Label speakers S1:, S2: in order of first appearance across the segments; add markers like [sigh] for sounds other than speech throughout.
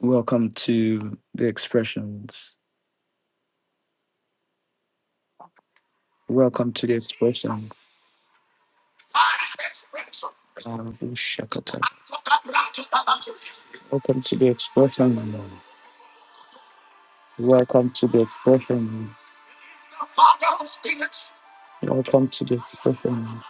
S1: Welcome to the expressions. Welcome to the expression. Baruch Shakata. Welcome to the expression. Welcome to the expression. Welcome to the expression.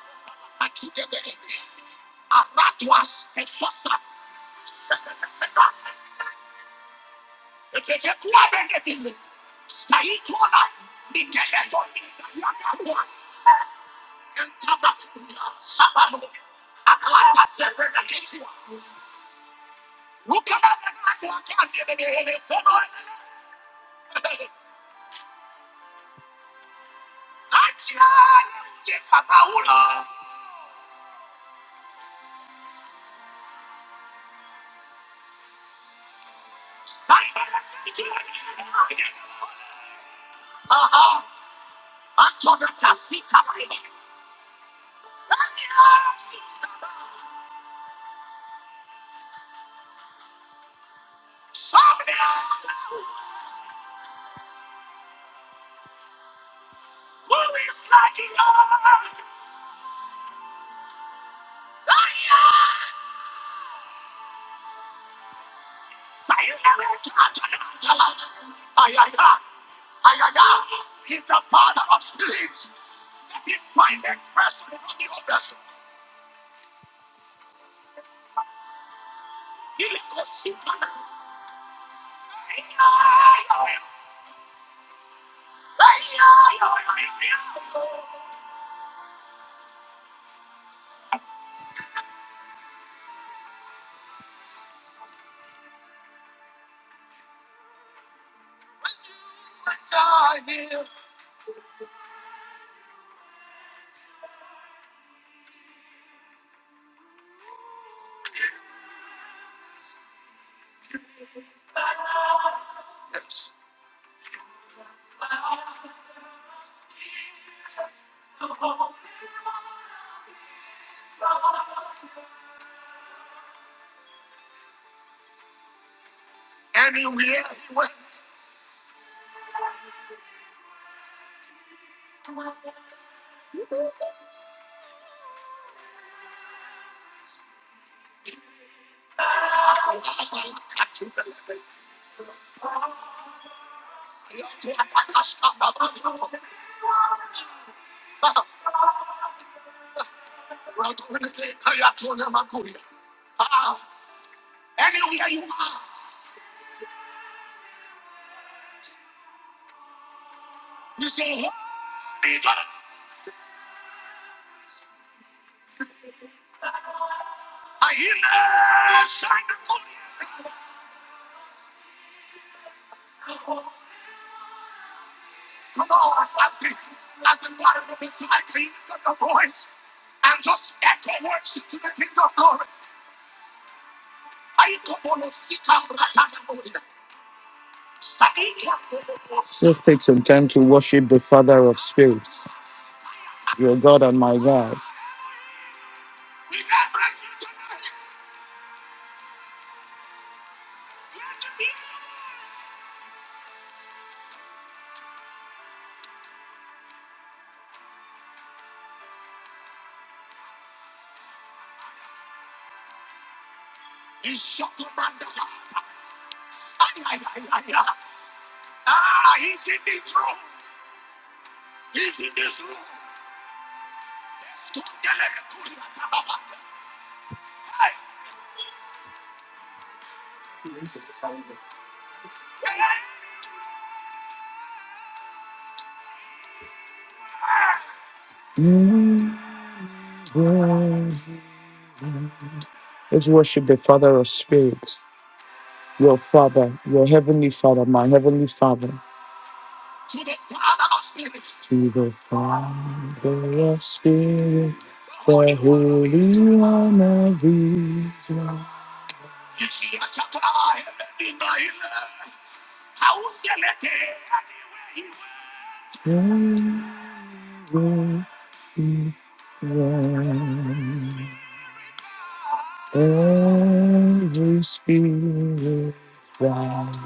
S1: Just take some time to worship the Father of spirits, your God and my God. Let's worship the Father of spirits, your Father, your Heavenly Father, my Heavenly Father. To the Father of Spirit, the Holy One of Israel, and will be one. Every spirit that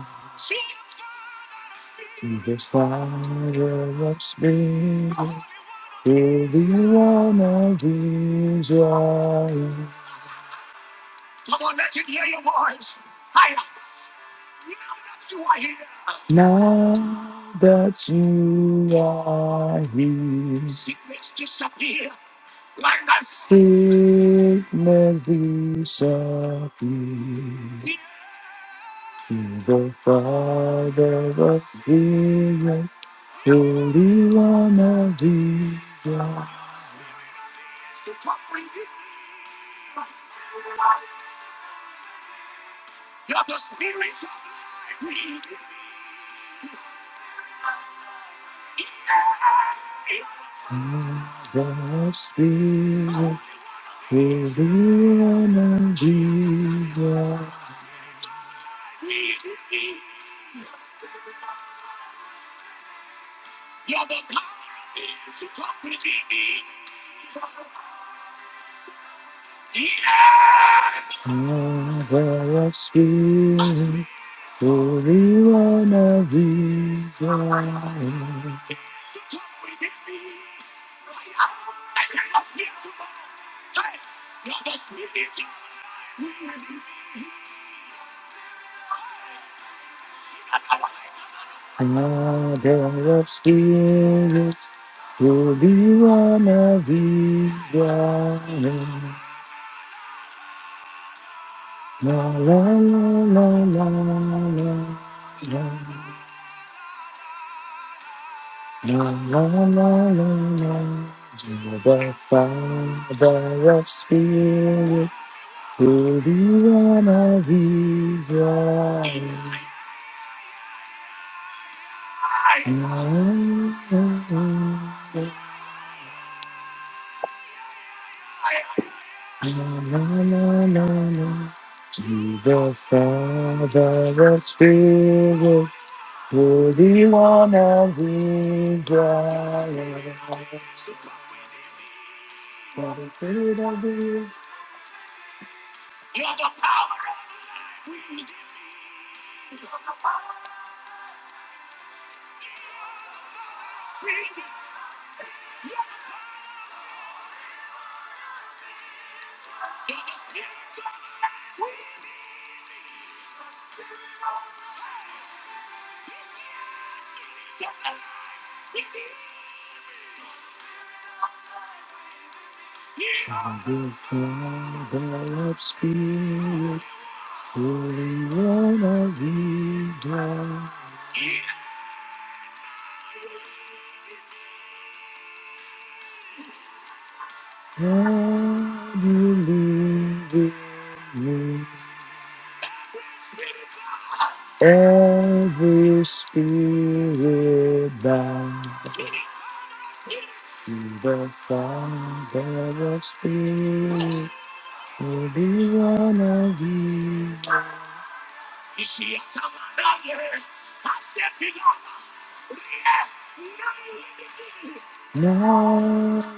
S1: is the Father of Spirit, Holy One of Israel, now that you are here. sickness disappear. Sickness disappears. The Father of Jesus, Holy One of Israel, the Spirit, Holy One of Jesus, the Spirit, Holy One of Israel, Father of spirits, Holy One of Israel. La la la la la la la la la la la la. You're the Father of spirits, Holy One of Israel. La, la, la, la. Na, na, na, na. To the Father of spirits, Holy One of Israel, for the Spirit of Israel, the Father of spirits, Holy One of Israel, and you live in me, every spirit bound. In The Father of Spirit Holy one of these. Now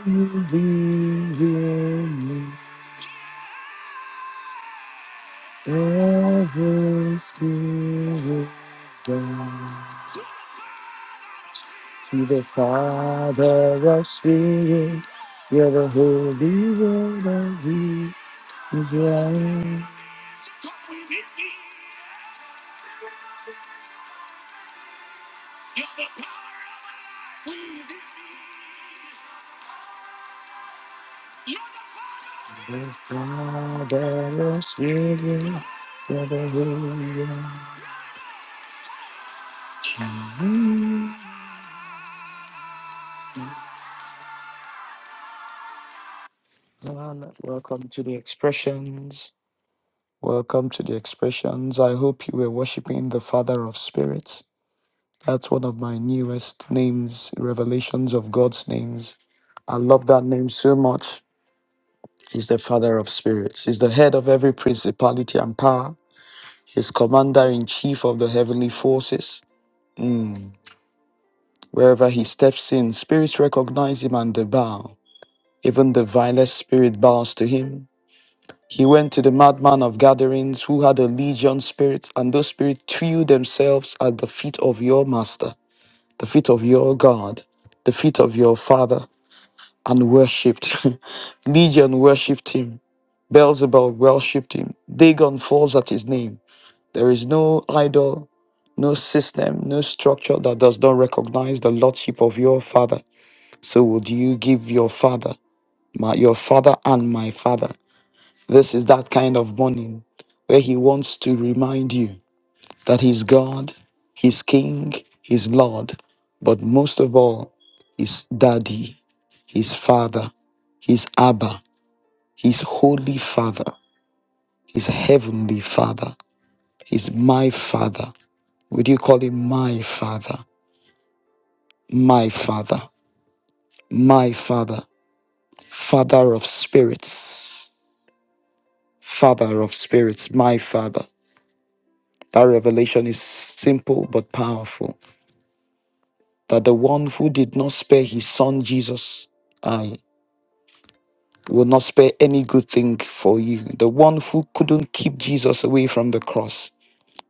S1: you be with me, ever Spirit. God. To the Father of Spirit, you're the Holy One of these. The Father of Spirit, you're the Holy One. Man, welcome to the expressions. Welcome to the expressions. I hope you were worshiping the Father of Spirits. That's one of my newest names, revelations of God's names. I love that name so much. He's the Father of Spirits. He's the head of every principality and power. He's commander in chief of the heavenly forces. Mm. Wherever he steps in, spirits recognize him and they bow. Even the vilest spirit bows to him. He went to the madman of gatherings who had a legion spirit, and those spirits threw themselves at the feet of your master, the feet of your God, the feet of your father, and worshipped. [laughs] legion worshipped him. Beelzebub worshipped him. Dagon falls at his name. There is no idol, no system, no structure that does not recognize the lordship of your father. So would you give your father, my, your father and my father? This is that kind of morning where He wants to remind you that He's God, He's King, He's Lord, but most of all, He's Daddy, He's Father, He's Abba, He's Holy Father, He's Heavenly Father, He's my Father. Would you call Him my Father? My Father, my Father, Father of Spirits, Father of Spirits, my Father. That revelation is simple but powerful. that the one who did not spare his son Jesus, I will not spare any good thing for you. The one who couldn't keep Jesus away from the cross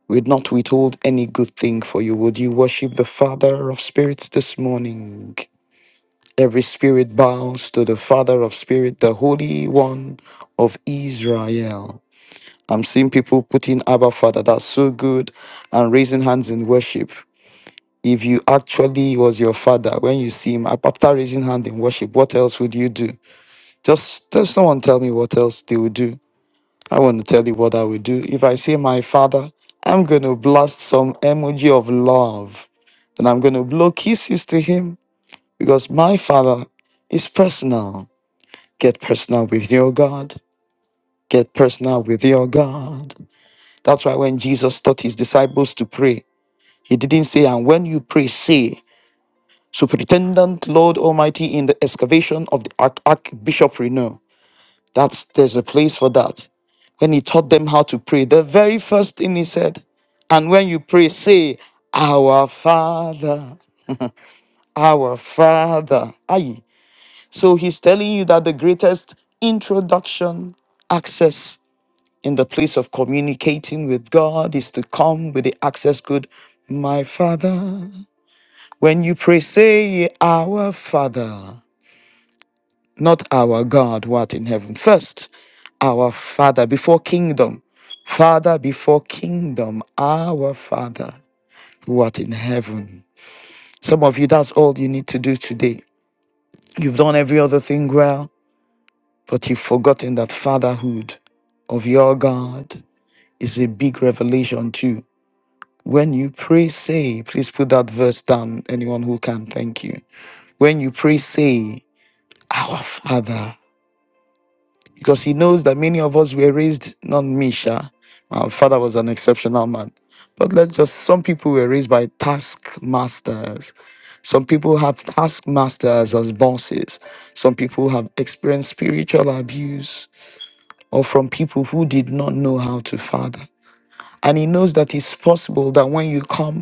S1: will not withhold any good thing for you. Would you worship the Father of spirits this morning? Every spirit bows to the Father of spirit, the Holy One of Israel. I'm seeing people putting Abba Father, that's so good, and raising hands in worship. if you actually was your father when you see him ap- after raising hand in worship what else would you do just tell someone tell me what else they would do i want to tell you what i would do if i see my father i'm going to blast some emoji of love then i'm going to blow kisses to him because my father is personal get personal with your god get personal with your god that's why when jesus taught his disciples to pray he didn't say and when you pray say Superintendent, Lord Almighty, in the excavation of the Arch- Archbishop Reno. That's there's a place for that. When he taught them how to pray, the very first thing he said, and when you pray, say, Our Father, our Father. Aye. So he's telling you that the greatest introduction access in the place of communicating with God is to come with the access code, My Father. When you pray, say, Our Father. not our God, what in heaven. First, our Father before kingdom. Father before kingdom, our Father, who art in heaven. Some of you, that's all you need to do today. You've done every other thing well, but you've forgotten that fatherhood of your God is a big revelation too. When you pray, say, please put that verse down, anyone who can, thank you. When you pray, say, Our Father. because he knows that many of us were raised not me sha my father was an exceptional man but let's just some people were raised by taskmasters some people have taskmasters as bosses some people have experienced spiritual abuse or from people who did not know how to father and he knows that it's possible that when you come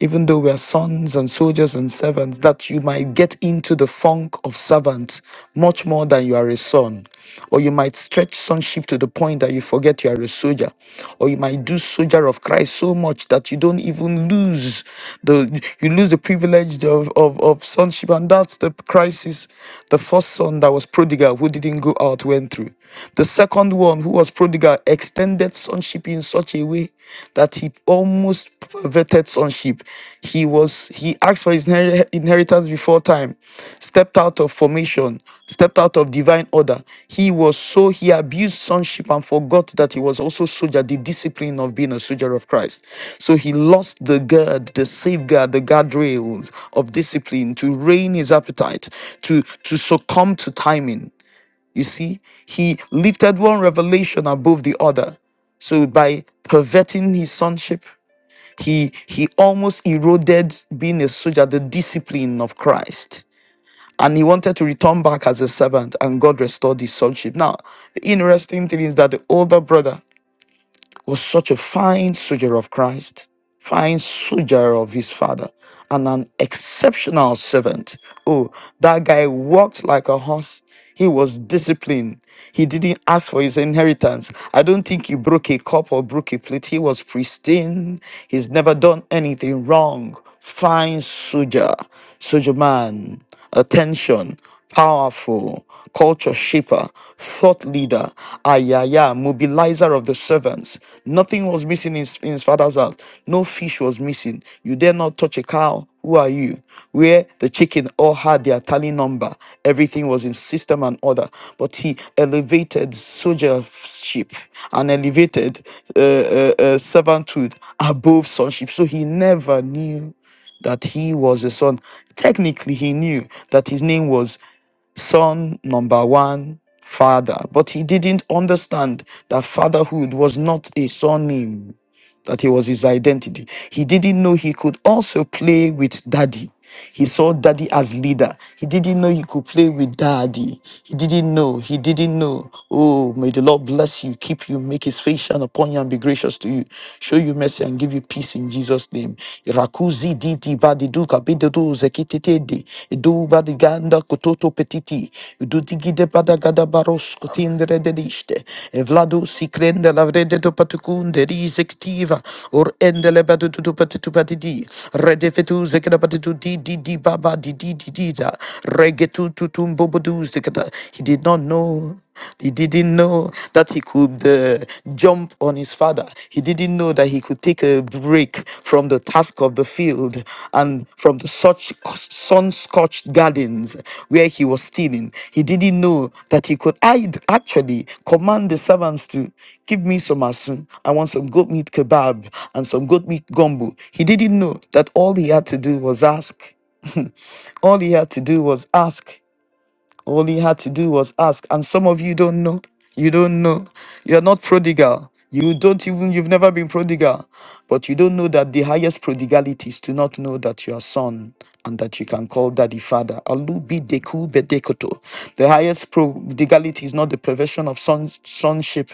S1: even though we are sons and soldiers and servants, that you might get into the funk of servants much more than you are a son. Or you might stretch sonship to the point that you forget you are a soldier. Or you might do soldier of Christ so much that you don't even lose the you lose the privilege of, of, of sonship. And that's the crisis the first son that was prodigal who didn't go out went through. The second one, who was prodigal, extended sonship in such a way that he almost perverted sonship. He was he asked for his inher- inheritance before time, stepped out of formation, stepped out of divine order. He was so he abused sonship and forgot that he was also soldier, the discipline of being a soldier of Christ. So he lost the guard, the safeguard, the guardrails of discipline to rein his appetite, to to succumb to timing. You see, he lifted one revelation above the other. So by perverting his sonship, he he almost eroded being a soldier, the discipline of Christ. And he wanted to return back as a servant, and God restored his sonship. Now, the interesting thing is that the older brother was such a fine soldier of Christ, fine soldier of his father, and an exceptional servant. Oh, that guy walked like a horse. He was disciplined. He didn't ask for his inheritance. I don't think he broke a cup or broke a plate. He was pristine. He's never done anything wrong. Fine soldier, soldier man. Attention powerful, culture shaper, thought leader, ayaya, mobilizer of the servants. Nothing was missing in, his- in his father's house. No fish was missing. You dare not touch a cow. Who are you? Where the chicken all had their tally number. Everything was in system and order. But he elevated soldiership and elevated uh, uh, uh, servanthood above sonship. So he never knew that he was a son. Technically, he knew that his name was son number one, father. But he didn't understand that fatherhood was not a surname, that it was his identity. He didn't know he could also play with daddy. He saw daddy as leader. He didn't know he could play with daddy. He didn't know. He didn't know. Oh, may the Lord bless you, keep you, make his face shine upon you and be gracious to you, show you mercy and give you peace in Jesus' name. Irakuzi di di ba di du ka bi du du ze ki te te di. Idu ba di ganda soto petiti, dudigide badagada baros cotindere dediste, evladu si crende la vrede to patucunde risectiva, or endele batutu patitu patidi, redefetu zekada di di di baba di di di di da, regetu tutum bobodu He did not know. He didn't know that he could uh, jump on his father. He didn't know that he could take a break from the task of the field and from the such sun-scorched gardens where he was stealing. He didn't know that he could hide, actually command the servants to give me some asun. I want some goat meat kebab and some goat meat gumbo. He didn't know that all he had to do was ask. [laughs] all he had to do was ask all he had to do was ask. And some of you don't know. You don't know. You're not prodigal. You don't even, you've never been prodigal. But you don't know that the highest prodigality is to not know that you are son and that you can call daddy father. Alubi deku bedekoto. The highest prodigality is not the perversion of son, sonship,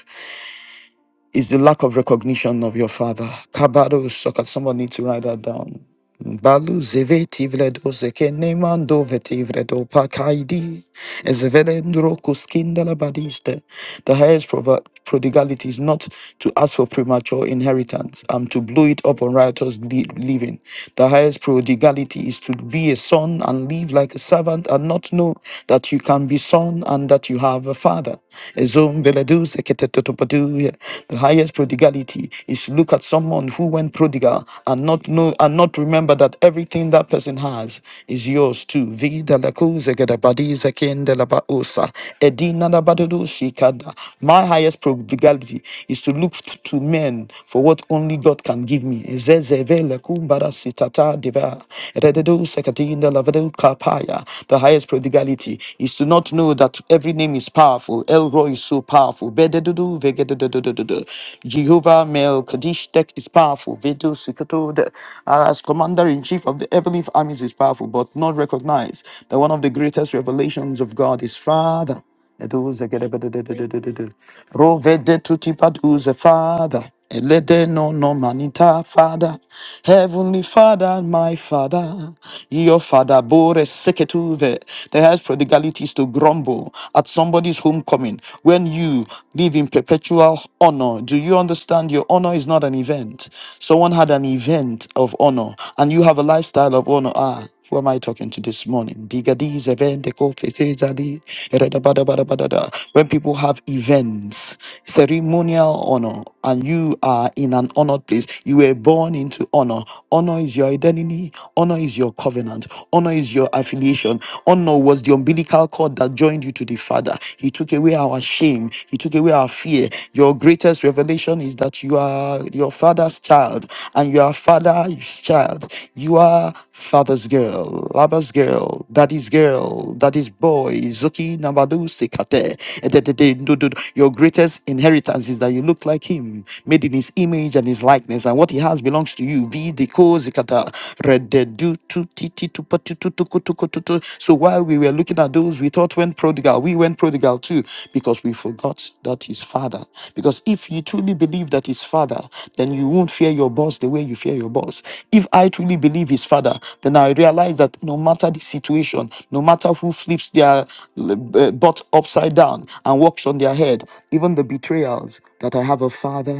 S1: is the lack of recognition of your father. Kabado sokat. Someone needs to write that down. Balu zeveti vredo zeke nemando veti pakaidi. Ezevedendro kuskinda la badiste. The highest prov- prodigality is not to ask for premature inheritance, um, to blow it up on riotous li- living. The highest prodigality is to be a son and live like a servant and not know that you can be son and that you have a father. Ezom beledu zeke tetotopadu. The highest prodigality is to look at someone who went prodigal remember and not know and not remember that everything that person has is yours too. Vida la kuze gada badize kende la baosa. Edina la badudu shikada. My highest prodigality is to look t- to men for what only God can give me. Ezezeve la kumbara sitata diva. Erededu sekatinda la vedu kapaya. The highest prodigality is to not know that every name is powerful. Elroy is so powerful. Bededudu vegedududududu. Jehovah Melchizedek. Kadish Tech is powerful. Vito Sikoto, the, uh, as commander in chief of the heavenly armies, is powerful, but not recognized that one of the greatest revelations of God is Father. Eduze gedebedededededede. Rovede tutipaduze, Father. Elede no no manita, Father. Heavenly Father, my Father. Your Father, bore seketuve. There has prodigalities to grumble at somebody's homecoming when you live in perpetual honor. Do you understand your honor is not an event? Someone had an event of honor, and you have a lifestyle of honor. Ah, who am I talking to this morning? Digadiz event, ekofesezadi, eredabadabadabadada. When people have events, ceremonial honor, and you are in an honored place, you were born into honor. Honor is your identity, honor is your covenant, honor is your affiliation. Honor was the umbilical cord that joined you to the Father. He took away our shame, you took away our fear. Your greatest revelation is that you are your father's child and you are father's child. You are father's girl, lover's girl, daddy's girl, daddy's boy, Zuki Nabadu Sekate. Edededendodo. Your greatest inheritance is that you look like him, made in his image and his likeness, and what he has belongs to you. Vi Deko Zikata. Rededu tu ti ti tu pa tu tu tu ku tu ku tu tu. So while we were looking at those, we thought "Went prodigal, we went prodigal prodigal too, because we forgot that his father. Because if you truly believe that his father, then you won't fear your boss the way you fear your boss. If I truly believe his father, then I realize that no matter the situation, no matter who flips their uh, butt upside down and walks on their head, even the betrayals, that I have a father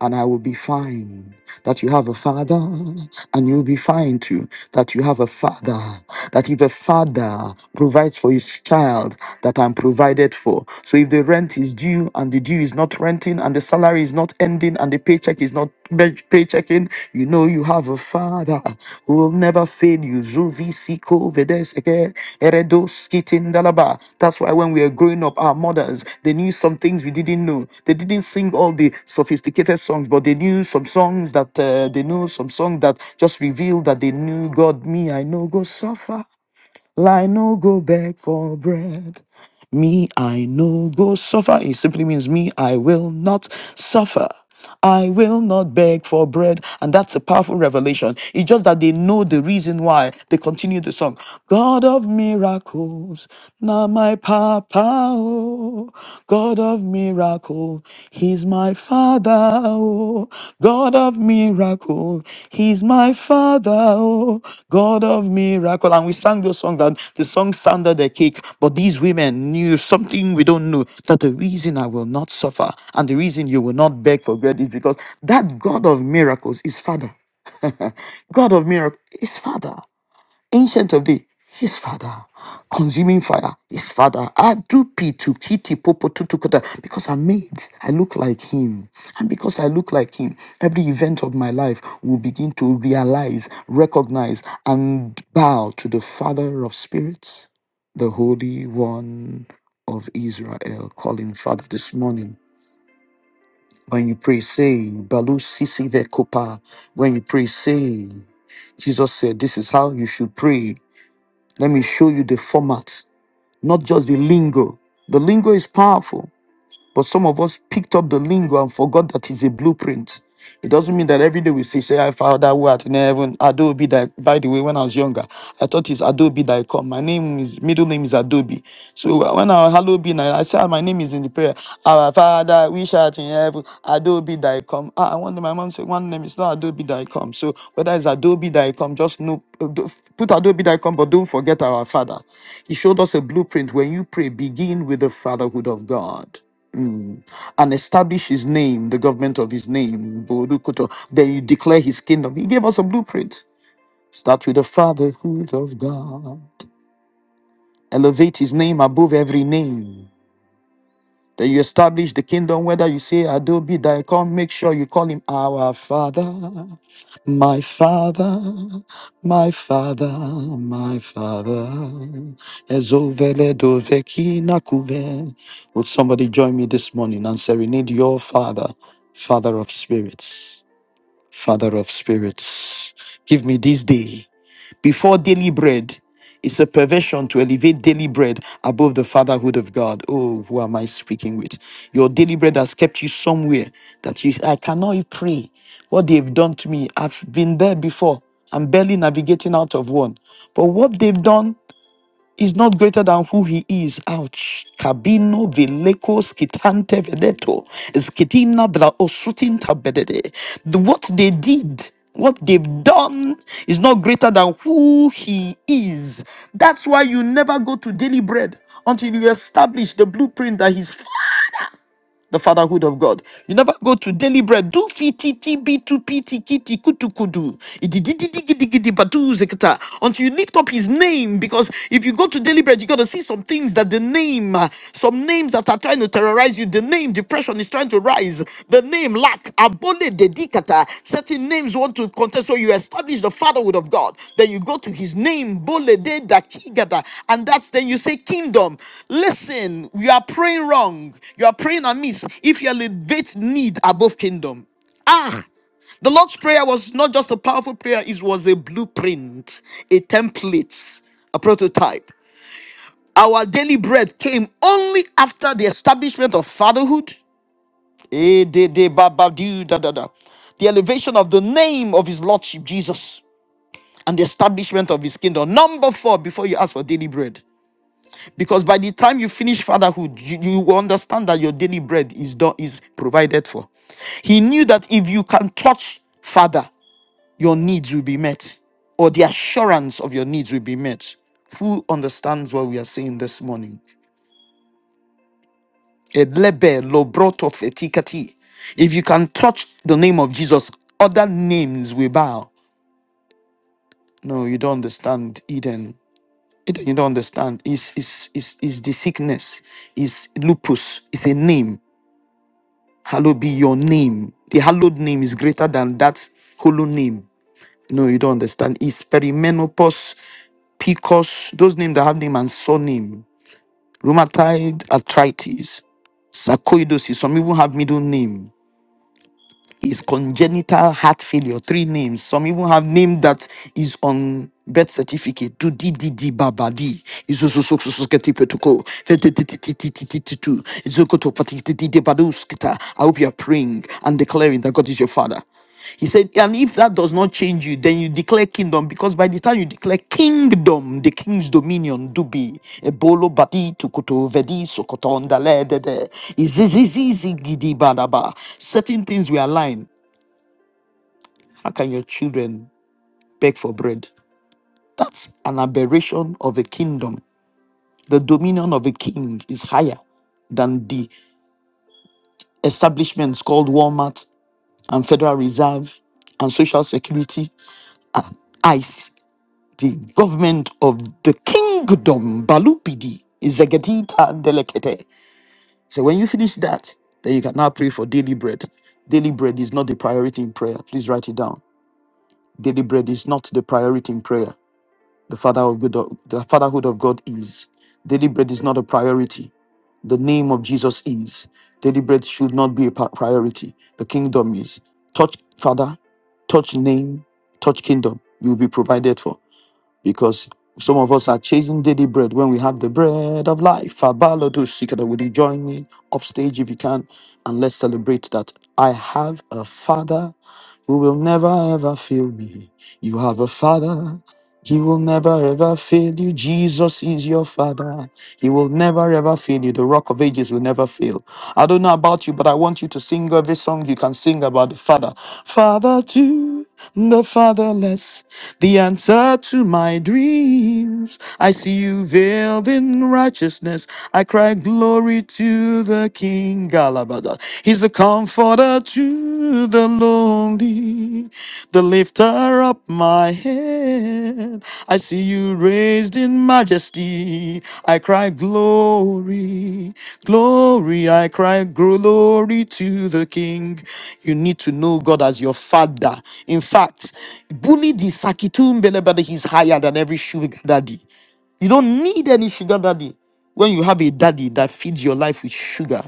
S1: and I will be fine. That you have a father and you'll be fine too. That you have a father. That if a father provides provides for his child that I'm provided for. So if the rent is due and the due is not renting and the salary is not ending and the paycheck is not pay- paychecking, you know you have a father who will never fail you. Zuvi siko vedeseke eredos kitindalaba. That's why when we were growing up, our mothers they knew some things we didn't know. They didn't sing all the sophisticated songs, but they knew some songs that uh, they knew some songs that just revealed that they knew God. Me, I know go suffer. Lie no go beg for bread. Me, I no go suffer. It simply means me, I will not suffer. I will not beg for bread. And that's a powerful revelation. It's just that they know the reason why they continue the song. God of miracles, now my papa, oh, God of miracles, he's is my Father, oh, God of miracle. He's my Father, oh, God of miracle. And we sang those songs, and the song sounded a cake, but these women knew something we don't know that the reason I will not suffer and the reason you will not beg for bread is because that God of miracles is Father. [laughs] God of miracle is Father. Ancient of Day, his father. Consuming fire, his father. I do pitu, kiti popo tutukuta. Because I'm made, I look like him. And because I look like him, every event of my life will begin to realize, recognize, and bow to the Father of spirits, the Holy One of Israel. Calling Father this morning. When you pray, say, Balu Sisi Vekopa. When you pray, say, Jesus said, This is how you should pray. Let me show you the format, not just the lingo. The lingo is powerful. But some of us picked up the lingo and forgot that it's a blueprint. It doesn't mean that every day we say, say, I found that word in heaven. Adobe that by the way, when I was younger, I thought it's Adobe that I come. My name is middle name is Adobe. So uh, when I hello be I say "Ah, my name is in the prayer. Our father, we shout in heaven, Adobe that I come. Ah, I wonder my mom said one name is not Adobe that I come. So whether it's Adobe that I come, just know put Adobe that I come, but don't forget our father. He showed us a blueprint. When you pray, begin with the fatherhood of God. Mm. and establish his name, the government of his name, Borukoto. Then you declare his kingdom. He gave us a blueprint. Start with the fatherhood of God. Elevate his name above every name. Then you establish the kingdom, whether you say, I do be thy come, make sure you call him our father, my father, my father, my father. Ezovele doveki nakuve. Would somebody join me this morning and serenade your father, father of spirits, father of spirits? Give me this day before daily bread. It's a perversion to elevate daily bread above the fatherhood of God. Oh, who am I speaking with? Your daily bread has kept you somewhere that you I cannot even pray. What they've done to me, I've been there before. I'm barely navigating out of one. But what they've done is not greater than who he is. Ouch. Cabino veleko skitante vedeto. Skitina dra osutinta bedede. The- What they did, what they've done is not greater than who he is. That's why you never go to daily bread until you establish the blueprint that his the fatherhood of God. You never go to daily bread. Do fititi bitu piti kiti kutu kudu. Ididididikidikidi badu zekata. Until you lift up his name. Because if you go to daily bread, you got to see some things that the name, uh, some names that are trying to terrorize you, the name, depression is trying to rise. The name lack, abole dedicata. Certain names want to contest. So you establish the fatherhood of God. Then you go to his name, bole de dakigata. And that's then you say kingdom. Listen, you are praying wrong. You are praying amiss. If you elevate need above kingdom. Ah, the Lord's Prayer was not just a powerful prayer, it was a blueprint, a template, a prototype. Our daily bread came only after the establishment of fatherhood Eh, de- de- ba- ba- do- da- da- da. The elevation of the name of his lordship, Jesus, and the establishment of his kingdom. Number four, before you ask for daily bread. Because by the time you finish fatherhood, you, you will understand that your daily bread is done, is provided for. He knew that if you can touch father, your needs will be met, or the assurance of your needs will be met. Who understands what we are saying this morning? Elebe lobroto fetikati. If you can touch the name of Jesus, other names will bow. No, you don't understand, Eden. Eden, you don't understand. It's, it's, it's, it's the sickness. It's lupus. It's a name. Hallowed be your name. The hallowed name is greater than that hollow name. No, you don't understand. It's perimenopause, PCOS, those names that have name and surname. Rheumatoid arthritis, sarcoidosis. Some even have middle name. is congenital heart failure. Three names. Some even have name that is on birth certificate. Do di di di baba di. Izuzuzuzuzusketipetoko. Fetetititititititu. Izukotopatikitidibaduskita. I hope you are praying and declaring that God is your father. He said, and if that does not change you, then you declare kingdom because by the time you declare kingdom, the king's dominion do be ebolo badi tukuto vedi sokotonda le de de. Izizizizigidi badaba. Certain things we align. How can your children beg for bread? That's an aberration of a kingdom. The dominion of a king is higher than the establishments called Walmart and Federal Reserve and Social Security and ICE. The government of the kingdom, Balupidi, is Zegetita Delecate. So when you finish that, then you can now pray for daily bread. Daily bread is not the priority in prayer. Please write it down. Daily bread is not the priority in prayer. The father of good, the fatherhood of God is. Daily bread is not a priority. The name of Jesus is. Daily bread should not be a pri- priority. The kingdom is. Touch father, touch name, touch kingdom. You will be provided for because some of us are chasing daily bread when we have the bread of life. Abalodo Shikada, would you join me off stage if you can? And let's celebrate that I have a father who will never ever fail me. You have a father. He will never ever fail you. Jesus is your father. He will never ever fail you. The rock of ages will never fail. I don't know about you, but I want you to sing every song you can sing about the father. Father to the fatherless, the answer to my dreams. I see you veiled in righteousness. I cry glory to the King. Galabada. He's the comforter to the lonely, the lifter up my head. I see you raised in majesty. I cry glory, glory. I cry glory to the King. You need to know God as your father. In fact, bully the Sakitumbele, belebade. he's higher than every sugar daddy. You don't need any sugar daddy when you have a daddy that feeds your life with sugar.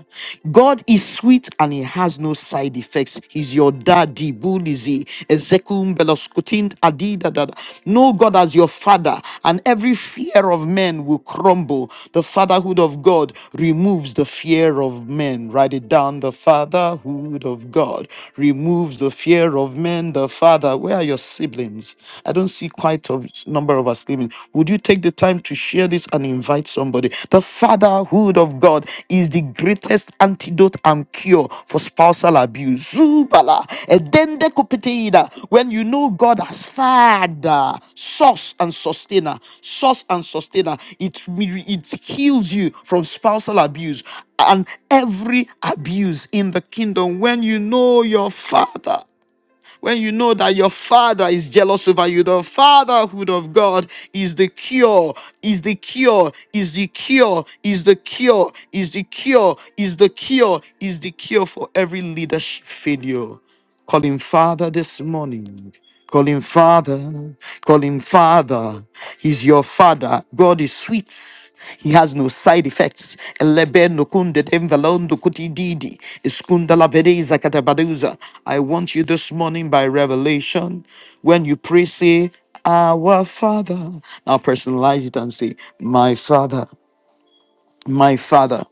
S1: God is sweet and he has no side effects. He's your daddy. Bulizi, Ezekum, Beloskutin, Adi, da, da, da. Know God as your father, and every fear of men will crumble. The fatherhood of God removes the fear of men. Write it down. The fatherhood of God removes the fear of men. The father, where are your siblings? I I don't see quite a number of us sleeping. Would you take the time to share this and invite somebody? The fatherhood of God is the greatest antidote and cure for spousal abuse. Zubala, edende kupitiida. When you know God as Father, source and sustainer, source and sustainer, it, re- it heals you from spousal abuse and every abuse in the kingdom. When you know your Father, when you know that your father is jealous over you, the fatherhood of God is the cure, is the cure, is the cure, is the cure, is the cure, is the cure, is the cure for every leadership failure. Call him Father this morning. Call him Father. Call him Father. He's your Father. God is sweet. He has no side effects. Elebe nukunde temvelondo kutididi. Iskunda labedeza katabaduza. I want you this morning by revelation. When you pray, say, Our Father. Now personalize it and say, My Father, my Father,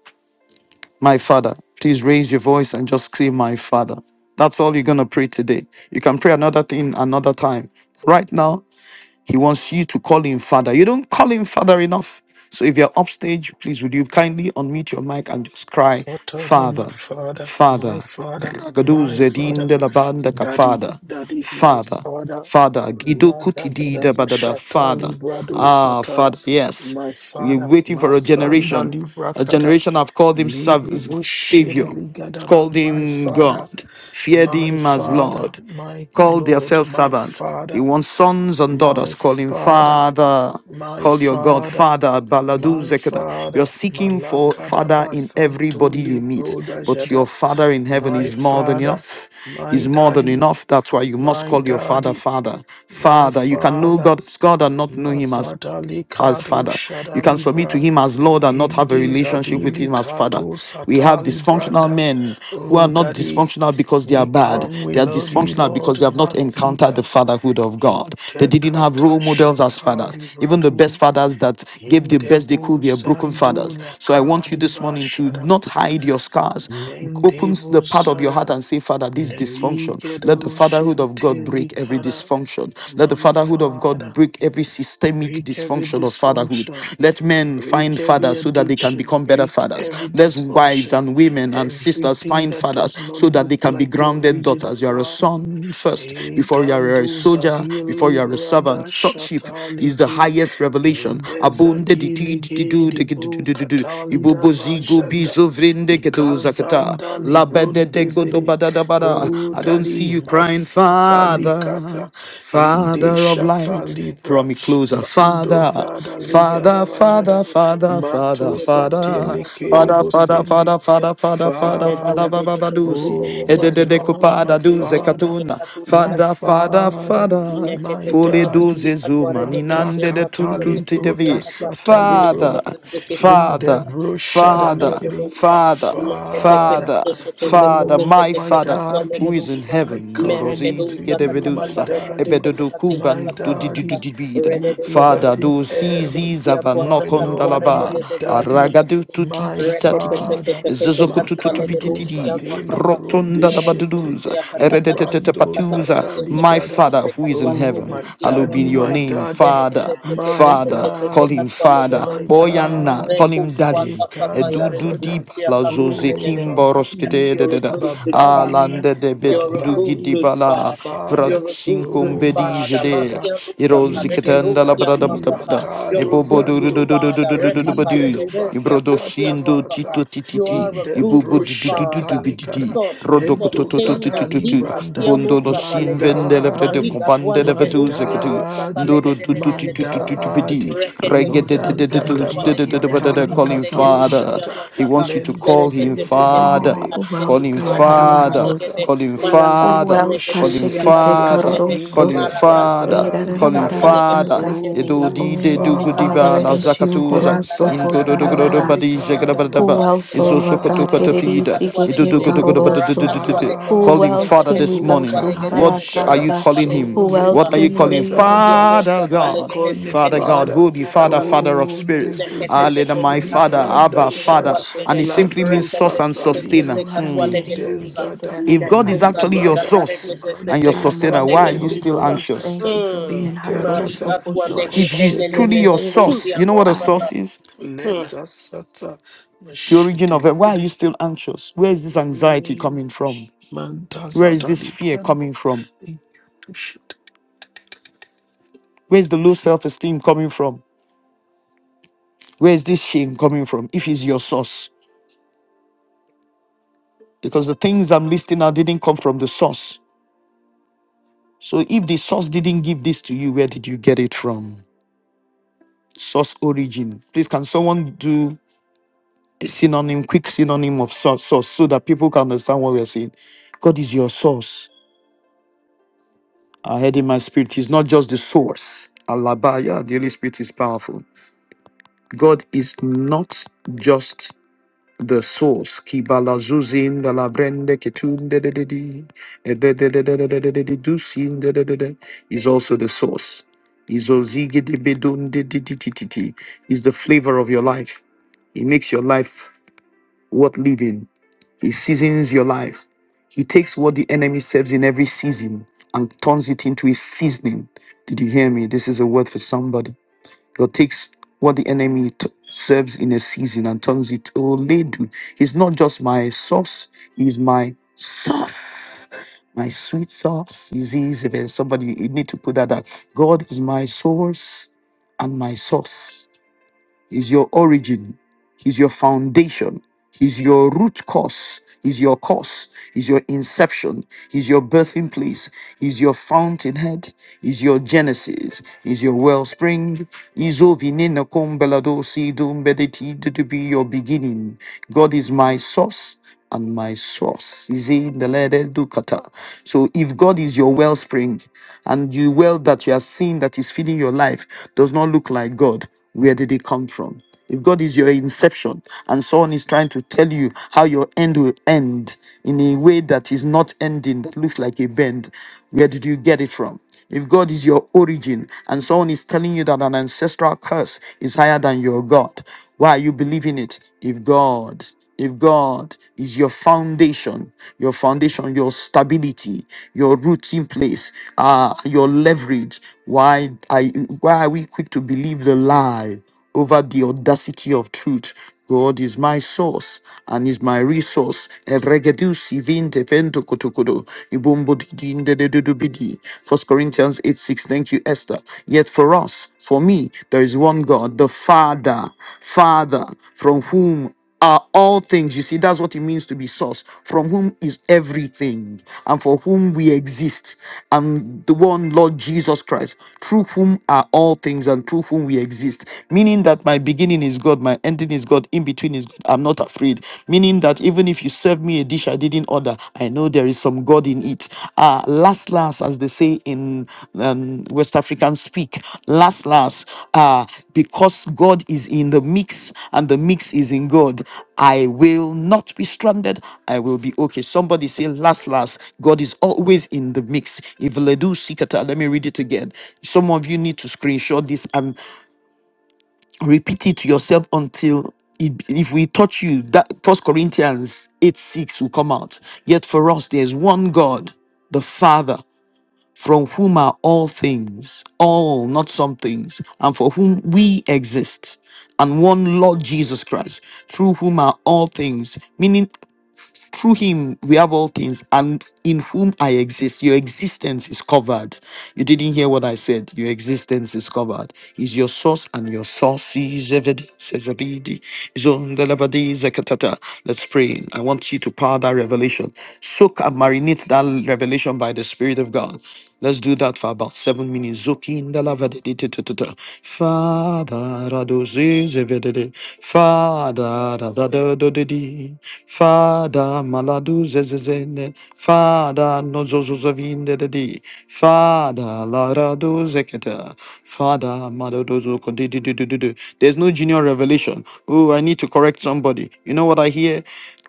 S1: my Father. Please raise your voice and just say, My Father. That's all you're going to pray today. You can pray another thing another time. Right now, he wants you to call him father. You don't call him father enough. So if you're upstage, please would you kindly unmute your mic and just cry,
S2: Certainly, my
S1: Father,
S2: father, my
S1: Father,
S2: father,
S1: Ragadu
S2: my
S1: Zedin
S2: father,
S1: de la Banda ka
S2: daddy,
S1: Father,
S2: daddy, my
S1: Father,
S2: father,
S1: Father, Gido
S2: mother,
S1: Kutidi
S2: dada,
S1: da Badada,
S2: bashata,
S1: Father.
S2: librado,
S1: Ah,
S2: sata,
S1: Father, yes.
S2: my
S1: We're
S2: father,
S1: waiting for a
S2: masanda,
S1: generation.
S2: libra,
S1: A
S2: kata,
S1: generation have called him sav-
S2: libi, bushede,
S1: Savior,
S2: ligadaba,
S1: called
S2: my
S1: him
S2: father,
S1: God, feared
S2: my
S1: him as
S2: father,
S1: Lord.
S2: my
S1: Call
S2: lord,
S1: themselves
S2: my
S1: servants. He
S2: father,
S1: wants sons and
S2: my
S1: daughters. Call him
S2: father,
S1: Father.
S2: my
S1: Call your God
S2: father,
S1: Father. Baladu
S2: my
S1: Zekata. You're
S2: father,
S1: seeking for Father
S2: Malakadaba
S1: in everybody you
S2: Santuli
S1: meet,
S2: Broda
S1: but
S2: Jada.
S1: your Father in heaven
S2: My
S1: is more than
S2: father,
S1: enough.
S2: my
S1: He's more than
S2: daddy,
S1: enough. That's why you must
S2: my
S1: call your Father
S2: daddy,
S1: Father.
S2: my
S1: Father. You can know
S2: father,
S1: God as God and not know Him as
S2: Masadali
S1: as
S2: Kado
S1: father. You can
S2: Shadali
S1: submit to
S2: Bra.
S1: him as Lord and not have a
S2: Indi
S1: relationship with
S2: Zadili
S1: him as father.
S2: Kato
S1: We have
S2: Satali
S1: dysfunctional
S2: Branda.
S1: men who are
S2: Oh,
S1: not
S2: daddy,
S1: dysfunctional because they are
S2: we
S1: bad.
S2: come, we
S1: They are
S2: love you,
S1: dysfunctional
S2: Lord
S1: because they have not encountered the
S2: Mazida.
S1: fatherhood of God. They didn't have
S2: Intekata
S1: role models as fathers.
S2: Shatali
S1: Even the
S2: Bradu.
S1: best fathers that gave the best they
S2: Yendebu
S1: could were broken
S2: Sando
S1: fathers. So I want you this
S2: Lakariba
S1: morning to
S2: Shada
S1: not hide your scars. Opens the
S2: Mendebu
S1: part of your
S2: Zada
S1: heart and say, Father, this dysfunction. Let the
S2: Levigedo
S1: fatherhood of God break every
S2: Shintelikada
S1: dysfunction. Let the
S2: My
S1: fatherhood of God
S2: Father
S1: break every systemic
S2: break every
S1: dysfunction of fatherhood.
S2: dysfunction
S1: Let men
S2: break
S1: find
S2: every
S1: fathers so that they can
S2: addiction
S1: become better
S2: break
S1: fathers.
S2: every
S1: Let wives
S2: dysfunction
S1: and women and sisters
S2: everything
S1: find
S2: that
S1: fathers
S2: does not
S1: so that
S2: look
S1: they can be
S2: like your
S1: grounded
S2: original
S1: daughters. You are a
S2: plan
S1: son first before you are a
S2: Egando
S1: soldier, before
S2: Zadili
S1: you are a
S2: Brada
S1: servant. Sonship is the
S2: Shataliki
S1: highest revelation. Abunde di ti di di
S2: Indezatilege
S1: du
S2: de
S1: de ge
S2: bo
S1: du du du du du. Ibo
S2: katalida
S1: bo zi
S2: bajanda.
S1: vrinde ge do zakata.
S2: Ikanzanda
S1: La be de de go do
S2: librundezere.
S1: ba da da ba
S2: O
S1: da. I don't
S2: daddy
S1: see you crying,
S2: masatali kata,
S1: Father,
S2: Inde
S1: Father. Father of
S2: shata
S1: light,
S2: libra.
S1: draw me closer, Father,
S2: Mandozada
S3: Thank
S1: Father,
S2: ligada bajada.
S1: Father, Father, Father, Father,
S2: Mato
S1: Father,
S2: satelekere
S1: Father, Father,
S2: bosende.
S1: Father, Father, Father, Father,
S2: Father.
S1: Baba Badusi,
S2: Oh, my
S1: Edede
S2: Lord, my
S1: Kupada Duze
S2: Father,
S1: Katuna,
S2: my
S1: Father,
S3: you.
S1: Father,
S2: Father,
S1: Father,
S3: Nekete
S2: my
S1: Fule
S3: sekete si
S2: Daddy.
S1: Duze
S3: akware
S1: Zuma,
S3: kete ushi
S1: Ninande de
S3: akatu
S2: Matakatali
S3: nekete
S1: Tuntunti
S2: bro,
S3: ushi
S1: Devi,
S3: akata
S2: dasatali bro
S1: Father,
S3: nekete sekete
S2: in the
S1: Father,
S3: sakata kakare
S1: Father,
S3: kete
S2: broshadalikity.
S3: uza
S1: Father,
S3: nekete
S2: Father,
S1: Father,
S3: sekete sekete
S1: Father,
S3: sekete
S2: oh
S1: my
S2: my
S3: sekete
S1: Father
S3: katwa
S1: who
S2: daddy,
S3: nekete
S1: is in
S3: uza
S2: I
S1: heaven,
S3: mere
S2: come
S3: kete
S1: Dorosi, de
S2: to
S3: uza kata
S2: you, my
S3: kata
S1: Gedevedusa,
S3: rekete
S2: daddy,
S3: kete
S1: Ebedodo
S3: kati kata
S2: my
S1: Kubando do
S3: kata kata
S2: daddy,
S1: Didididibida,
S3: rede
S2: who
S3: de de
S2: is
S3: de de
S1: Father
S2: at in
S1: do
S3: de de de de
S2: heaven,
S1: Sizi
S3: ushi akwata
S2: my
S3: katwa
S2: Lord,
S3: rekete
S2: my
S1: Zavanokondalaba,
S3: de de de de
S2: daddy,
S1: Aragadu
S3: de
S1: tuti
S2: my
S1: tita
S3: Rekete
S1: titi,
S3: teke
S2: father,
S3: teke teke kwa lede
S2: Makando
S3: dosia
S1: Zozokututupititi,
S2: Zadele
S3: dwasaka.
S1: Rotonda
S3: Mereke
S2: Brondeshete,
S1: Baduduza,
S3: dosia kata kata
S1: Eredetete
S3: kata
S2: Iprando
S3: kata
S1: Patuza,
S3: rekete teke
S1: my
S2: Zadaligada.
S3: teke
S1: Father
S3: teke
S1: who is
S3: kwa
S1: in
S3: lede
S2: Oh
S1: heaven,
S2: my
S3: dosia
S1: hallowed be
S2: daddy,
S1: your
S3: dwasaka.
S2: my
S1: name,
S2: daddy,
S3: Mereke
S1: Father,
S3: teke teke
S2: my
S1: Father,
S3: teke
S1: call
S3: teke
S2: daddy
S1: him
S3: kwa lede
S1: Father,
S2: my
S3: dosia.
S1: Boyana, call
S2: daddy,
S3: Leko
S1: him
S3: swata
S1: Daddy,
S3: sata ya
S2: Ekanda
S1: Edudu
S3: regede
S2: Zada.
S1: Diba,
S3: dosia
S1: La
S3: kaswa
S2: Oh,
S3: regede.
S1: Zozekim
S3: Yes,
S2: Babami,
S1: Boroskete,
S3: you're a good, good father.
S2: Babami,
S1: lande de
S3: You're a
S1: bedodu
S3: good,
S2: Babami,
S3: good
S1: gidibala
S3: father.
S1: vrado
S2: Father,
S3: You're a good,
S1: sinkum
S3: good
S2: oh,
S1: bedije
S3: father.
S1: de
S2: Mashada,
S3: Masia Nusata,
S1: irozi
S2: Inde
S1: ketenda la
S3: Regedusia
S1: brada
S2: Zadi
S1: bada bada
S3: Nuasata. You're a
S2: Lakado
S1: ebobo
S3: good,
S1: du du
S3: good
S1: du
S2: Zando,
S1: du du du
S3: father.
S1: du du du du
S3: Repata,
S1: badus
S2: Eligedo
S3: Regedesia,
S1: ibrodo
S3: Pusia
S2: Batakata
S1: sindo
S2: Sata,
S1: tito
S3: Nuasata. You
S1: tititi
S3: are a good,
S1: ibubu
S2: Indembro
S3: good
S1: di du du du du
S3: father.
S1: bididi
S2: Shatalikada,
S3: So,
S1: rodo
S2: Endo
S1: kototo to to to
S2: Zada
S3: sustainer, Lika,
S2: Libranda,
S1: bondo no
S3: Sianusata,
S2: my
S1: sin
S3: Legede.
S1: vende le vrede
S2: daddy,
S3: Mariga
S1: kompande
S3: dwale
S1: le
S2: my
S1: veduze
S3: gedusia
S1: ketu
S3: no sata
S2: daddy,
S3: lege
S1: ndoro
S3: de
S1: du
S3: de
S1: du
S3: de
S1: tu
S2: my
S3: de
S1: tu
S3: de
S1: tu
S3: de
S1: tu tu
S3: de
S1: bidi
S3: de
S2: daddy.
S3: rekete
S1: regge
S4: Oh,
S1: de de
S4: son,
S1: de de
S3: shikasia
S1: de
S3: katwa
S1: de de
S3: lege
S1: de
S3: de
S1: de de de
S2: Indangadabasatali
S1: call
S3: sikata lege
S2: kato
S1: father
S3: dusia
S2: shata.
S3: no
S1: he
S3: sata
S1: wants you to
S2: Lendo
S1: call him
S3: merekete shiketi
S1: father
S4: Oh,
S3: kata
S2: zendelegede.
S4: who
S1: call
S4: else,
S1: him
S3: reketusia
S4: Lord?
S1: father
S3: no
S2: Ikando
S3: sata
S1: Father,
S3: lege
S2: sata.
S3: de
S4: Haramararoso.
S1: call him
S2: O le
S4: Who
S3: marakaswa
S1: Father,
S4: else?
S3: lege
S1: call him
S3: dusia
S4: Hashikike
S3: kaswa
S2: proshetelegede.
S3: lege
S1: Father,
S3: de
S1: call
S4: Karoroso.
S1: him
S3: marakas
S1: Father,
S2: Indebazada
S3: Sisi
S1: call him
S3: katwa
S4: Erararamarara
S2: ligado.
S3: lege de
S1: Father.
S4: Santa.
S3: sekeli
S1: Yedo
S3: kasu
S2: O
S1: di de du
S3: sisi
S4: Oh,
S3: katwa
S4: Father,
S1: gudiba
S4: it
S1: na
S3: lege
S2: Father.
S3: de
S4: is
S3: Rakatwa
S4: you,
S1: zakatuza,
S2: enter
S4: Horoso
S1: indo do do do do
S4: Kotarara.
S1: badi
S2: Entakatalikadaba.
S4: Who
S1: jegrabadaba,
S4: else, oh
S1: izo
S4: Lord
S1: sokoto
S4: God?
S1: katapida,
S4: Hirisi
S2: Father.
S1: ido
S4: keke
S1: do do do do do
S2: O
S1: do do
S4: karoroso.
S1: do do do. Call
S4: Who
S1: him
S2: Father.
S4: else
S1: Father
S4: can we
S1: this
S2: O
S4: go to?
S1: morning.
S2: Kanda
S4: Harara
S1: What are
S2: Jada.
S1: you
S4: Santa.
S1: calling
S2: O
S1: him?
S4: Who
S2: le
S4: else
S1: What are you
S4: can
S1: calling
S4: we run
S2: brodazada.
S4: to?
S1: Father
S2: I
S1: God?
S2: call you
S4: Hararese
S1: Father God,
S2: Father.
S4: keke
S1: Holy Father, Father
S4: karoroso
S1: of
S2: Oh,
S1: spirits.
S4: kokorara.
S2: desede
S1: Hallelujah, my
S4: Ore
S1: Father,
S4: hirisi
S2: libranda
S1: Abba, Father.
S2: shada
S4: kerereshe.
S1: And it
S3: Katwalegede,
S1: simply
S2: lanto
S1: means
S3: Rekete
S1: source and
S2: satalika
S1: sustainer.
S4: You
S3: Sete
S1: Mm.
S4: haramererisi
S3: Katwalegeduza,
S2: indenzada
S1: If God is
S3: Nesota
S4: keterarabakanto.
S1: actually your
S3: Liga
S2: elibrada
S1: source
S4: Risuke
S3: Taregede
S1: and your
S3: Sete
S2: mandoza
S1: sustainer, why are
S2: de
S1: you still
S4: kakamororosonto.
S3: Katwalegeduza.
S1: anxious?
S4: Thank
S2: lebrokata
S4: you for being
S3: Mm.
S2: intekata
S3: Marika
S4: Hararoso Koshoko
S1: If
S3: Twalekede
S1: He is
S4: Tarere
S2: machete
S1: truly your
S3: Nene
S1: source,
S3: Kusia
S1: you know what a
S3: Nosata.
S1: source is?
S2: neta sata
S1: The origin
S2: machete
S1: of it. Why are you
S2: librede
S1: still anxious? Where is this anxiety coming from? Where is
S2: mandazada
S1: this fear
S2: libranda
S1: coming from? Where is the low self esteem coming from? Where is this shame coming from? If He's your source. Because the things I'm listing now didn't come from the source. So if the source didn't give this to you, where did you get it from? Source origin. Please, can someone do a synonym, quick synonym of source, source, so that people can understand what we are saying. God is your source. I heard in my spirit, He's not just the source. Alabaya, the Holy Spirit is powerful. God is not just the source. Kibala zuzin da ketun de de de de eh, de de de de de de de de de dusin de de de de is also the source. Is ozige de de de de de de. is the flavor of your life. It makes your life worth living. He seasons your life. He takes what the enemy serves in every season and turns it into a seasoning. Did you hear me? This is a word for somebody. God takes what the enemy t- serves in a season and turns it. Oh, Ledu, he's not just my sauce, he's my sauce. My sweet sauce is easy. Somebody, you need to put that down. God is my source and my sauce. He's your origin. He's your foundation. He's your root cause. He's your cause. He's your inception. He's your birthing place. He's your fountainhead. He's your genesis. He's your wellspring. He's ovinina kumbelado si dumbedeti to be your beginning. God is my source and my source. He said, "Ndelede dukata." So if God is your wellspring and you well that you are seeing that is feeding your life does not look like God, where did it come from? If God is your inception and someone is trying to tell you how your end will end in a way that is not ending, that looks like a bend, where did you get it from? If God is your origin and someone is telling you that an ancestral curse is higher than your God, why are you believing it? If God if God is your foundation, your foundation, your stability, your rooting place, uh, your leverage, why I, why are we quick to believe the lie over the audacity of truth? God is my source and is my resource. Evregedu sivinte vento kotokodo, ibumbo didi ndededu bidi. First Corinthians 8 6. Thank you, Esther. Yet for us, for me, there is one God, the Father, Father, from whom are all things. You see, that's what it means to be source, from whom is everything, and for whom we exist, and the one Lord Jesus Christ, through whom are all things, and through whom we exist. Meaning that my beginning is God, my ending is God, in between is God. I'm not afraid. Meaning that even if you serve me a dish I didn't order, I know there is some God in it. Ah, last, last, as they say in um, West African speak, last, last, ah because God is in the mix and the mix is in God, I will not be stranded. I will be okay. Somebody say, last, last, God is always in the mix. If Ledu Sikata, let me read it again. Some of you need to screenshot this and repeat it to yourself until it- if we touch you, that First Corinthians 8 6 will come out. Yet for us, there's one God, the Father from whom are all things, all, not some things, and for whom we exist, and one Lord Jesus Christ, through whom are all things, meaning through him we have all things, and in whom I exist. Your existence is covered. You didn't hear what I said. Your existence is covered. Is your source and your source is evident. says Abidi. Zondelabadi Zekatata. Let's pray. I want you to power that revelation. Soak and marinate that revelation by the Spirit of God. Let's do that for about seven minutes. Zokin da Father, radozi Father, radadadodedi. Father, maladu zezezene. Father, nozozozavinde de de. Father, la rado zeketa. Father, maladozo There's no junior revelation. Oh, I need to correct somebody. You know what I hear?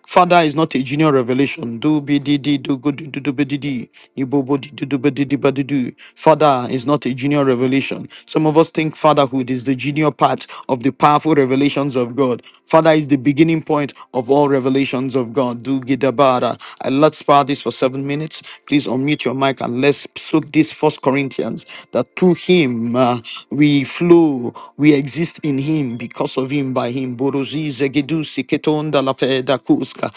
S1: Father is not a junior revelation. Do be di di do go do do do be di di. Ibo bo di do do be di di ba di do. Father is not a junior revelation. Some of us think fatherhood is the junior part of the powerful revelations of God. Father is the beginning point of all revelations of God. Do gidabara. And let's power this for seven minutes. Please unmute your mic and let's soak this First Corinthians that through Him uh, we flow, we exist in Him because of Him by Him buruzize gidusi ketonda la feda kuska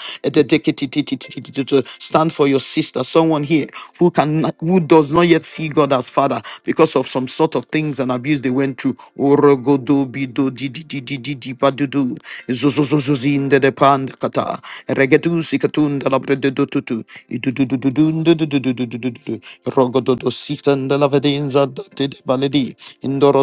S1: stand for your sister someone here who can who does not yet see God as father because of some sort of things and abuse they went through orogodo bido di di di di di di padudu zuzuzuzuzinde de panda kata regedusi katunda la bredo tutu idududududundududududududu rogododo sitanda la vedenza de baledi indoro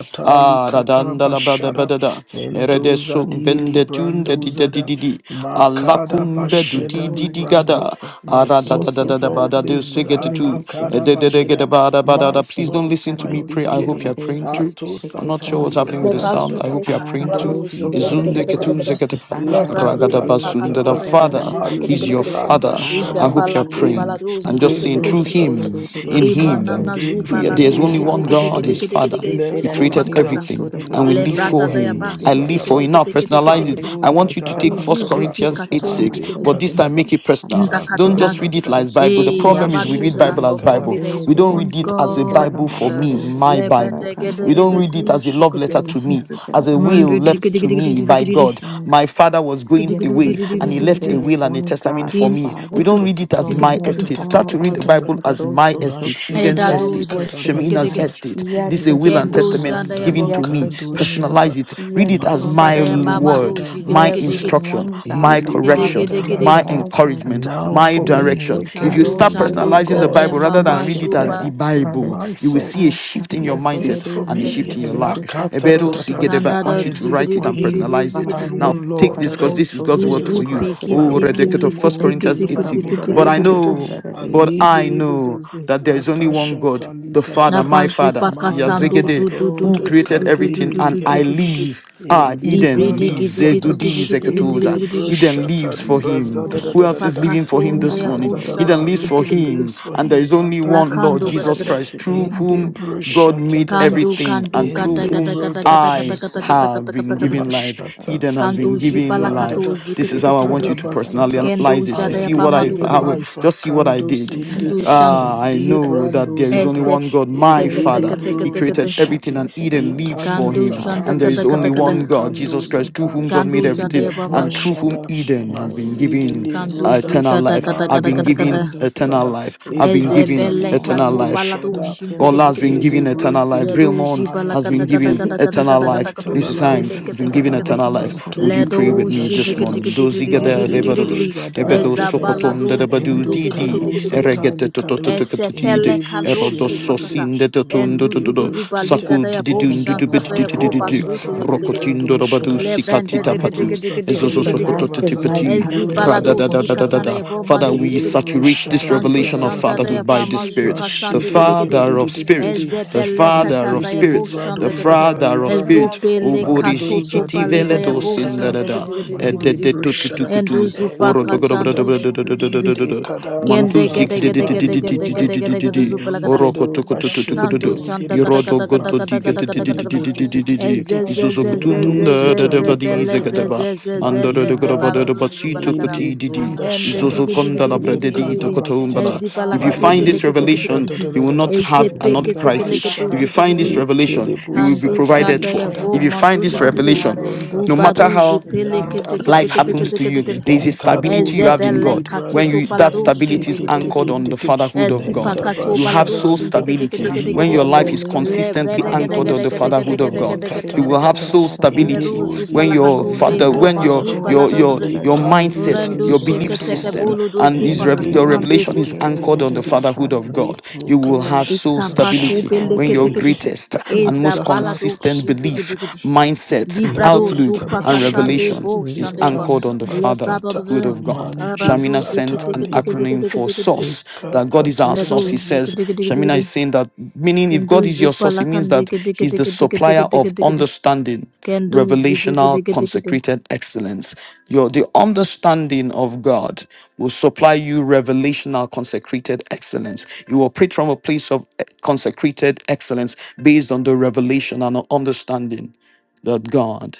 S2: Katali
S1: Ah,
S2: kataba shada hendo zadi librando zada makada
S4: Thank you,
S2: basheda
S4: Lord.
S2: libranda
S4: Erese.
S2: my
S4: Thank
S2: source
S4: you,
S2: of all
S4: Karado
S2: things
S4: Soto
S2: ala
S4: Erese.
S2: kada basheda my
S1: Please
S4: Thank
S1: don't
S4: you,
S2: source
S1: listen to
S2: my
S1: me
S4: Karado
S1: pray. I
S4: Soto
S1: hope
S2: beginning
S1: you're praying
S4: Erese.
S1: too.
S2: ato
S1: I'm
S4: Sheke
S1: not sure what's
S2: satali
S4: Karado
S1: happening with
S5: Le
S1: the
S2: kada
S4: So.
S2: da
S1: sound.
S2: da
S1: I
S2: da
S5: bazupe
S1: hope you are praying
S5: katalado
S1: too.
S4: Arado
S5: zebele
S2: mazida
S4: Soto
S5: kede
S1: Izunde
S5: kede kede
S4: Seke.
S5: kede.
S1: ketuze
S2: libranda
S1: ketepa,
S5: Le brando
S2: lakata
S1: ragadaba
S4: Araramerere
S5: zipa
S2: ta ta
S1: sundada.
S4: Seke
S5: katalado
S2: ta
S4: Darara
S1: Father,
S5: yebushe
S2: ma
S5: te kede
S4: Kondo.
S1: He's
S5: kede
S1: your
S5: kede.
S2: libranda
S1: Father. I
S2: shata
S1: hope you
S5: Izabala
S1: are
S5: tu
S2: in de
S4: Hallelujah.
S1: praying
S5: balado
S1: and just
S5: zikete
S1: saying,
S5: kede
S4: Hallelujah.
S1: through
S5: kede kede.
S2: Debrosata,
S1: Him,
S4: Kororo
S1: in
S4: Soto
S2: Ikada
S5: Imanana
S1: Him,
S5: zu
S4: Erese.
S2: zinde
S1: we-
S5: balado
S1: there's only
S2: legede
S5: jite
S4: Kirarara
S1: one
S5: kede
S1: God,
S4: Kanto.
S5: kede
S2: Boshede,
S1: His
S5: kede kede
S1: Father.
S5: kede.
S1: He
S4: Yeserara
S5: Bozupa
S1: created
S2: Lekozida
S5: kata.
S4: Mururu
S1: everything
S4: Toro
S1: and we
S5: Le
S4: Erese.
S1: live
S2: Ilando
S1: for
S5: brata da
S1: Him.
S5: yaba
S2: Zadili
S4: Katerese
S1: I
S5: su te
S1: live for
S5: kede
S2: Gadaba
S1: Him.
S4: Kisho.
S1: Now
S5: kede kede kede
S1: personalize it.
S5: kede.
S2: Mando
S1: I
S4: Kararese
S1: want you to
S4: Kitarara
S1: take
S2: Zadala
S5: Udu
S1: First
S4: Mururu
S2: Kata
S5: zupi
S1: Corinthians
S4: Soto
S1: 8
S4: Rara
S5: katon
S1: 6,
S5: de
S1: but
S5: kede.
S1: this
S4: Mararese.
S1: time
S2: Malikataba
S1: make it personal.
S4: Thank
S1: Don't
S5: Ndakateha.
S1: just read it
S2: Matasata
S1: like Bible. The
S5: Eh,
S1: problem is we read
S5: Ambaduzela,
S1: Bible as
S5: for for
S2: Mashedelikada
S5: me
S1: Bible.
S5: there is
S1: We don't
S5: one
S1: read it as a
S5: God.
S1: Bible for
S5: Uh,
S1: me, my
S2: Shatata
S1: Bible. We don't read it
S5: Lebedegedegedegu,
S1: as a love letter
S5: sukatikata.
S1: to me, as a will left to me by
S5: Mandidigidigidigidigidigidi.
S1: God.
S4: you.
S1: My father was going
S4: Yet for
S1: away and he
S4: Shemini
S1: left
S5: Gidigidigidigidigidigidi.
S4: there
S1: a
S4: was
S1: will and a
S4: one
S1: testament
S4: God, the
S1: for me. We
S4: Father,
S5: Kinukutu
S1: don't read it as
S4: from
S1: my
S5: tikitikiti.
S4: whom
S1: estate. Start
S4: all
S1: to read the
S4: others
S1: Bible
S4: have
S1: as my
S4: also.
S1: estate, Eden's
S2: Mashata
S4: Yet
S1: estate,
S4: for
S2: likada
S1: Shemina's
S4: Shemina,
S5: Edaduzikidigi.
S2: basata
S1: estate.
S4: yet
S1: This is a
S4: for
S1: will
S2: linde
S1: and
S4: Shemina,
S1: testament
S2: busanda
S5: Kenduzadayabo.
S1: given to
S4: yet for
S1: me.
S2: likando
S4: Shemina,
S2: shada
S1: Personalize it. Read
S4: yet
S1: it as
S4: for
S1: my
S2: masata
S1: l-
S4: Shemina,
S1: word,
S2: likada
S1: my
S4: there is
S2: basada
S5: Kombadayabamaduzigidigidigidigidigidi.
S1: instruction,
S4: one God,
S1: my
S4: the
S2: ili
S4: Father,
S1: correction,
S2: brunda
S4: from whom
S1: my
S2: lavada
S4: all things
S2: and
S1: encouragement,
S4: and
S2: now
S1: my
S4: from
S2: for
S4: whom
S2: me
S1: direction.
S4: this
S2: wicked
S1: If you
S2: there is
S4: haro
S1: start
S2: only one
S4: shoko
S1: personalizing the
S2: God
S1: Bible rather
S2: the
S4: tarararamidibi
S1: than read it
S2: Father
S1: as the
S5: Kandushanduzadayabamazubade.
S2: and
S4: shetararakunto.
S1: Bible,
S2: my
S1: you will see a
S2: source
S1: shift shift in
S2: he
S1: your
S4: Asaka
S1: mindset
S2: exists for
S4: dorere
S1: and a
S2: me
S4: seke
S1: shift in your
S4: sheke
S1: life.
S2: lakata
S1: Ebero
S2: tatata
S1: Sigedeba, I
S2: I
S1: want you to
S2: exist
S1: write it
S2: for
S1: and
S2: him
S1: personalize it.
S4: Father,
S2: and
S5: Kandadadigidigidigidigidigidi.
S1: Now
S4: thank
S2: one
S4: you,
S1: take
S2: Lord
S1: this because
S2: [laughs]
S4: Kararo,
S1: this is God's
S4: Sotere,
S1: word
S2: Jesus
S1: for you.
S5: Luzupi
S2: Christ by
S1: Oh,
S5: kiti
S4: Sikerese.
S1: Redeket
S5: kiti
S2: whom
S1: of 1
S5: kiti
S2: all
S4: Thank
S1: Corinthians
S5: kiti
S4: you,
S2: things
S1: 8
S2: have
S1: 6.
S5: kiti
S2: been
S5: kiti
S4: Varamurara,
S1: But I
S5: kiti
S2: created
S5: kiti.
S1: know,
S4: Santarare,
S2: and
S1: but
S2: we
S1: I
S4: Sishi.
S2: believers
S1: know
S2: as this
S1: that there is only one God,
S2: Atashata
S1: the Father,
S2: Likadaka
S1: my
S5: Nabazupa
S1: Father,
S2: Manda
S5: katando do
S1: Yazegede,
S5: do do
S1: who
S5: do
S2: Magoda
S5: do
S1: created
S5: do do do do
S1: everything,
S2: Kazede
S5: do
S1: and
S5: do
S1: I
S2: Ligada
S5: do do do.
S1: live. Ah, Eden
S5: Libredi
S2: Elibranda
S1: leaves.
S5: kiti kiti
S2: Sata
S1: Zegudi
S5: kiti kiti kiti kiti
S2: Inde
S1: Zekatoza.
S5: kiti kiti.
S1: Eden
S2: Brushata
S1: leaves for
S4: Thank you,
S1: him.
S2: Librazada da
S4: Lord.
S1: Who
S2: da da
S1: else
S5: Luzupa
S2: da
S1: is
S2: da
S1: leaving for him
S5: katonde
S1: this
S5: ya
S1: morning?
S4: Sikaramararo,
S5: busha
S1: Eden
S2: Ekazadaba
S1: leaves
S5: kiti
S1: for
S2: Ruke
S4: Sumpa,
S5: kiti kiti.
S1: him.
S2: leaves for
S1: And there
S2: him
S1: is only
S5: La
S2: Ataka
S1: one Lord,
S5: kando gada
S2: Tatata
S1: Jesus
S5: gada.
S4: Santarare,
S1: Christ, through
S2: Inde
S1: whom
S4: Sikaramararo,
S1: God
S2: Brushata
S1: made
S2: Tata
S5: Kando
S1: everything
S5: kando
S1: and
S2: in
S1: through
S5: gada gada
S1: whom
S2: Libro
S5: gada gada gada
S1: I
S5: gada gada
S4: Sikaramararo,
S1: have
S5: gada
S1: been
S5: gada gada.
S1: given
S4: Sikaramararo,
S1: life.
S2: Mashata,
S1: Eden has been
S5: Kando jipa la
S1: given
S5: kato
S2: Elibrandada,
S1: life. This
S5: zikiti
S1: is how
S4: Sikaramararo,
S1: I
S5: kiti
S1: want
S5: kiti.
S1: you to
S2: Ekadabasata.
S5: Kendo
S1: personalize
S2: I
S1: it. You
S5: jada
S2: have
S5: ya
S1: see
S2: been
S1: what I,
S5: pamado
S2: given
S5: gada
S1: how,
S5: gada.
S2: life,
S1: just see what I
S2: Akandos
S1: did.
S2: in the
S5: Kandu
S4: Sikaramararo, Sikaramararo,
S5: shanda
S1: Ah, I
S5: zira.
S4: Sikaramararo.
S1: know that there is only
S5: Ese
S2: Elibrandozada,
S1: one God, my
S5: teka teka
S1: Father.
S5: teka
S1: He
S4: Eh,
S5: teka te.
S1: created
S4: Kasha,
S1: everything,
S2: Eledebrondishiti,
S1: and Eden
S4: Kakararo,
S1: lives for
S2: Ikanda
S5: Kandu
S1: him.
S4: Ah,
S5: shanda
S1: And there
S2: Satali
S1: is
S5: kada
S1: only
S5: kada
S4: Shukr,
S5: kada.
S1: one
S2: Brado
S1: God,
S4: Kakararo,
S1: Jesus Christ, through
S2: Kandosada,
S1: whom
S4: Sikaramararo.
S1: God
S5: Kandu
S1: made
S2: in
S5: shanda
S1: everything,
S2: the
S5: ya
S4: Thank
S5: pamar.
S4: you,
S1: and
S4: Lord.
S1: through whom
S4: Thank
S2: Brashada,
S1: Eden
S4: you,
S1: has been
S4: Lord.
S2: Masede
S1: given
S5: Kandu
S2: Libronda,
S5: shi
S1: eternal
S5: kada
S1: life.
S5: kada
S1: I've
S5: kada
S1: been
S5: kada kada.
S1: given
S2: Madlabranda
S1: eternal
S2: Sada,
S1: life. I've been
S5: Eze
S2: Ekanda
S1: given
S5: bele
S1: eternal
S5: katsu
S2: Librando
S1: life.
S5: baladu
S2: Shada,
S5: shindi
S1: God
S5: gidi
S1: has
S5: gidi.
S1: been giving eternal life.
S2: Ekelebrozidi.
S5: Ledu shi
S1: Brillmont
S2: I
S5: bala
S2: have
S1: has
S5: kada
S1: been
S2: been
S5: kada
S1: giving
S2: given.
S5: kada kada
S4: Thank
S1: eternal
S5: kada
S4: you, Lord,
S5: kada
S1: life.
S5: kadu
S4: that our
S5: shi
S1: Mrs.
S4: song
S5: bele
S1: Hanks
S4: that
S1: has
S2: Talalai
S5: kete
S1: been
S4: put it
S5: kete
S1: giving
S4: on,
S5: kete.
S2: Karaba
S4: that
S1: eternal
S4: I'm gonna
S1: life.
S4: let
S2: Santo
S4: it
S1: Would you
S4: all
S5: Ledu
S1: pray
S4: sound
S1: with
S4: good,
S1: me
S2: Libranda
S5: shi
S4: that I'm
S1: this
S5: digi
S2: Shada
S4: gonna
S5: digi
S1: morning?
S4: sing,
S5: digi digi
S4: that I
S5: digi
S1: Dozigada
S4: taste
S2: Made
S5: digi
S4: it.
S5: digi
S1: devadosh,
S5: digi.
S2: Brozada
S1: ebedo
S4: Taste
S5: Eza
S4: it, the
S2: Ligaraba
S1: sokoton
S5: baladu
S1: de
S4: shaka, the
S1: debadu
S5: shindi
S2: Endu
S5: gidi
S1: didi,
S5: gidi
S2: Karo
S5: gidi gidi.
S4: soul,
S1: eregete
S2: Satali Karo
S1: totototototide,
S5: Esepele
S2: Ende
S5: kando
S2: Bushiri Ligiri
S5: supakata.
S1: erodososin de
S5: And
S1: toton
S5: do
S2: Mende
S5: do do
S1: dododo,
S5: do baliga
S2: Brusita
S1: saku
S5: daya bo
S1: dididun
S4: Thank
S2: Enda
S4: you,
S5: shanta daya
S4: Lord.
S5: bo
S2: Karaba
S1: dudubidididididu,
S5: bazuti
S4: Hararoso
S2: Zada
S5: legedegede.
S1: rokotindo
S4: Bulgarere
S2: Librado
S1: robadu
S2: Shada
S4: Sekeshe
S5: Lebrende
S1: sikatita
S5: digga
S4: Tararara.
S2: Manto
S5: digga
S1: pati,
S5: digga digga
S2: Satali
S5: digga digga dig.
S2: Karaba
S4: Everlasting
S2: Sada
S4: life.
S1: Zozozokototitipiti,
S5: Ezi
S2: Libroda
S4: Hararoso
S2: Sada
S5: balado si katana
S4: Poshoko
S1: radadadadadada.
S5: yabo
S1: Father,
S5: madu
S4: Tararara
S1: we
S2: Dede
S5: digga
S4: Seke
S5: dig.
S1: saturate
S2: Brushada
S1: this
S4: Tararara
S5: Kandu
S1: revelation of
S4: Seke.
S5: shanda da
S1: fatherhood by
S5: yapa
S4: And
S1: the Spirit,
S5: mazuka
S4: even,
S1: the
S5: tande gede gede.
S1: Father of
S4: and even
S1: spirits,
S2: Mashidele
S1: the
S4: Haramarara
S5: Ezebele
S4: something.
S1: Father of
S2: Mise
S5: katanda
S2: de
S5: yapo
S4: And
S1: spirits,
S4: even,
S1: the
S5: shanda
S2: Librado
S4: Lord,
S5: gede gede.
S4: God,
S2: Zada
S1: Father of
S4: Whatever
S2: Libranda
S1: spirits.
S4: else they
S5: Ezopele
S4: want to
S2: Mando
S5: katoto
S4: offer,
S1: Oborizikiti
S2: Zade
S5: pale da
S2: Libro
S1: veledos
S5: yapo
S4: whatever
S1: in da
S4: else,
S2: Kata
S1: da
S4: oh
S5: shanda
S1: da,
S5: gede
S4: Lord,
S5: gede
S4: they
S5: gede gede
S4: want
S5: gede.
S4: to
S2: Madibro
S4: give.
S2: Shada
S5: Endo
S1: ededetututukutu,
S5: zupa
S4: Ashaka,
S2: Endo
S4: or
S5: katando
S2: Zida
S5: du du du du
S2: De
S5: du.
S2: de
S1: orodogodobrodobrodododododododod,
S2: Kada
S5: Kende
S4: Whatever,
S5: gede
S2: Basati
S4: Lord
S5: gede
S2: Ba
S4: God,
S5: gede gede
S2: Librondo
S5: gede gede gede
S1: manduzikididididididididididi,
S4: whatsoever.
S5: zupela gada.
S1: Oro
S2: Eligedo
S4: It is only
S2: Bashig
S4: you,
S5: Kandu
S1: kotokotokotokotodo.
S4: O
S5: shanta
S2: Deligede
S4: Lord
S5: kada
S4: God,
S1: Irodo
S5: kada
S4: that we
S5: kada
S1: godo
S5: kada
S4: listen.
S5: kada kada
S2: Masete
S5: kada
S4: It
S5: kada.
S4: is only you.
S1: digedidididididididi.
S5: Eze
S2: Liketititititi
S5: ze ze
S4: Hallelujah.
S5: ze
S2: Lendo
S5: ze
S1: Izozokotunda
S5: ze
S2: Sita
S5: ze
S2: Libra
S5: pele
S1: dadavadize
S5: ze
S2: Kata
S1: gadaba.
S5: ze ze ze
S1: Andoro
S5: ze
S1: de
S5: ze
S2: Malibranda
S5: baludu zubala
S4: Hallelujah.
S1: godobadodobatsito
S5: kada.
S4: Hallelujah.
S1: kotididi.
S2: Elebronda
S5: And
S2: Shada
S5: digi digi
S1: Izozokonda
S4: Hallelujah.
S5: digi digi digi digi
S1: labradedito
S2: Lekada
S5: digi.
S4: Ele se
S2: Basita
S1: kotoumbala.
S4: que
S5: Ezi bala
S1: If you
S5: katu
S4: carrosto
S1: find
S5: bele
S1: this
S5: kete
S4: por
S5: kete
S2: Malibrunda
S5: kete
S1: revelation,
S4: el
S2: da da
S1: you
S2: da
S4: sim.
S1: will
S2: da da.
S1: not
S5: Eze
S1: have
S5: pe
S1: another
S2: Lenda
S5: kete
S4: A
S5: kele
S1: crisis.
S5: ketu
S1: If
S2: bashada.
S4: saca
S5: tu
S1: you
S5: tu tu
S1: find this
S5: tu.
S4: todo por
S1: revelation,
S2: Ekedebu
S1: you will be
S5: Kandu
S4: el
S2: sata
S4: sim.
S1: provided
S5: shadaya
S1: for.
S5: bo
S1: If
S2: likaraba.
S1: you
S5: mandu
S1: find
S5: du
S1: this
S5: du du du.
S1: revelation,
S4: Arere
S2: Malibrunda
S1: no
S4: se que
S5: Ubadu
S1: matter
S2: sata.
S1: how
S4: chique
S5: zipele kete
S2: Lenda
S4: carrosto.
S5: kete
S1: life
S5: kete
S1: happens
S2: bajede.
S5: kete
S1: to
S5: kete
S1: you
S5: kete.
S1: there is a
S4: Thank you.
S2: Idakado
S1: stability you have in
S2: zadi
S5: Ezebele
S4: Thank
S1: god
S4: you. Que
S1: when
S2: libranda.
S5: katoto
S1: you
S4: ele
S1: that
S5: balado
S4: se
S2: And
S4: que
S1: stability
S2: take
S1: is
S5: shindege
S2: it,
S5: dege
S2: take
S1: anchored
S5: dege.
S2: it,
S1: on
S4: carrosto.
S1: the
S2: take it.
S4: Puxa
S1: fatherhood of
S4: por
S5: Esipa
S1: god
S2: Lenda
S5: kato
S4: el
S1: you have
S4: sim.
S5: balado
S1: soul
S2: bashada liga.
S5: shindege dege
S1: stability
S5: dege dege
S1: when
S5: dege.
S1: your life
S2: Elibrado
S1: is
S2: sada.
S5: Le
S4: Hallelujah.
S1: consistently
S5: bredege
S1: anchored
S5: dege
S2: Manto
S1: on the
S5: dege
S2: sada.
S4: Kararusu
S5: dege
S1: fatherhood
S5: dege
S1: of
S5: dege
S2: And
S4: terere
S1: god
S5: dege
S1: you
S5: dege
S2: kata
S1: will
S5: dege
S1: have
S5: dege.
S2: kata.
S1: soul
S5: Le
S4: sikirararararara.
S5: do
S1: stability
S2: Edebu
S1: when
S5: zupala
S2: zida.
S1: your
S5: kato nde
S4: Esa
S1: father
S5: bo
S2: Lenda
S1: when your
S5: mazu
S2: bajada.
S1: your
S5: balado
S4: karararoroku
S5: du
S1: your
S5: du.
S1: your
S4: terere
S1: mindset
S2: Likazida
S5: Orendo
S1: your belief
S5: sheke
S2: librando
S5: teke
S4: sikeshetarara.
S2: zada.
S1: system
S5: bolo do
S1: and is
S5: zipa
S1: rev- your
S2: Indeed, did
S5: katahande
S2: did
S4: Ese
S1: revelation
S2: did
S1: is
S2: did
S5: bo.
S2: did
S1: anchored
S2: did
S1: on the
S2: did
S1: fatherhood of
S4: kerararakanto.
S1: god you will have
S4: Ese
S1: soul
S5: Isapatu
S1: stability when
S4: keshakaroro.
S1: your
S5: belekedekede.
S1: greatest and
S5: Eza
S1: most
S5: balado
S2: indakato
S1: consistent
S2: sata
S1: belief
S5: shidigidi.
S1: mindset
S5: Librado
S4: Ese
S2: lekata
S1: outlook and
S2: bashara
S5: zupakatande bo
S1: revelation is
S5: shandeba.
S4: ketarorororororo.
S1: anchored on
S2: likanda
S1: the Father,
S5: Levado
S2: basata
S5: de
S1: word of God.
S4: Thank you, Lord.
S2: mante
S5: arando
S1: Shamina sent
S2: sata
S1: an
S2: libra
S1: acronym for
S5: ziketekedegedegedegedegede.
S1: source, that God
S2: ekata
S1: is our
S5: Ledo
S1: source.
S2: tatata.
S1: He says, Shamina
S5: jigidigidigidi.
S2: Mm.
S1: is saying that, meaning if
S5: Kendu
S1: God is your source, it means that He's the supplier of
S5: zupalakandegedegedegedegedegedegedigidi.
S1: understanding,
S5: Kendu
S1: revelational,
S5: zidigidigidi.
S1: consecrated excellence. Your the understanding of God will supply you revelational, consecrated excellence. You operate from a place of eh, consecrated excellence based on the revelation and understanding that God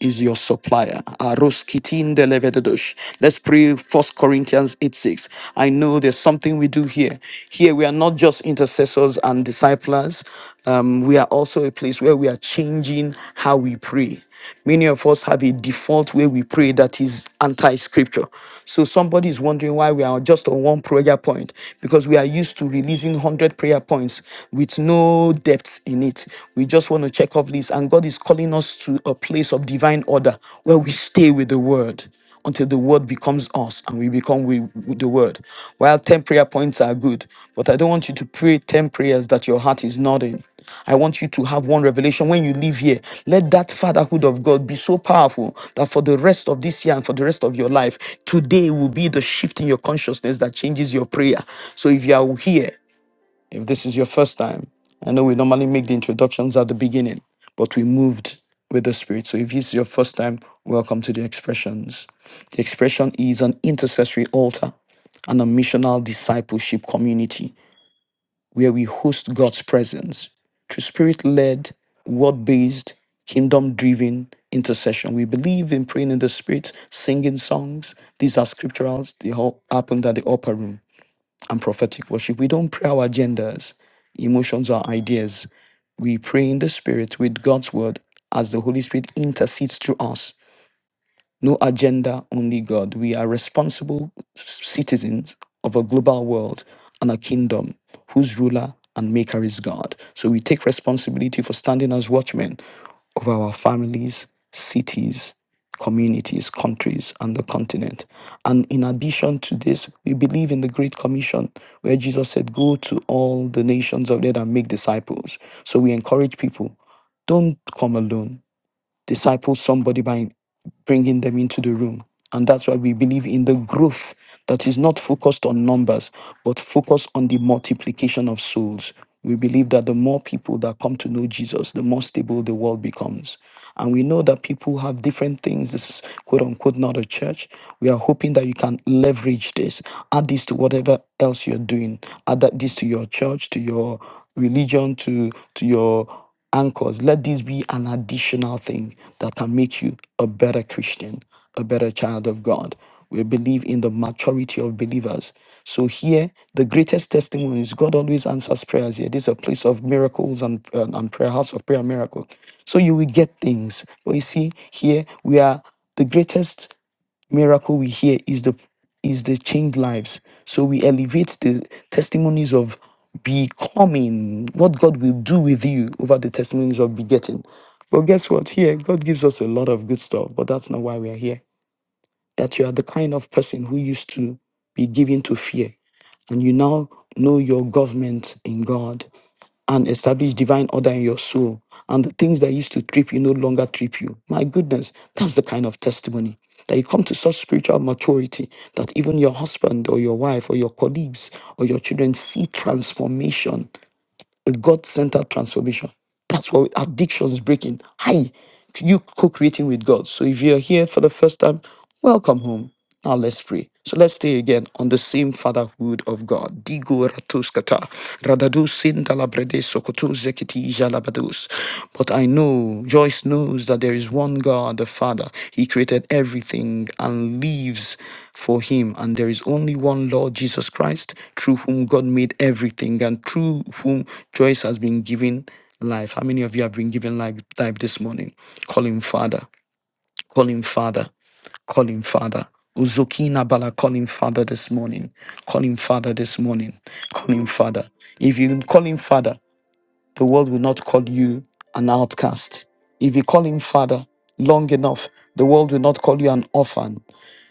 S1: is your supplier. Aroskitin delevedosh. Let's pray First Corinthians 8 6. I know there's something we do here. Here we are not just intercessors and disciples. Um, we are also a place where we are changing how we pray. Many of us have a default way we pray that is anti scripture. So somebody is wondering why we are just on one prayer point because we are used to releasing 100 prayer points with no depth in it. We just want to check off lists. And God is calling us to a place of divine order where we stay with the word until the word becomes us and we become with, with the word. While 10 prayer points are good, but I don't want you to pray 10 prayers that your heart is nodding. I want you to have one revelation when you leave here. Let that fatherhood of God be so powerful that for the rest of this year and for the rest of your life, today will be the shift in your consciousness that changes your prayer. So if you are here if this is your first time, I know we normally make the introductions at the beginning, but we moved with the Spirit. So if this is your first time, welcome to the expressions. The expression is an intercessory altar, and a missional discipleship community where we host God's presence through spirit led, word based, kingdom driven intercession. We believe in praying in the spirit, singing songs. These are scripturals, they all happened at the upper room and prophetic worship. We don't pray our agendas, emotions, or ideas. We pray in the Spirit with God's word as the Holy Spirit intercedes through us no agenda, only God. We are responsible citizens of a global world and a kingdom whose ruler and maker is God. So we take responsibility for standing as watchmen of our families, cities, communities, countries, and the continent. And in addition to this, we believe in the Great Commission, where Jesus said, Go to all the nations of the earth and make disciples. So we encourage people don't come alone. Disciple somebody by bringing them into the room. And that's why we believe in the growth that is not focused on numbers, but focused on the multiplication of souls. We believe that the more people that come to know Jesus, the more stable the world becomes. And we know that people have different things. This is quote unquote not a church. We are hoping that you can leverage this, add this to whatever else you're doing, add that this to your church, to your religion, to to your anchors. Let this be an additional thing that can make you a better Christian, a better child of God. We believe in the maturity of believers. So here, the greatest testimony is God always answers prayers here. This is a place of miracles and, and, and prayer, house of prayer and miracle. So you will get things. But you see, here we are the greatest miracle we hear is the is the changed lives. So we elevate the testimonies of becoming what God will do with you over the testimonies of begetting. But guess what? Here, God gives us a lot of good stuff, but that's not why we are here. That you are the kind of person who used to be given to fear, and you now know your government in God and establish divine order in your soul. And the things that used to trip you no longer trip you. My goodness, that's the kind of testimony that you come to such spiritual maturity that even your husband or your wife or your colleagues or your children see transformation, a God centered transformation. That's what addiction is breaking. Hi, you co-creating with God. So if you're here for the first time, welcome home. Now let's pray. So let's stay again on the same fatherhood of God. Digo ratuskata, radadus sindalabrede sokotu zekiti jalabadus. But I know, Joyce knows that there is one God, the Father. He created everything and lives for him. And there is only one Lord, Jesus Christ, through whom God made everything and through whom Joyce has been given Life. How many of you have been given life, life this morning? Call him Father. Call him Father. Call him Father. Uzokina Bala, call him Father this morning. Call him Father this morning. Call him Father. If you call him Father, the world will not call you an outcast. If you call him Father long enough, the world will not call you an orphan.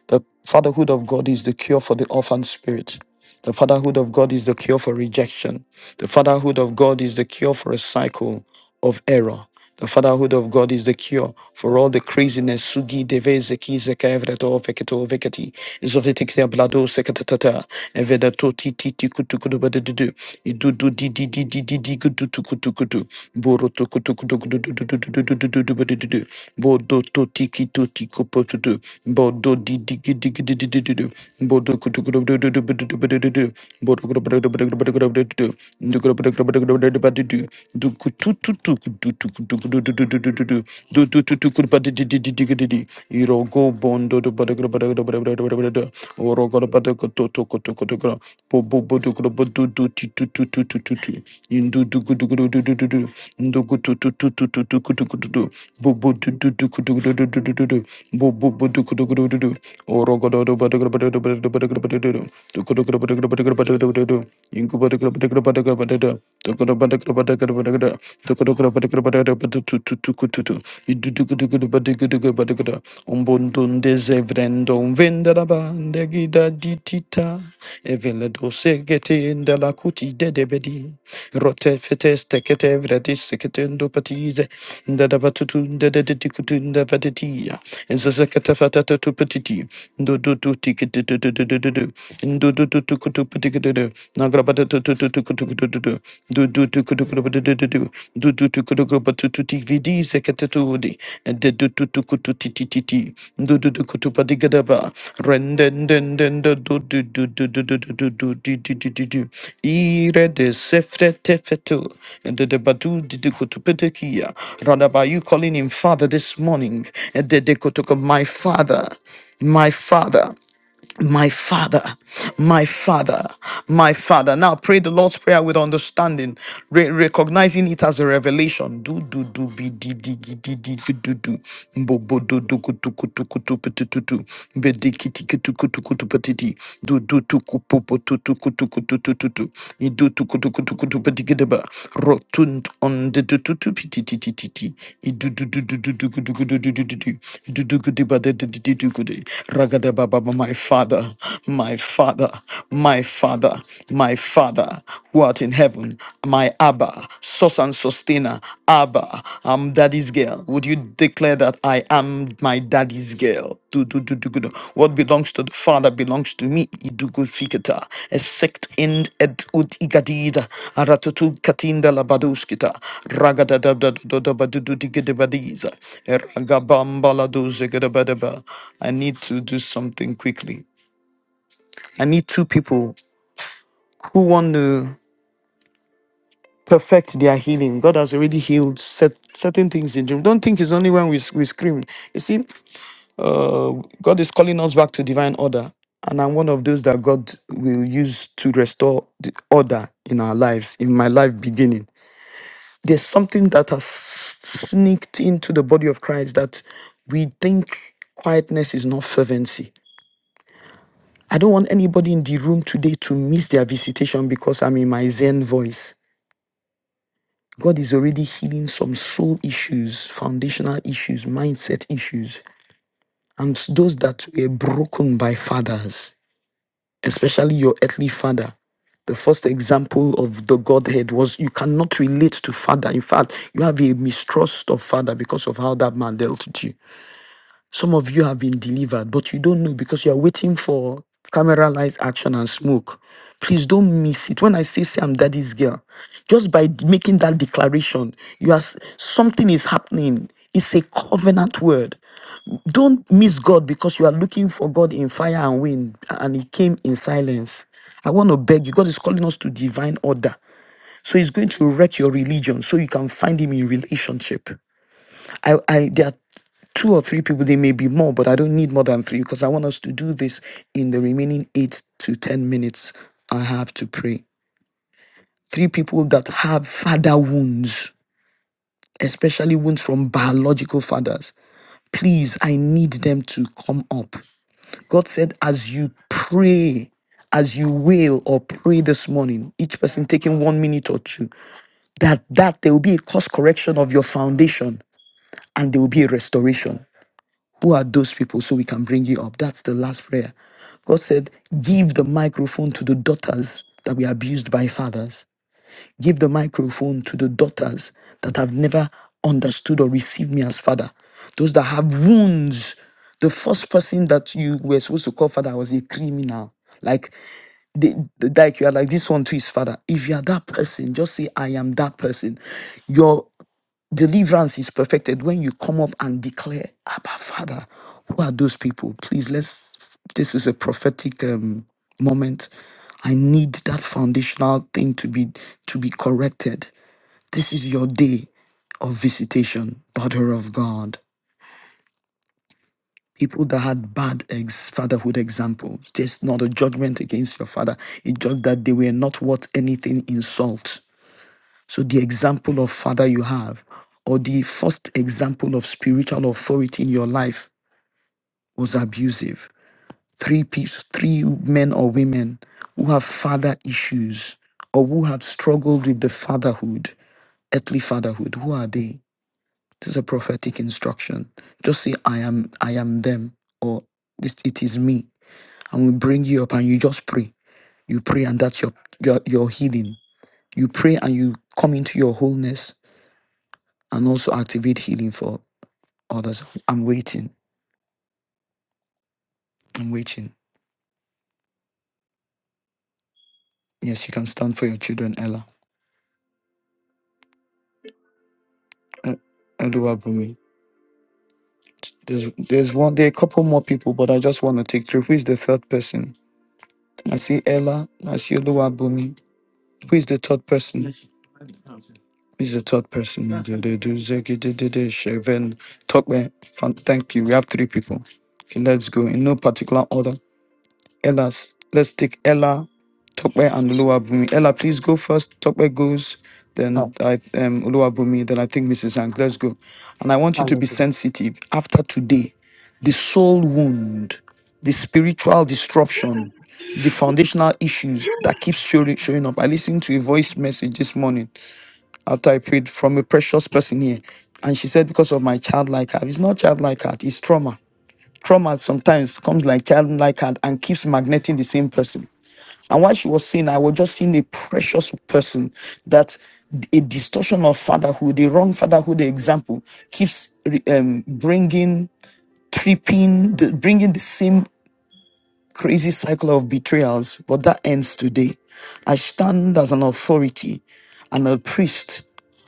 S1: The fatherhood of God is the cure for the orphan spirit. The fatherhood of God is the cure for rejection. The fatherhood of God is the cure for a cycle of error. The fatherhood of God is the cure for all the craziness. Sugi deve zeki zeka evreto veketo veketi. Zovetikte blado sekatata. Evedato ti ti ti kutu kutu badudu. Idu du di di di di di di kutu tu kutu kutu. Boro tu kutu kutu kutu du du du du du du du du du du du du. Bodo to tiki to tiko do bodo di di di di di di di do bodo kutu kutu do do do do do do do do bodo kutu kutu kutu kutu kutu kutu do do kutu kutu kutu kutu kutu kutu do do kutu tu tu kutu tu kutu kutu do do do do do do do do tu tu kutu kutu di di di di di di irogo bondo do bodo kutu kutu kutu kutu kutu kutu do orogo do bodo kutu kutu kutu kutu kutu bo bo bo do go bo do do ti tu tu tu tu tu tu in do do go do do do do do do do go tu tu tu tu tu tu go do go bo bo do do do do do do do do do bo bo bo do do do do do o go do do ba do go ba do do do do go ba do do do do go do go ba go ba do go do do do do do do go do do do do do do do do go do do do do do do tu tu tu tu tu in do do go do do do do do do un bon don de zevrendon vendera ba gida ditita Evil dose gete in de la kuti de debedi. Rote fetes tekete vredis seketendo patize. Nda da batutun de de tikutun de vatetia. Enza sekete fatata tu petiti. do do tu tikete do ticket do do do do do. Ndo do do tu kutu petike do do. to kutu peticato. Nagrabata tu tu tu tu kutu do do do. Do do tu kutu kutu do do do do. Do do tu kutu kutu tu tu ti vidi sekete Dudi, and the Dututukututititi, Dudutukutupadigadaba, Rendendendenda Dududududududududududududududu, Ire de Sefretefetu, and the Badudukutupetekia. Radaba, you calling him Father this morning, and the Dekotoka, my Father, my Father. My father, my father, my father. Now pray the Lord's prayer with understanding, recognizing it as a revelation. Father, my Father, my Father, my Father, who art in heaven, my Abba, source and sustainer, Abba, I'm daddy's girl. Would you declare that I am my daddy's girl? Do, do, do, do, do. What belongs to the Father belongs to me. Idugu fikita, esect end et ut igadida, aratutu katinda labaduskita, ragada da da da da ba du du digidibadiza, eragabamba la do zigidabadaba. I need to do something quickly. I need two people who want to perfect their healing. God has already healed set, certain things in dream. Don't think it's only when we, we scream. You see, uh, God is calling us back to divine order. And I'm one of those that God will use to restore the order in our lives, in my life beginning. There's something that has sneaked into the body of Christ that we think quietness is not fervency. I don't want anybody in the room today to miss their visitation because I'm in my Zen voice. God is already healing some soul issues, foundational issues, mindset issues, and those that were broken by fathers, especially your earthly father. The first example of the Godhead was you cannot relate to father. In fact, you have a mistrust of father because of how that man dealt with you. Some of you have been delivered, but you don't know because you are waiting for camera lights, action, and smoke. Please don't miss it. When I say, say I'm daddy's girl, just by d- making that declaration, you are s- something is happening. It's a covenant word. Don't miss God because you are looking for God in fire and wind, and He came in silence. I want to beg you. God is calling us to divine order. So He's going to wreck your religion so you can find Him in relationship. I, I there are two or three people, they may be more, but I don't need more than three because I want us to do this in the remaining eight to ten minutes I have to pray. Three people that have father wounds, especially wounds from biological fathers. Please, I need them to come up. God said, as you pray, as you wail or pray this morning, each person taking one minute or two, that that there will be a course correction of your foundation and there will be a restoration. Who are those people so we can bring you up? That's the last prayer. God said, Give the microphone to the daughters that were abused by fathers. Give the microphone to the daughters that have never understood or received me as father. Those that have wounds. The first person that you were supposed to call father was a criminal. Like, they, like you are like, this one to his father. If you are that person, just say, I am that person. Your Deliverance is perfected when you come up and declare, Abba, Father, who are those people? Please, let's, this is a prophetic um, moment. I need that foundational thing to be to be corrected. This is your day of visitation, daughter of God. People that had bad ex- fatherhood examples. There's not a judgment against your father. It's just that they were not worth anything insult. So the example of father you have, or the first example of spiritual authority in your life was abusive. Three people, three men or women who have father issues or who have struggled with the fatherhood, earthly fatherhood, who are they? This is a prophetic instruction. Just say, I am, I am them, or this it is me. And we bring you up and you just pray. You pray and that's your your, your healing. You pray and you come into your wholeness and also activate healing for others. I'm waiting. I'm waiting. Yes, you can stand for your children, Ella. Uh, Elua Bumi. There's there's one there are a couple more people, but I just want to take through. Who is the third person? I see Ella. I see Elua Bumi. Who is the third person? Who is the third person? Talk Thank you. We have three people. Okay, let's go in no particular order. Ella, let's take Ella, Tokwe, and Oluwabumi. Ella, please go first. Tokwe goes, then
S6: Oh,
S1: I th- um, Oluwabumi, then I think Mrs. Hanks. Let's go. And I want you to be
S6: hallelujah.
S1: sensitive. After today, the soul wound, the spiritual disruption, the foundational issues that keeps showing, showing up. I listened to a voice message this morning after I prayed from a precious person here. And she said, because of my childlike heart. It's not childlike heart, it's trauma Trauma sometimes comes like childlike and, and keeps magneting the same person. And while she was seeing, I was just seeing a precious person that a distortion of fatherhood, a wrong fatherhood example, keeps re- um, bringing, tripping, the, bringing the same crazy cycle of betrayals. But that ends today. I stand as an authority and a priest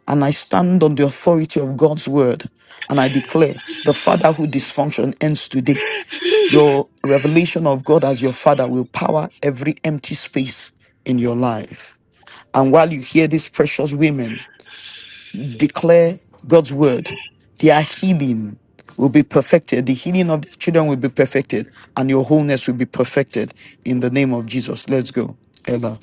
S1: and I stand on the authority of God's word and I declare the fatherhood dysfunction ends today.
S7: [laughs]
S1: Your revelation of God as your Father will power every empty space in your life. And while you hear these precious women declare God's word, their healing will be perfected. The healing of their children will be perfected, and your wholeness will be perfected in the name of Jesus. Let's go, Ella.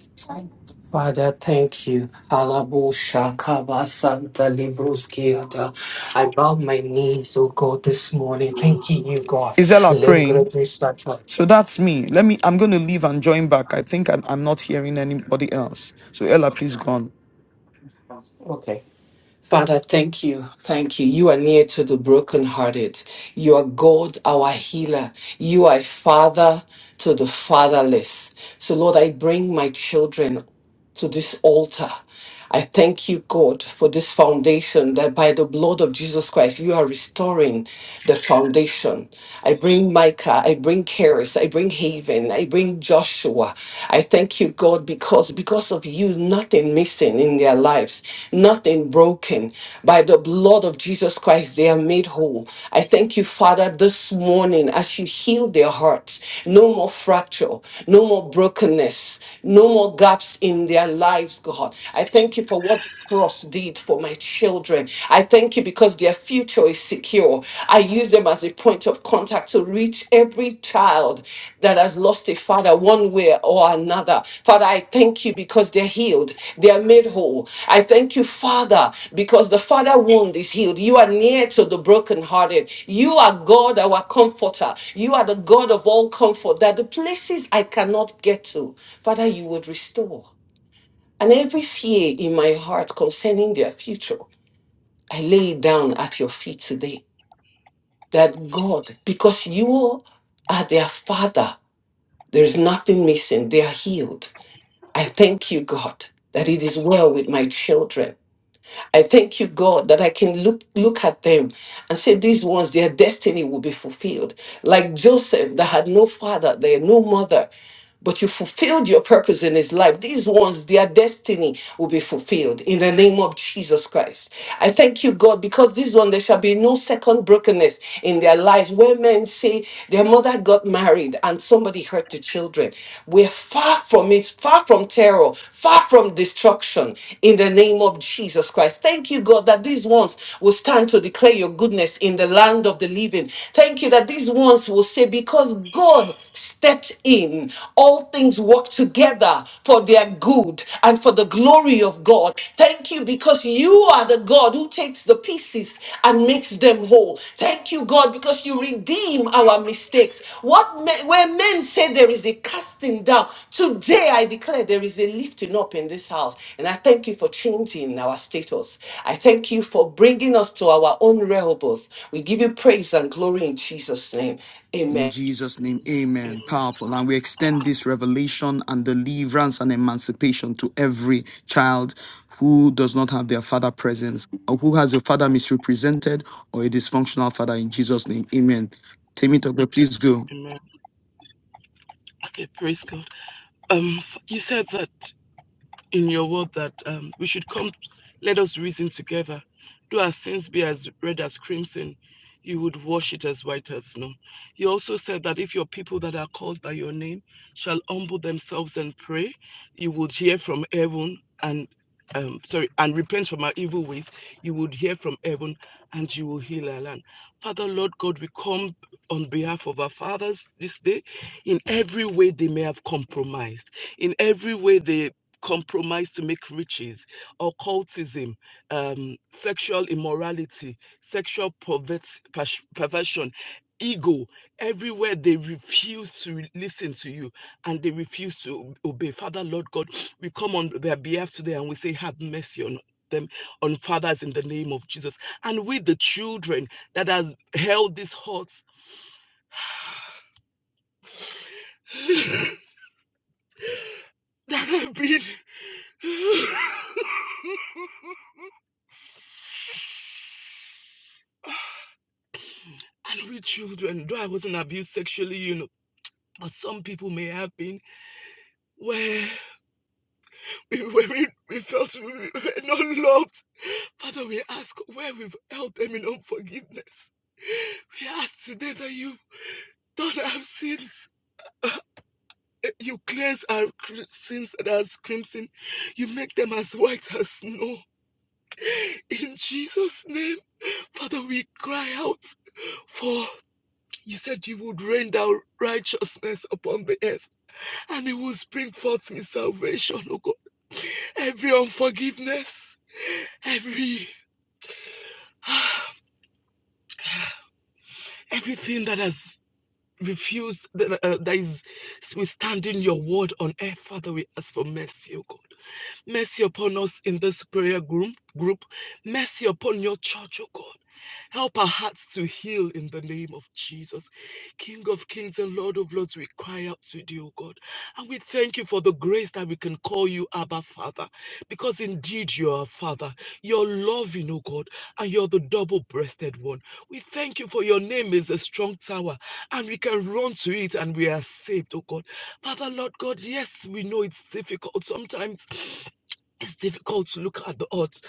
S6: Father, thank you. Halabusha kaba santa libruskiata. I bow my knees, oh God, this morning. Thanking you, God.
S1: Is Ella
S6: Lengre
S1: praying?
S6: brisata.
S1: So that's me. Let me. I'm going to leave and join back. I think I'm, I'm not hearing anybody else. So Ella, please go on.
S6: Okay. Father, thank you. Thank you. You are near to the brokenhearted. You are God, our healer. You are a father to the fatherless. So, Lord, I bring my children to this altar. I thank you, God, for this foundation that by the blood of Jesus Christ, you are restoring the foundation. I bring Micah, I bring Karis, I bring Haven, I bring Joshua. I thank you, God, because because of you, nothing missing in their lives, nothing broken. By the blood of Jesus Christ, they are made whole. I thank you, Father, this morning as you heal their hearts. No more fracture, no more brokenness, no more gaps in their lives, God. I thank you for what the cross did for my children. I thank you because their future secure. I use them as a point of contact to reach every child that has lost a father one way or another. Father, I thank you because they're healed, they are made whole. I thank you, Father, because the father wound is healed. You are near to the brokenhearted. You are God, our comforter. You are the God of all comfort, that the places I cannot get to, Father, you would restore. And every fear in my heart concerning their future, I lay it down at your feet today that God, because you are their father, there's nothing missing. They are healed. I thank you, God, that it is well with my children. I thank you, God, that I can look look at them and say, these ones, their destiny will be fulfilled. Like Joseph, that had no father, there no mother but you fulfilled your purpose in his life. These ones, their destiny will be fulfilled in the name of Jesus Christ. I thank you, God, because this one, there shall be no second brokenness in their lives where men say their mother got married and somebody hurt the children. We're far from it, far from terror, far from destruction in the name of Jesus Christ. Thank you, God, that these ones will stand to declare your goodness in the land of the living. Thank you that these ones will say, because God stepped in, all things work together for their good and for the glory of God. Thank you because you are the God who takes the pieces and makes them whole. Thank you, God, because you redeem our mistakes. What me- where men say there is a casting down, today I declare there is a lifting up in this house. And I thank you for changing our status. I thank you for bringing us to our own Rehoboth. We give you praise and glory in Jesus' name. Amen.
S1: In Jesus' name, amen.
S7: Amen.
S1: Powerful. And we extend this revelation and deliverance and emancipation to every child who does not have their father presence or who has a father misrepresented or a dysfunctional father in Jesus' name. Amen. Temitope, please go.
S7: Amen. Okay, praise God. Um, you said that. in your word that um, we should come, let us reason together. Do our sins be as red as crimson, you would wash it as white as snow. You also said that if your people that are called by your name shall humble themselves and pray, you would hear from heaven and um, sorry, and repent from our evil ways, you would hear from heaven and you will heal our land. Father, Lord God, we come on behalf of our fathers this day in every way they may have compromised, in every way they compromise to make riches, occultism, um, sexual immorality, sexual pervert, perversion, ego, everywhere they refuse to listen to you and they refuse to obey. Father, Lord God, we come on their behalf today and we say, Have mercy on us. them on fathers in the name of Jesus and with the children that has held these hearts [laughs] that have been [laughs] And we children, though I wasn't abused sexually, you know, but some people may have been, where we, where we, we felt we were not loved. Father, we ask where we've held them in unforgiveness. We ask today that you don't have sins. Uh, You cleanse our sins that are crimson. You make them as white as snow. In Jesus' name, Father, we cry out for You said you would rain down righteousness upon the earth, and it will spring forth in salvation, oh God. Every unforgiveness, every [sighs] everything that has refused, that, uh, that is withstanding your word on earth, Father, we ask for mercy, oh God. Mercy upon us in this prayer group. Group, mercy upon your church, oh God. Help our hearts to heal in the name of Jesus. King of kings and Lord of lords, we cry out to thee, O God. And we thank you for the grace that we can call you Abba Father, because indeed you are Father. You're loving, O God, and you're the double breasted one. We thank you for your name is a strong tower, and we can run to it and we are saved, O God. Father, Lord God, yes, we know it's difficult sometimes. It's difficult to look at the odds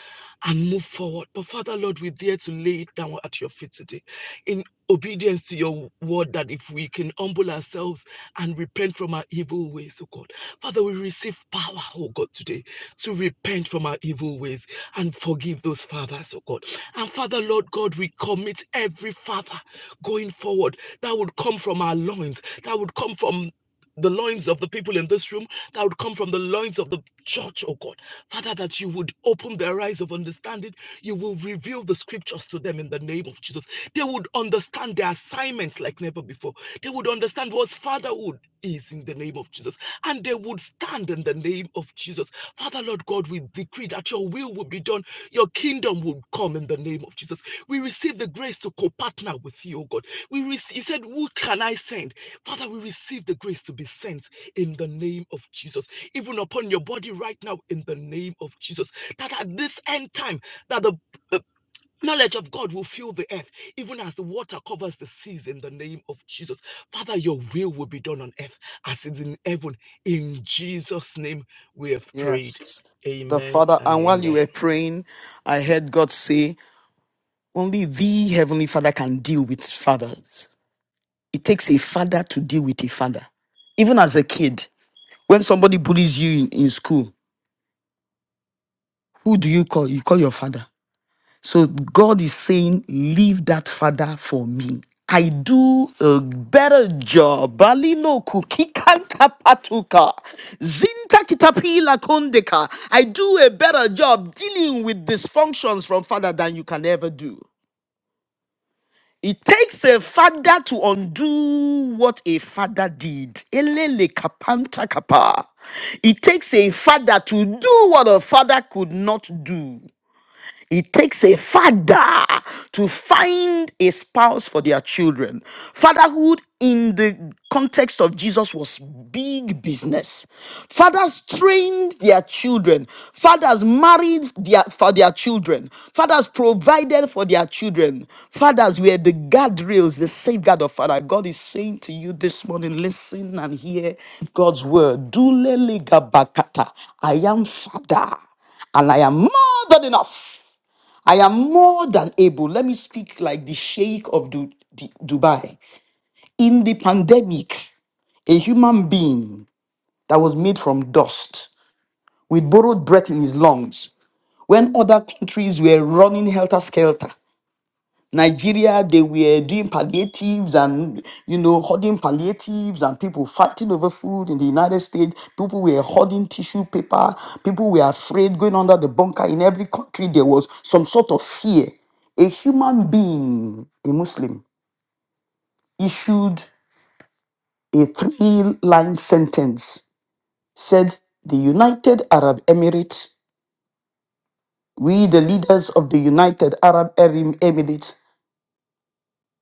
S7: and move forward. But Father, Lord, we dare to lay it down at your feet today in obedience to your word that if we can humble ourselves and repent from our evil ways, oh God. Father, we receive power, oh God, today to repent from our evil ways and forgive those fathers, oh God. And Father, Lord God, we commit every father going forward that would come from our loins, that would come from the loins of the people in this room that would come from the loins of the church, oh God. Father, that you would open their eyes of understanding. You will reveal the scriptures to them in the name of Jesus. They would understand their assignments like never before. They would understand what fatherhood is in the name of Jesus. And they would stand in the name of Jesus. Father, Lord God, we decree that your will will be done. Your kingdom would come in the name of Jesus. We receive the grace to co partner with you, O God. We rec- you said, Who can I send? Father, we receive the grace to be sent in the name of Jesus even upon your body right now in the name of Jesus. That at this end time, that the uh, knowledge of God will fill the earth, even as the water covers the seas in the name of Jesus. Father, your will will be done on earth as it is in heaven. In Jesus' name we have prayed.
S1: Yes. The
S7: Amen
S1: Father,
S7: and
S1: and while you
S7: amen.
S1: were praying, I heard God say, Only the Heavenly Father can deal with fathers. It takes a father to deal with a father even as a kid, when somebody bullies you in, in school, Who do you call? You call your father. So God is saying, Leave that father for me. I do a better job. Balilo kukikanta patuka. Zinta kitapila kondeka. I do a better job dealing with dysfunctions from father than you can ever do. It takes a father to undo what a father did. Elele kapanta kapa. It takes a father to do what a father could not do. It takes a father to find a spouse for their children. Fatherhood in the context of Jesus was big business. Fathers trained their children. Fathers married their, for their children. Fathers provided for their children. Fathers were the guardrails, the safeguard of father. God is saying to you this morning, listen and hear God's word. Dulele gabakata. I am father and I am more than enough. I am more than able. Let me speak like the Sheikh of Du- Du- Dubai. In the pandemic, a human being that was made from dust with borrowed breath in his lungs, when other countries were running helter skelter, Nigeria, they were doing palliatives and, you know, hoarding palliatives and people fighting over food in the United States. People were hoarding tissue paper. People were afraid going under the bunker. In every country, there was some sort of fear. A human being, a Muslim, issued a three line sentence, said, The United Arab Emirates, we, the leaders of the United Arab Erim- Emirates,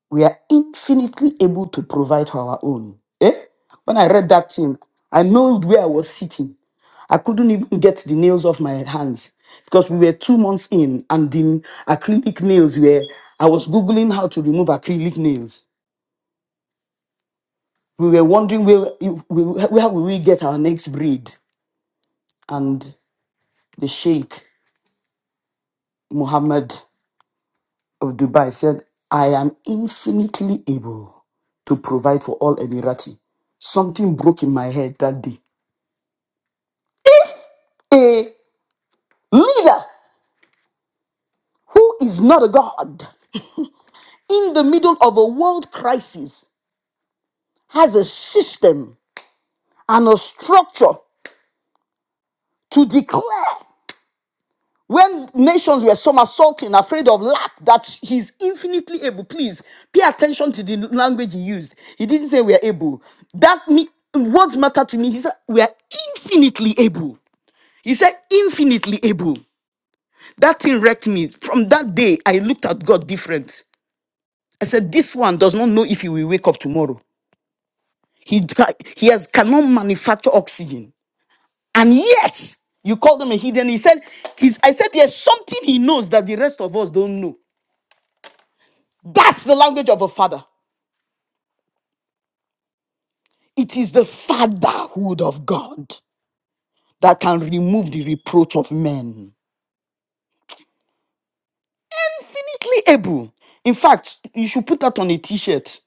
S1: we are infinitely able to provide for our own. Eh? When I read that thing, I know where I was sitting. I couldn't even get the nails off my hands because we were two months in and the acrylic nails were, I was Googling how to remove acrylic nails. We were wondering where, we where will we get our next breed. And the Sheikh Mohammed of Dubai said, I am infinitely able to provide for all Emirati. Something broke in my head that day. If a leader who is not a god in the middle of a world crisis has a system and a structure to declare when nations were somersaulting, afraid of lack, that he's infinitely able. Please pay attention to the language he used. He didn't say we are able. That me, words matter to me. He said we are infinitely able. He said infinitely able. That thing wrecked me. From that day, I looked at God different. I said, this one does not know if he will wake up tomorrow. He, ca- he has, cannot manufacture oxygen. And yet, you call them a hidden. He said, he's, I said, there's something he knows that the rest of us don't know. That's the language of a father. It is the fatherhood of God that can remove the reproach of men. Infinitely able. In fact, you should put that on a t shirt.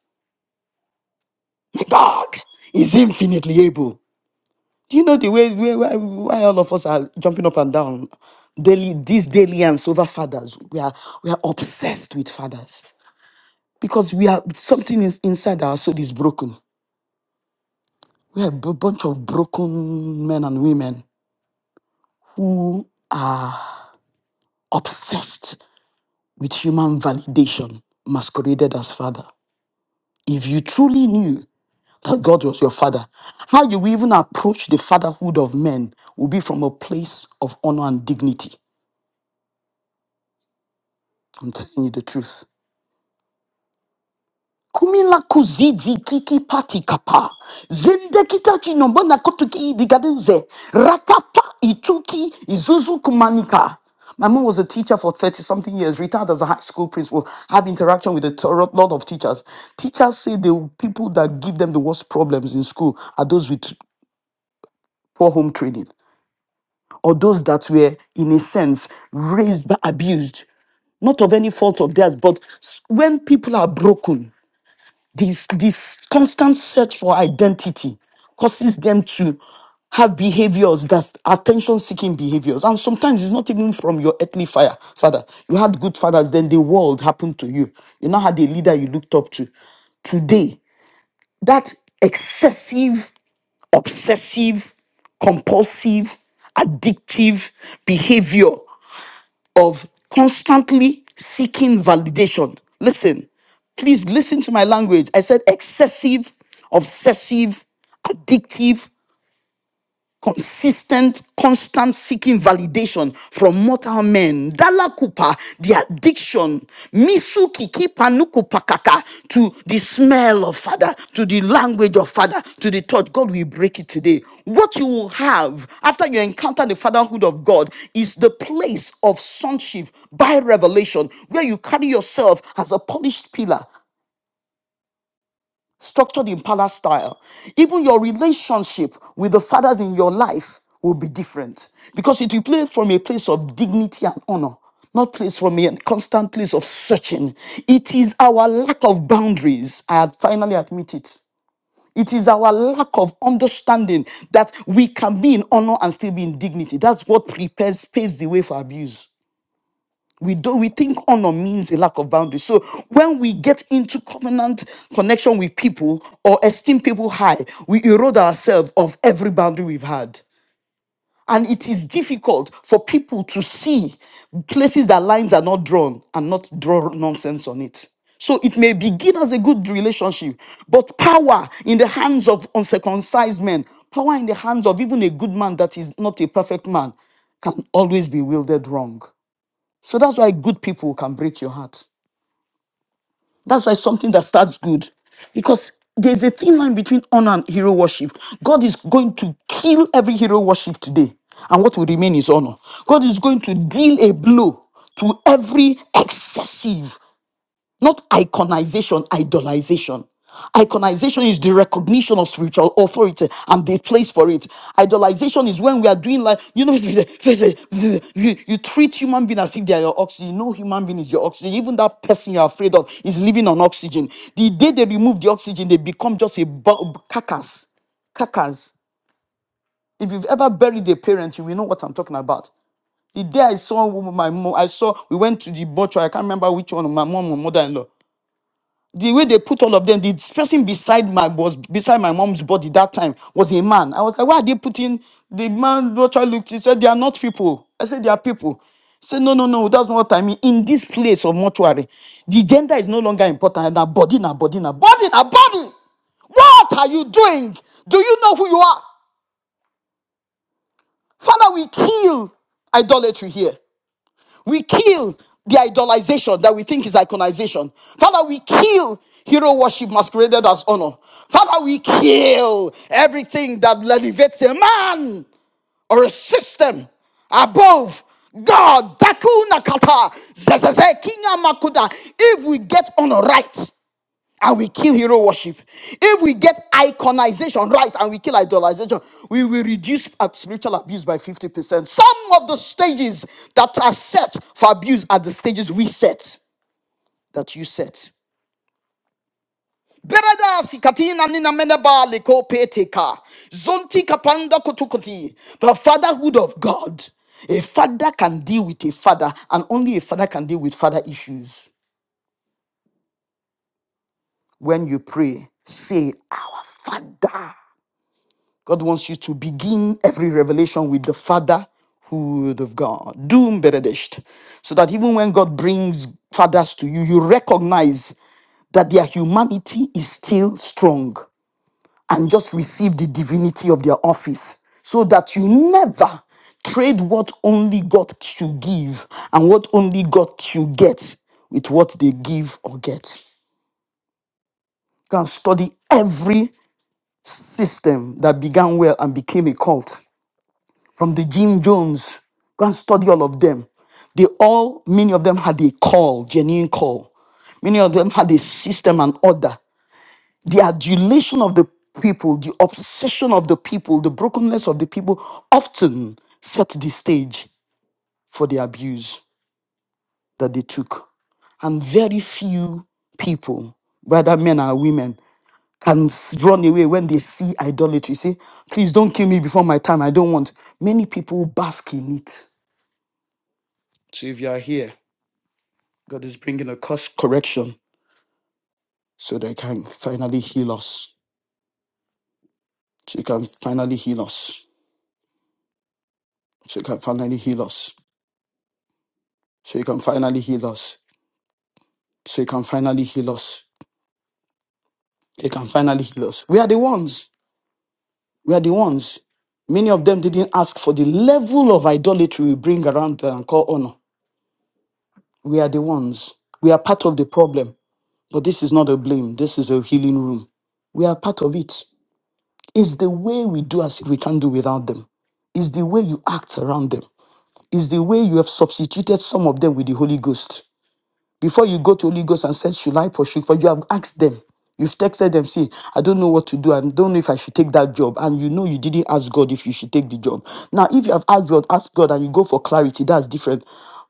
S1: My God is infinitely able. Do you know the way where why, why all of us are jumping up and down? Daily, these daily and over fathers, we are we are obsessed with fathers because we are something is inside our soul is broken. We are a b- bunch of broken men and women who are obsessed with human validation masqueraded as father. If you truly knew that God was your father, how you will even approach the fatherhood of men will be from a place of honor and dignity. I'm telling you the truth. Kumila kuzidi kiki pati kapa. Zende kita chinombona kotuki digaduze. Rakapa ituki izuzu kumanika. My mom was a teacher for 30 something years, retired as a high school principal, have interaction with a t- lot of teachers. Teachers say the people that give them the worst problems in school are those with poor home training or those that were, in a sense, raised, but abused not of any fault of theirs, but s- when people are broken, this this constant search for identity causes them to have behaviors that attention seeking behaviors and sometimes it's not even from your earthly fire father you had good fathers then the world happened to you you now had a leader you looked up to today that excessive obsessive compulsive addictive behavior of constantly seeking validation. Listen, please listen to my language. I said excessive, obsessive, addictive, consistent, constant seeking validation from mortal men. Dala kupa, the addiction. Misu kiki panuku pakaka, to the smell of father, to the language of father, to the thought. God will break it today. What you will have after you encounter the fatherhood of God is the place of sonship by revelation, where you carry yourself as a polished pillar, structured in palace style, even your relationship with the fathers in your life will be different because it will play from a place of dignity and honor. Not place from a constant place of searching. It is our lack of boundaries. I had finally admit it. It is our lack of understanding that we can be in honor and still be in dignity. That's what prepares, paves the way for abuse. We do we think honor means a lack of boundaries. So when we get into covenant connection with people or esteem people high, we erode ourselves of every boundary we've had. And it is difficult for people to see places that lines are not drawn and not draw nonsense on it. So it may begin as a good relationship, but power in the hands of uncircumcised men, power in the hands of even a good man that is not a perfect man, can always be wielded wrong. So that's why good people can break your heart. That's why something that starts good, because there's a thin line between honor and hero worship. God is going to kill every hero worship today, and what will remain is honor. God is going to deal a blow to every excessive not iconization, idolization. Iconization is the recognition of spiritual authority and the place for it. Idolization is when we are doing like, you know, [laughs] you, you treat human being as if they are your oxygen. No human being is your oxygen. Even that person you're afraid of is living on oxygen. The day they remove the oxygen, they become just a bu- carcass. Carcass. If you've ever buried a parent, you will know what I'm talking about. The day I saw my mom, I saw we went to the butcher. I can't remember which one, my mom or mother-in-law the way they put all of them, the person beside my was beside my mom's body that time was a man. I was like, why are they putting the man? What I looked, he said they are not people. I said they are people. He said no, no, no, that's not what I mean. In this place of mortuary, the gender is no longer important. Now body, now body, now body, now body. What are you doing? Do you know who you are? Father, we kill idolatry here. We kill the idolization that we think is iconization. Father, we kill hero worship masqueraded as honor. Father, we kill everything that elevates a man or a system above God. Dakuna kata, zezeze, kinga makuda. If we get honor right, and we kill hero worship. If we get iconization right and we kill idolization, we will reduce ab- spiritual abuse by 50%. Some of the stages that are set for abuse are the stages we set, that you set. Berada sikatina nina meneba leko peteka. Zonti kapanda kutukuti. The fatherhood of God. A father can deal with a father, and only a father can deal with father issues. When you pray, say, Our Father. God wants you to begin every revelation with the fatherhood of God. Doom beredesht. So that even when God brings fathers to you, you recognize that their humanity is still strong and just receive the divinity of their office. So that you never trade what only God should give and what only God should get with what they give or get. You can study every system that began well and became a cult from the Jim Jones. Go and study all of them. They all, many of them had a call, genuine call. Many of them had a system and order. The adulation of the people, the obsession of the people, the brokenness of the people often set the stage for the abuse that they took. And very few people, whether men or women, can s- run away when they see idolatry. Say, please don't kill me before my time. I don't want. Many people bask in it So if you are here, God is bringing a course correction so that He can finally heal us. So He can finally heal us. So He can finally heal us. So He can finally heal us. So He can finally heal us. He can finally heal us. We are the ones. We are the ones. Many of them didn't ask for the level of idolatry we bring around and call honor. We are the ones. We are part of the problem. But this is not a blame. This is a healing room. We are part of it. It's the way we do as if we can do without them. It's the way you act around them. It's the way you have substituted some of them with the Holy Ghost. Before you go to Holy Ghost and said, Should I pursue? But you have asked them. You've texted them, say, I don't know what to do. I don't know if I should take that job. And you know you didn't ask God if you should take the job. Now, if you have asked God, ask God and you go for clarity, that's different.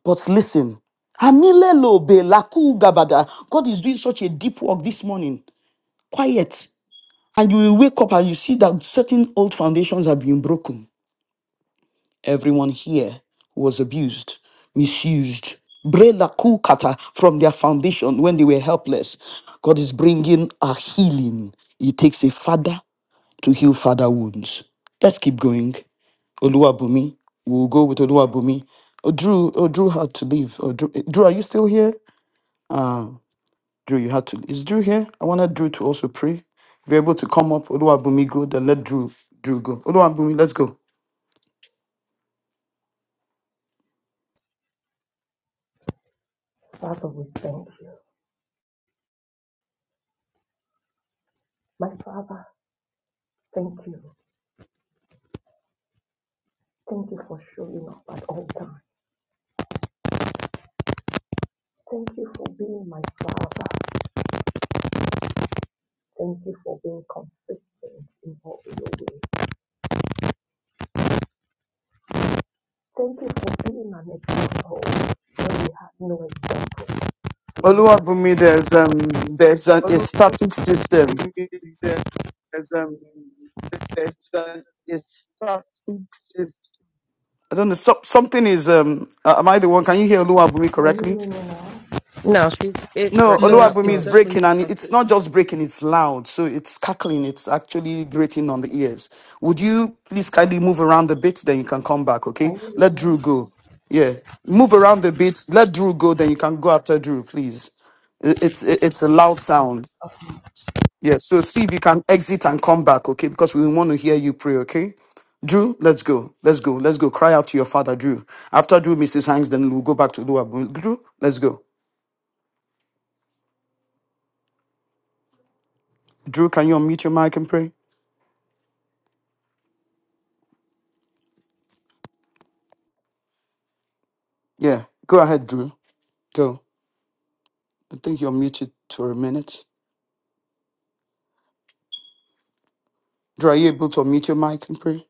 S1: But listen, Amilelo be laku gabada. God is doing such a deep work this morning. Quiet. And you will wake up and you see that certain old foundations have been broken. Everyone here was abused, misused. Brela kukata from their foundation when they were helpless. God is bringing a healing. It takes a father to heal father wounds. Let's keep going. Oluwabumi. We'll go with Oluwabumi. Oh, Drew, oh, Drew had to leave. Oh, Drew, Drew, are you still here? Ah. Drew, you had to. Is Drew here? I wanted Drew to also pray. If you're able to come up, Oluwabumi, go. Then let Drew Drew go. Oluwabumi, let's go.
S8: Father, we thank you. My Father, thank you. Thank you for showing up at all times. Thank you for being my Father. Thank you for being consistent in all your ways. Thank you for being an example when we have no example to look up to
S1: Oluwabumi,
S8: as a
S1: there's
S8: Father.
S1: um there's a, a static system. I don't know. So, something is um. uh, Am I the one? Can you hear Oluwabumi
S8: Can you
S1: correctly?
S8: hear me now?
S9: No, she's it's
S1: No,
S9: breaking
S2: No,
S9: up,
S1: Oluwabumi
S2: it's
S1: is
S9: coach.
S1: breaking,
S2: definitely
S1: and it's
S2: static.
S1: not just breaking, it's loud. So it's cackling, it's actually grating on the ears. Would you please kindly move around a bit, then you can come back,
S8: Can
S1: okay?
S8: you hear
S1: Let Drew
S8: me?
S1: go. Yeah. Move around a bit, let Drew go, then you can go after Drew, please. I- It's i- it's a loud sound. Yeah, so see if you can exit and come back, okay? Because we want to hear you pray, okay? Drew, let's go. Let's go. Let's go. Cry out to your father, Drew. After Drew, Mrs. Hanks, then we'll go back to Oluwabumi. Drew, let's go. Drew, can you unmute your mic and pray? Yeah, go ahead, Drew. Go. I think you're muted for a minute. Drew, are you able to unmute your mic and pray?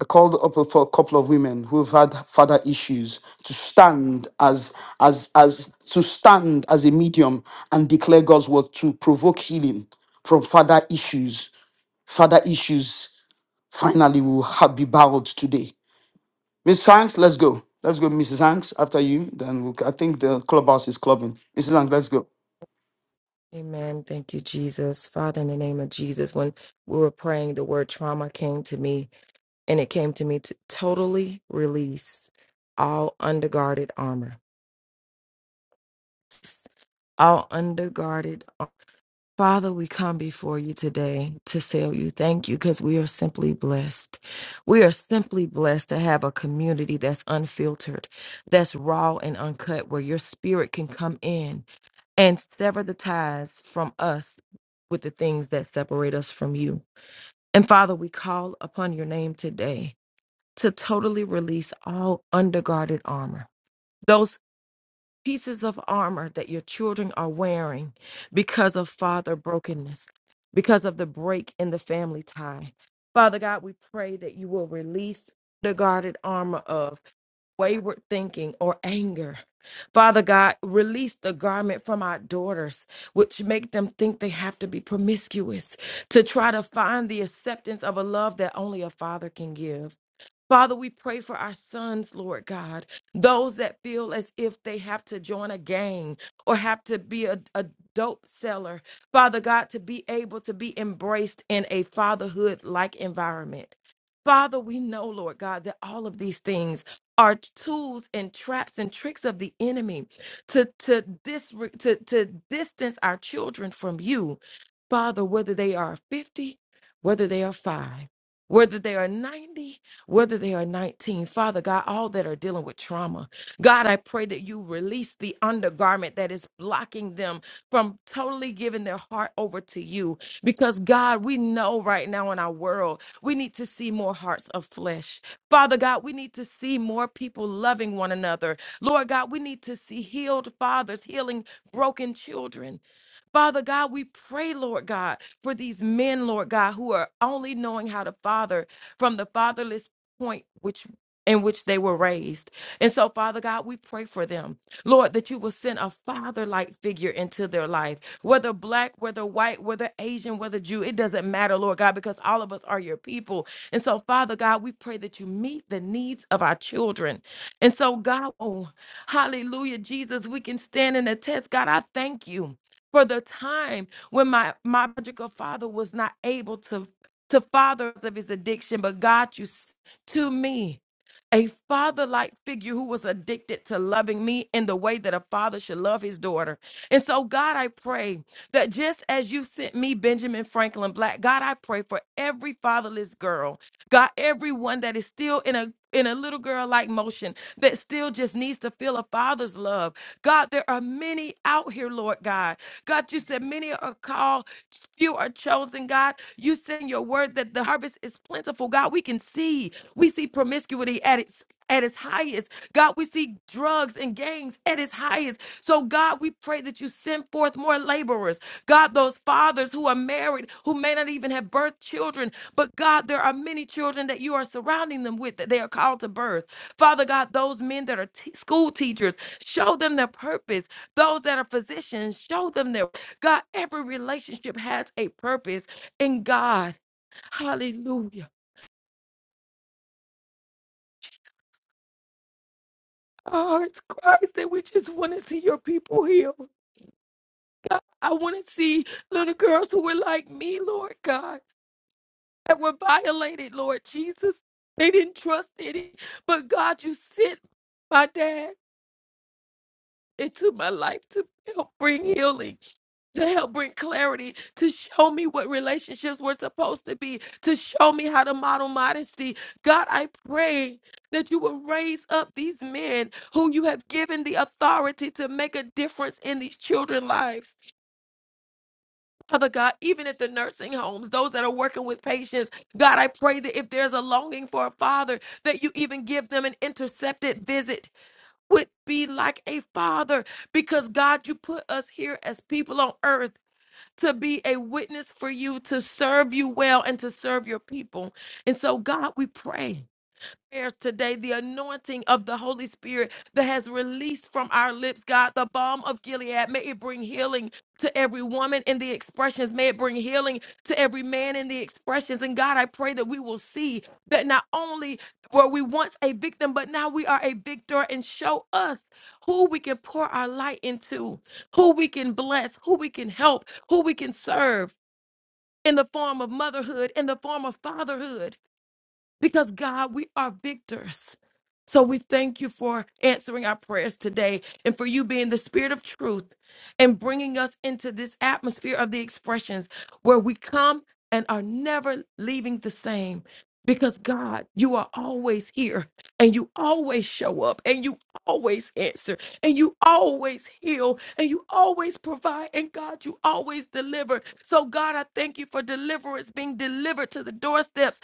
S1: I called up for a couple of women who've had father issues to stand as as as to stand as a medium and declare God's word to provoke healing from father issues. Father issues finally will ha- be bowed today. Miss Hanks, let's go. Let's go, Mrs. Hanks. After you, then we'll, I think the clubhouse is clubbing. Mrs. Hanks, let's go.
S9: Amen. Thank you, Jesus. Father, in the name of Jesus, when we were praying, the word trauma came to me, and it came to me to totally release all underguarded armor. All underguarded. ar- Father, we come before you today to say you thank you because we are simply blessed. We are simply blessed to have a community that's unfiltered, that's raw and uncut, where your spirit can come in and sever the ties from us with the things that separate us from you. And Father, we call upon your name today to totally release all underguarded armor, those pieces of armor that your children are wearing because of father brokenness, because of the break in the family tie. Father God, we pray that you will release the guarded armor of wayward thinking or anger. Father God, release the garment from our daughters, which make them think they have to be promiscuous to try to find the acceptance of a love that only a father can give. Father, we pray for our sons, Lord God, those that feel as if they have to join a gang or have to be a, a dope seller. Father God, to be able to be embraced in a fatherhood like environment. Father, we know, Lord God, that all of these things are tools and traps and tricks of the enemy to, to, dis- to, to distance our children from you. Father, whether they are 50, whether they are five, whether they are 90 whether they are 19. Father God, all that are dealing with trauma, God, I pray that you release the undergarment that is blocking them from totally giving their heart over to you. Because God, we know right now in our world, we need to see more hearts of flesh. Father God, we need to see more people loving one another. Lord God, we need to see healed fathers healing broken children. Father God, we pray, Lord God, for these men, Lord God, who are only knowing how to father from the fatherless point which in which they were raised. And so, Father God, we pray for them, Lord, that you will send a father like figure into their life, whether black, whether white, whether Asian, whether Jew, it doesn't matter, Lord God, because all of us are your people. And so, Father God, we pray that you meet the needs of our children. And so, God, oh, hallelujah, Jesus, we can stand and attest. God, I thank you for the time when my my biological father was not able to to father us of his addiction but god you s- to me a father-like figure who was addicted to loving me in the way that a father should love his daughter and so god i pray that just as you sent me benjamin franklin black god i pray for every fatherless girl god everyone that is still in a in a little girl like motion that still just needs to feel a father's love God, there are many out here, Lord God, God, you said many are called, few are chosen, God. You said in your word that the harvest is plentiful, God. We can see, we see promiscuity at its at its highest. God, we see drugs and gangs at its highest. So, God, we pray that you send forth more laborers. God, those fathers who are married, who may not even have birthed children, but God, there are many children that you are surrounding them with that they are called to birth. Father God, those men that are t- school teachers, show them their purpose. Those that are physicians, show them their God. Every relationship has a purpose in God. Hallelujah. Oh, it's Christ that we just want to see your people healed. I want to see little girls who were like me, Lord God, that were violated, Lord Jesus. They didn't trust any, but God, you sent my dad. into my life to help bring healing, to help bring clarity, to show me what relationships were supposed to be, to show me how to model modesty. God, I pray that you will raise up these men whom you have given the authority to make a difference in these children's lives. Father God, even at the nursing homes, those that are working with patients, God, I pray that if there's a longing for a father, that you even give them an intercepted visit would be like a father because God, you put us here as people on earth to be a witness for you, to serve you well, and to serve your people. And so, God, we pray prayers today, the anointing of the Holy Spirit that has released from our lips, God, the balm of Gilead. May it bring healing to every woman in the expressions. May it bring healing to every man in the expressions. And God, I pray that we will see that not only were we once a victim, but now we are a victor and show us who we can pour our light into, who we can bless, who we can help, who we can serve in the form of motherhood, in the form of fatherhood because God, we are victors. So we thank you for answering our prayers today and for you being the spirit of truth and bringing us into this atmosphere of the expressions where we come and are never leaving the same. Because God, you are always here and you always show up and you always answer and you always heal and you always provide and God, you always deliver. So, God, I thank you for deliverance being delivered to the doorsteps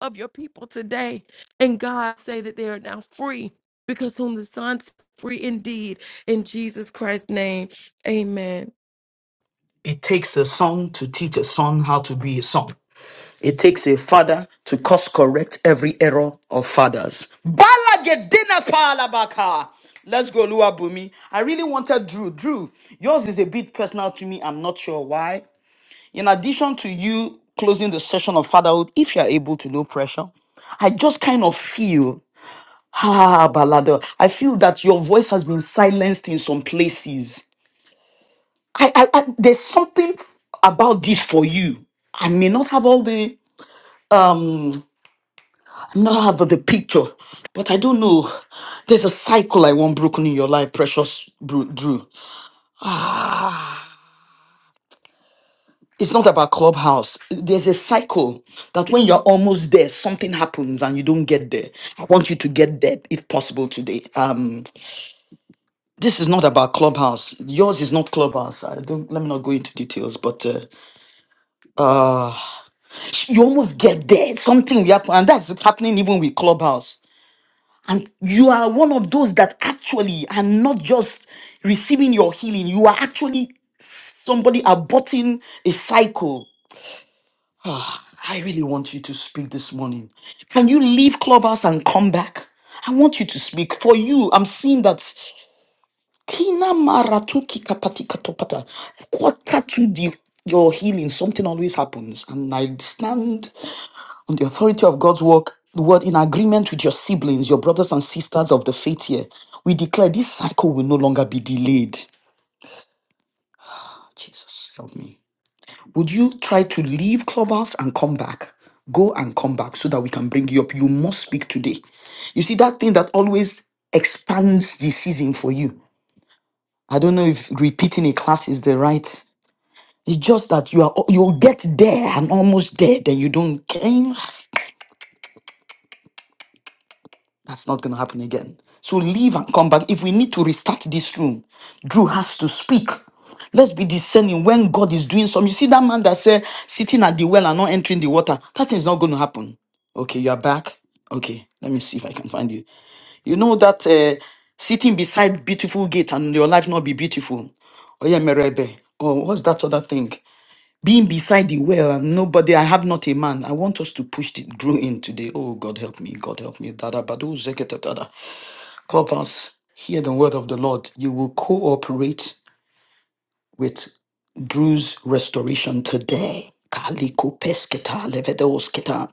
S9: of your people today. And God say that they are now free because whom the Son set free indeed in Jesus Christ's name. Amen.
S1: It takes a son to teach a son how to be a son. It takes a father to course correct every error of fathers. Balagedena palabaka. Let's go, Lua Bumi. I really wanted Drew. Drew, yours is a bit personal to me. I'm not sure why. In addition to you closing the session of fatherhood, if you're able to, no pressure. I just kind of feel, ah, Balado, I feel that your voice has been silenced in some places. I, I, I there's something about this for you. I may not have all the um I may not have the picture, but I don't know. There's a cycle I want broken in your life, precious Bru- Drew. [sighs] Ah, it's not about clubhouse. There's a cycle that when you're almost there, something happens and you don't get there. I want you to get there if possible today. Um, this is not about clubhouse. Yours is not clubhouse. I don't. Let me not go into details, but uh, uh you almost get there. Something will happen, and that's happening even with Clubhouse. And you are one of those that actually are not just receiving your healing. You are actually somebody aborting a cycle. Ah, I really want you to speak this morning. Can you leave Clubhouse and come back? I want you to speak. For you, I'm seeing that Kina Maratuki Kapati Katopata. Quarter to the your healing, something always happens. And I stand on the authority of God's work, word in agreement with your siblings, your brothers and sisters of the faith here, we declare this cycle will no longer be delayed. Jesus, help me. Would you try to leave Clubhouse and come back? Go and come back so that we can bring you up. You must speak today. You see, that thing that always expands the season for you. I don't know if repeating a class is the right. It's just that you are you'll get there and almost there, then you don't care. That's not going to happen again. So leave and come back. If we need to restart this room, Drew has to speak. Let's be discerning when God is doing something. You see that man that said sitting at the well and not entering the water. That thing is not going to happen. Okay, you are back. Okay, let me see if I can find you. You know that uh, sitting beside beautiful gate and your life not be beautiful. Oh yeah, Merebe. Oh, what's that other thing? being beside the well and nobody i have not a man i want us to push the grow in today oh god help me god help me dada badu zeketatata clubhouse hear the word of the lord you will cooperate with Drew's restoration today. Kaliko pesketa levedosketa.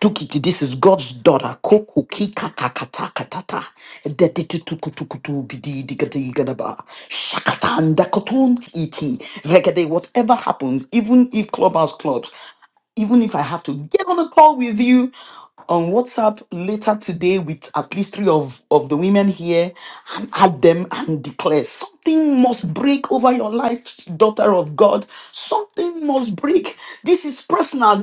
S1: Tukiti, this is God's daughter. Koku kika kakata katata. Dediti tukutukutu bidi digadi gadaba. Shakatan dakotun iti. Regede, whatever happens, even if clubhouse clubs, even if I have to get on a call with you on WhatsApp later today with at least three of, of the women here and add them and declare something must break over your life, daughter of God. Something must break. This is personal.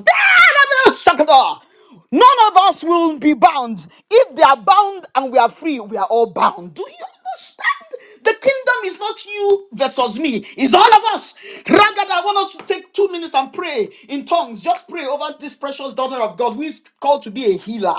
S1: None of us will be bound. If they are bound and we are free, we are all bound. Do you? understand the kingdom is not you versus me, it's all of us. Ragada, I want us to take two minutes and pray in tongues. Just pray over this precious daughter of God who is called to be a healer.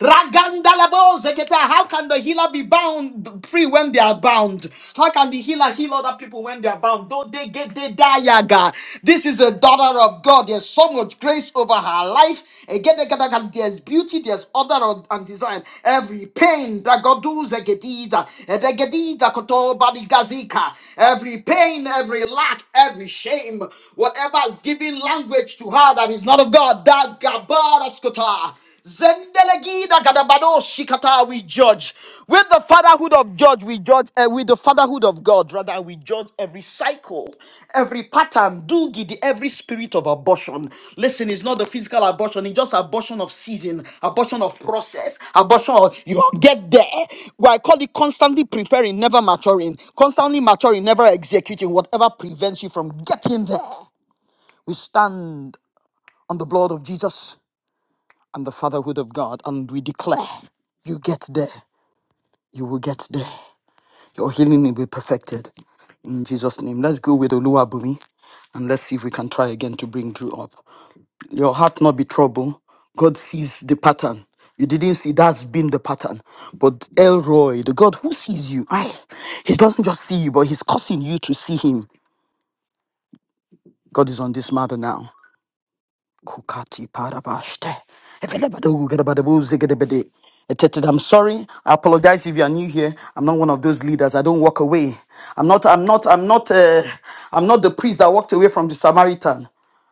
S1: Raganda labo zeketa. How can the healer be bound free when they are bound? How can the healer heal other people when they are bound? Though they get they die, yaga. This is a daughter of God. God. There's so much grace over her life. Again, again, again, there's beauty, there's order and design. Every pain that God does, egedida, edegedida koto badigazika. every pain, every lack, every shame, whatever is giving language to her that is not of God, that gabaraskota. Zendelegida gadabado shikata we judge. With the fatherhood of judge, we judge uh, with the fatherhood of God, rather we judge every cycle, every pattern, do gidi, every spirit of abortion. Listen, it's not the physical abortion, it's just abortion of season, abortion of process, abortion of you get there. Well, I call it constantly preparing, never maturing, constantly maturing, never executing, whatever prevents you from getting there. We stand on the blood of Jesus and the fatherhood of God, and we declare, you get there, you will get there. Your healing will be perfected. In Jesus' name, let's go with Oluwabumi and let's see if we can try again to bring Drew up. Your heart not be trouble. God sees the pattern. You didn't see that's been the pattern. But Elroy, the God who sees you, I, he doesn't just see you, but he's causing you to see him. God is on this matter now. Kukati parabashte. Evelebado gedebadebo zegebede. Etetet, I'm sorry. I apologize if you are new here. I'm not one of those leaders. I don't walk away. I'm not. I'm not. I'm not. Uh, I'm not the priest that walked away from the Samaritan.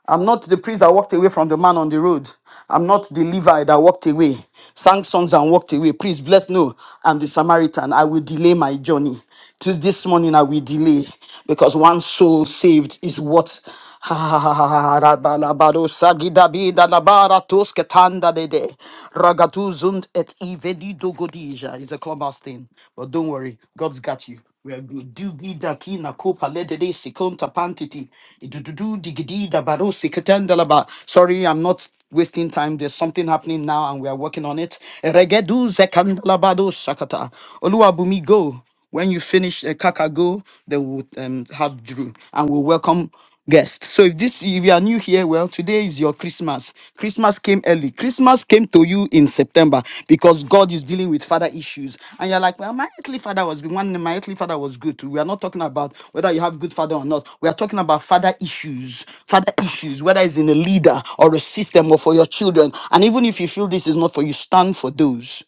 S1: I'm not the priest that walked away from the man on the road. I'm not the Levi that walked away, sang songs and walked away. Please bless no. I'm the Samaritan. I will delay my journey. Just this morning I will delay because one soul saved is what. [laughs] Rabalabado sagidabida labara tosketanda dede. Ragatuzund et ivedido godija. It's a clubhouse thing. But don't worry, God's got you. We are good. Dugida kina kopa ledede sekonta pantiti. Idududu digidida baro seketanda laba. Sorry, I'm not wasting time. There's something happening now and we are working on it. Regedu zekandalabado shakata. Oluwabumi go. When you finish uh, Kakago, then we'll um, have Drew and we'll welcome guests. So if this if you are new here, well, today is your Christmas. Christmas came early. Christmas came to you in September because God is dealing with father issues. And you're like, well, my earthly father was good. One, my earthly father was good. too. We are not talking about whether you have good father or not. We are talking about father issues. Father issues, whether it's in a leader or a system or for your children. And even if you feel this is not for you, stand for those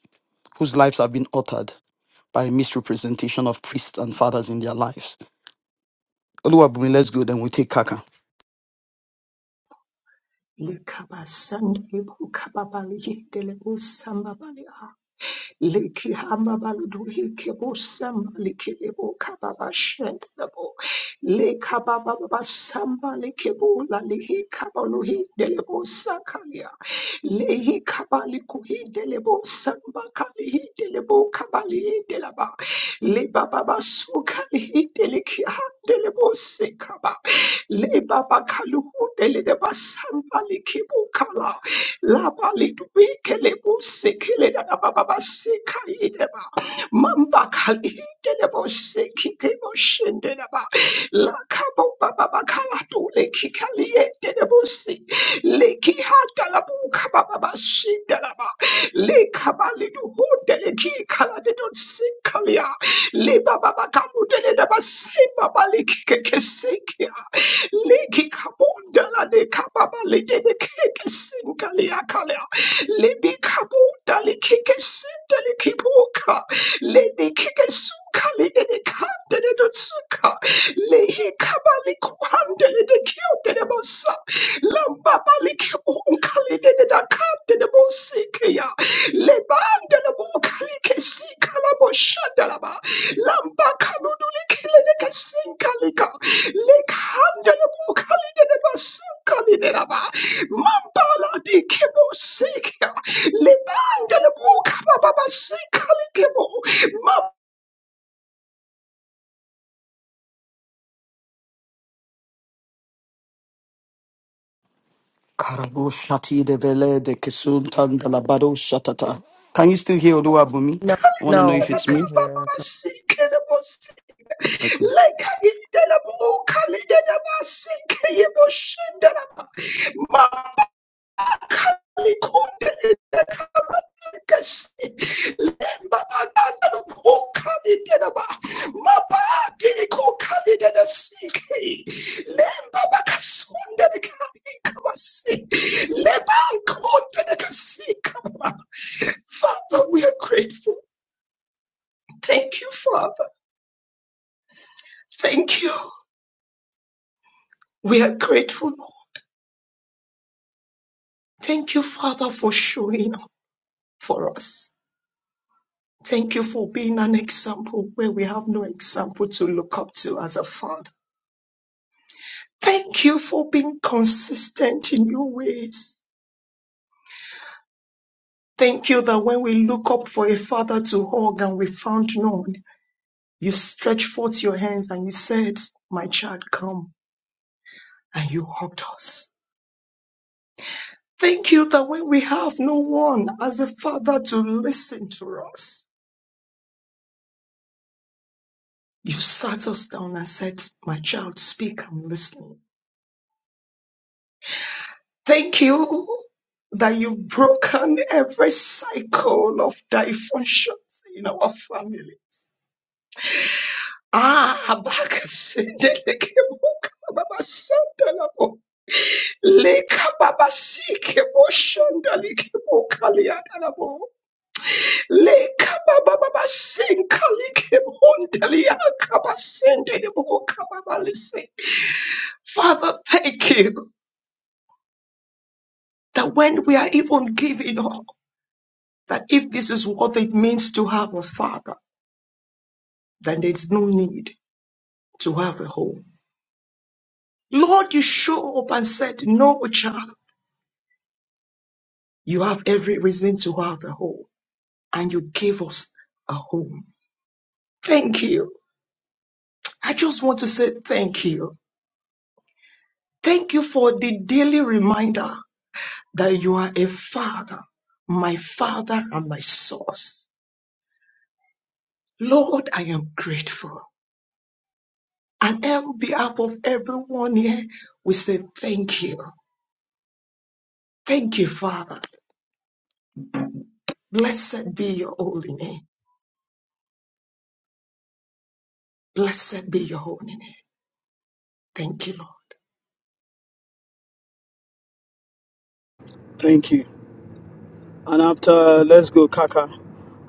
S1: whose lives have been altered by misrepresentation of priests and fathers in their lives. Oluwabumi, let's go, then we take Kaka.
S8: Likaba Sunday, Bukababali, Delebu Liki hamabaludu hikebo samba likebo kababa shendelebo. Leka baba baba samba likebo la lihi kabalu hidelebo sakalia. Lehi kabali kuhidelebo samba kali hidelebo kabali hidelaba. Le baba basu kali hideliki handelebo sekaba. Le baba kalu hudeleba samba likebo kala laba lidwike lebusikile lalabababasikayileba mambakalide lebosikike boshendelaba lakabo bababakalatule kikaliete lebosi lekihata labuka bababashindelaba likabaliduhude lekikalade donsikalia libababakalude ledabasimba ya. Le ba ba ba ka bu de le da ba se ba ba li ki ke ke se ki ya. Liki kabunda la de kababa lede de de keke sinka le akalea. Lebe kabunda le keke sinda le kipoka. Lebe keke suka lede de de kanda de dotsuka. Lehi kabali kuhanda le de kyote de bosa. Lambaba le kibunka lede de de da kanda de bosike ya. Lebanda le buka le kesika la boshanda la ba. Lamba kaludule kile de kesinka lika. Mambala di kebo sekia lebanda le buka baba basika le kebo
S1: Karabo shati de vele de kesum tan de la bado shatata. Can you still hear Oluwabumi? I want to know if it's
S8: mabaka
S1: me.
S8: baba sike le bosi leka ide le buka le de basike ye boshende la mali kunde Father, we are grateful. Thank you, Father. Thank you. We are grateful. Lord. Thank you, Father, for showing up for us. Thank you for being an example where we have no example to look up to as a father. Thank you for being consistent in your ways. Thank you that when we look up for a father to hug and we found none, you stretched forth your hands and you said, My child, come, and you hugged us. Thank you that when we have no one as a father to listen to us, you sat us down and said, My child, speak, I'm listening. Thank you that you've broken every cycle of dysfunctions in our families. Ah, Habakkuk, Delekebukababasandalabo. Leka baba sike boshanda like bokaliana labo. Leka baba baba sinka like bondalia kabasende de bokababalise. Father, thank you that when we are even giving up, that if this is what it means to have a father, then there's no need to have a home. Lord, you show up and said, no child. You have every reason to have a home, and you gave us a home. Thank you. I just want to say thank you. Thank you for the daily reminder that you are a father, my father and my source. Lord, I am grateful. And on behalf of everyone here, we say thank you. Thank you, Father. Blessed be your holy name. Blessed be your holy name. Thank you, Lord.
S1: Thank you. And after, let's go, Kaka.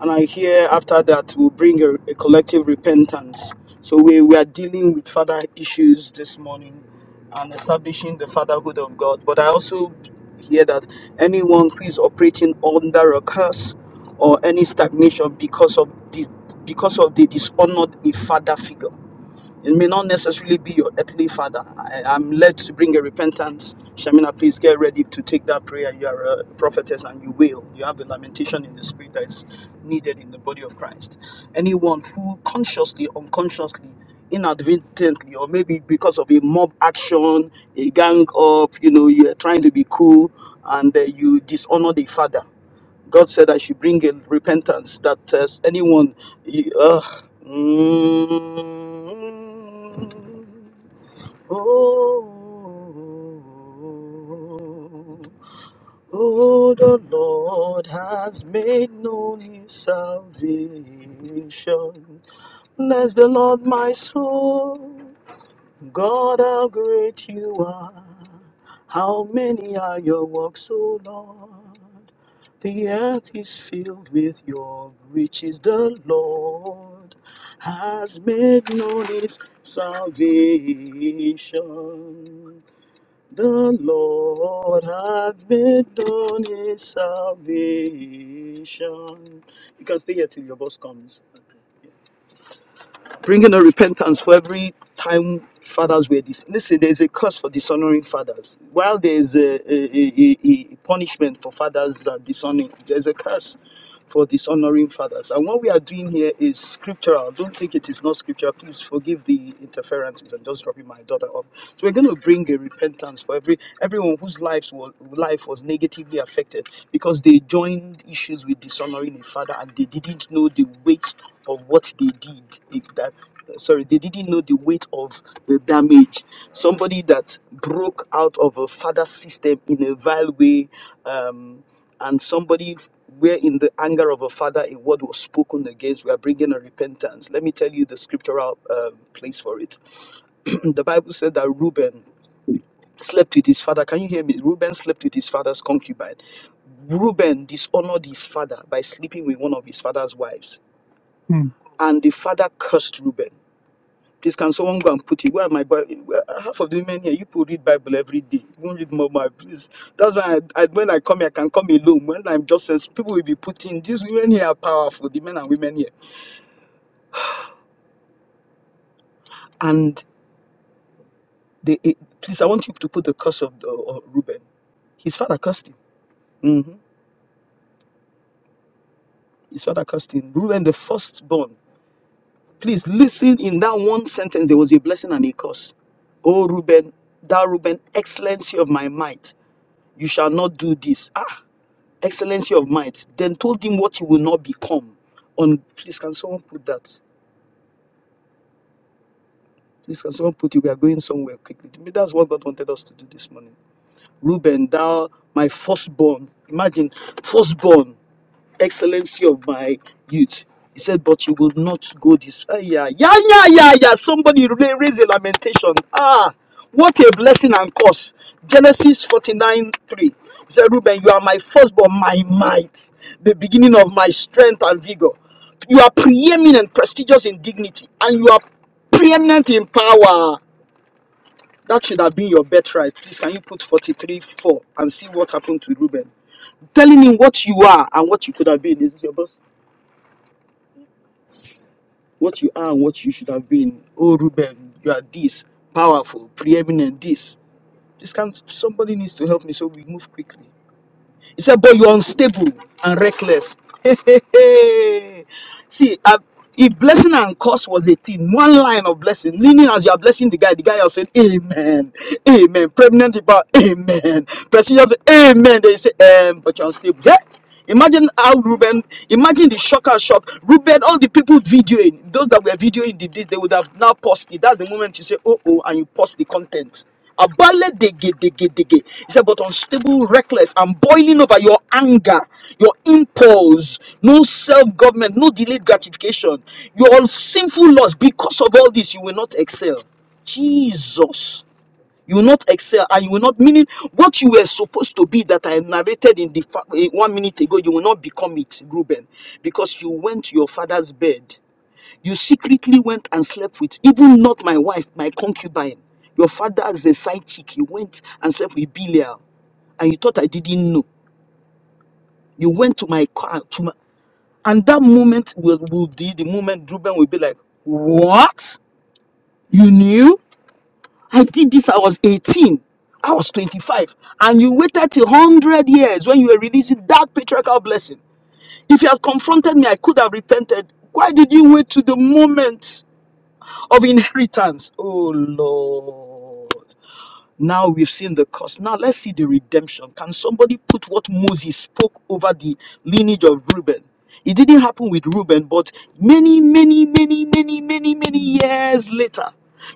S1: And I hear after that, we'll bring a, a collective repentance. So we, we are dealing with father issues this morning and establishing the fatherhood of God. But I also hear that anyone who is operating under a curse or any stagnation because of the because of the dishonored a father figure it may not necessarily be your earthly father. I, I'm led to bring a repentance. Shamina, please get ready to take that prayer. You are a prophetess and you will. You have the lamentation in the spirit that is needed in the body of Christ. Anyone who consciously, unconsciously, inadvertently, or maybe because of a mob action, a gang up, you know, you're trying to be cool and uh, you dishonor the father God said I should bring in repentance that uh, anyone. You, uh, mm, oh, oh, oh, the Lord has made known his salvation. Bless the Lord, my soul. God, how great you are. How many are your works, O Lord? The earth is filled with your riches. The Lord has made known his salvation. The Lord has made known his salvation. You can stay here till your boss comes. Okay bringing on repentance for every time fathers were this. Listen, there's a curse for dishonoring fathers. While there's a, a, a, a punishment for fathers uh, dishonoring, there's a curse for dishonoring fathers. And what we are doing here is scriptural. Don't think it is not scriptural. Please forgive the interferences and just dropping my daughter off. So we're going to bring a repentance for every everyone whose lives were, life was negatively affected affected because they joined issues with dishonoring a father and they didn't know the weight of what they did. It- that sorry, they didn't know the weight of the damage. Somebody that broke out of a father system in a vile way, um, and somebody f- where in the anger of a father a word was spoken against, we are bringing a repentance. Let me tell you the scriptural um place for it. [clears throat] the Bible said that Reuben slept with his father. Can you hear me? Reuben slept with his father's concubine. Reuben dishonored his father by sleeping with one of his father's wives.
S10: Mm.
S1: And the father cursed Reuben. Please, can someone go and put it? Where are my Bible? Where, half of the men here, you people read Bible every day. You don't read more, Bible, please. That's why I, I, when I come here, I can come alone. When I'm just, sens- people will be putting, these women here are powerful, the men and women here. And they, eh, please, I want you to put the curse of uh, uh, Reuben. His father cursed him. hmm His father cursed him. Reuben, the firstborn, Please listen in that one sentence, there was a blessing and a curse. Oh, Reuben, thou Reuben, excellency of my might, you shall not do this. Ah, excellency of might. Then told him what he will not become. On please, can someone put that? Please, can someone put it? We are going somewhere quickly. Maybe That's what God wanted us to do this morning. Reuben, thou my firstborn. Imagine, firstborn. excellency of my youth. He said, but you will not go this. Ah, yeah, yeah, yeah, yeah, yeah. Somebody ra- raise a lamentation. Ah, what a blessing and curse. Genesis 49 3. He said, Reuben, you are my firstborn, my might, the beginning of my strength and vigor. You are preeminent, prestigious in dignity, and you are preeminent in power. That should have been your birthright. Please, can you put 43 4 and see what happened to Reuben? Telling him what you are and what you could have been. This Is your boss? what you are and what you should have been. Oh, Ruben, you are this powerful, preeminent, this. This can somebody needs to help me, so we move quickly. He said, but you're unstable and reckless. [laughs] See, uh, if blessing and curse was a thing, one line of blessing, meaning as you are blessing the guy, the guy was saying, Amen, Amen. Pregnant about Amen. President said, Amen. They say, um, but you're unstable. Yeah. Imagine how Ruben, imagine the shocker shock. Ruben, all the people videoing, those that were videoing the this, they would have now paused it. That's the moment you say, oh, oh, and you pause the content. Abale dege dege dege. He said, but unstable, reckless, and boiling over your anger, your impulse, no self-government, no delayed gratification, your sinful lust. Because of all this, you will not excel. Jesus. You will not excel and you will not, meaning what you were supposed to be that I narrated in the fa- eh, one minute ago, you will not become it, Reuben, because you went to your father's bed. You secretly went and slept with, even not my wife, my concubine. Your father as a side chick. You went and slept with Belial and you thought I didn't know. You went to my car, to my, and that moment will, will be the moment Reuben will be like, What? You knew? I did this, I was 18. I was 25. And you waited till 100 years when you were releasing that patriarchal blessing. If you had confronted me, I could have repented. Why did you wait to the moment of inheritance? Oh, Lord. Now we've seen the cost. Now let's see the redemption. Can somebody put what Moses spoke over the lineage of Reuben? It didn't happen with Reuben, but many, many, many, many, many, many years later,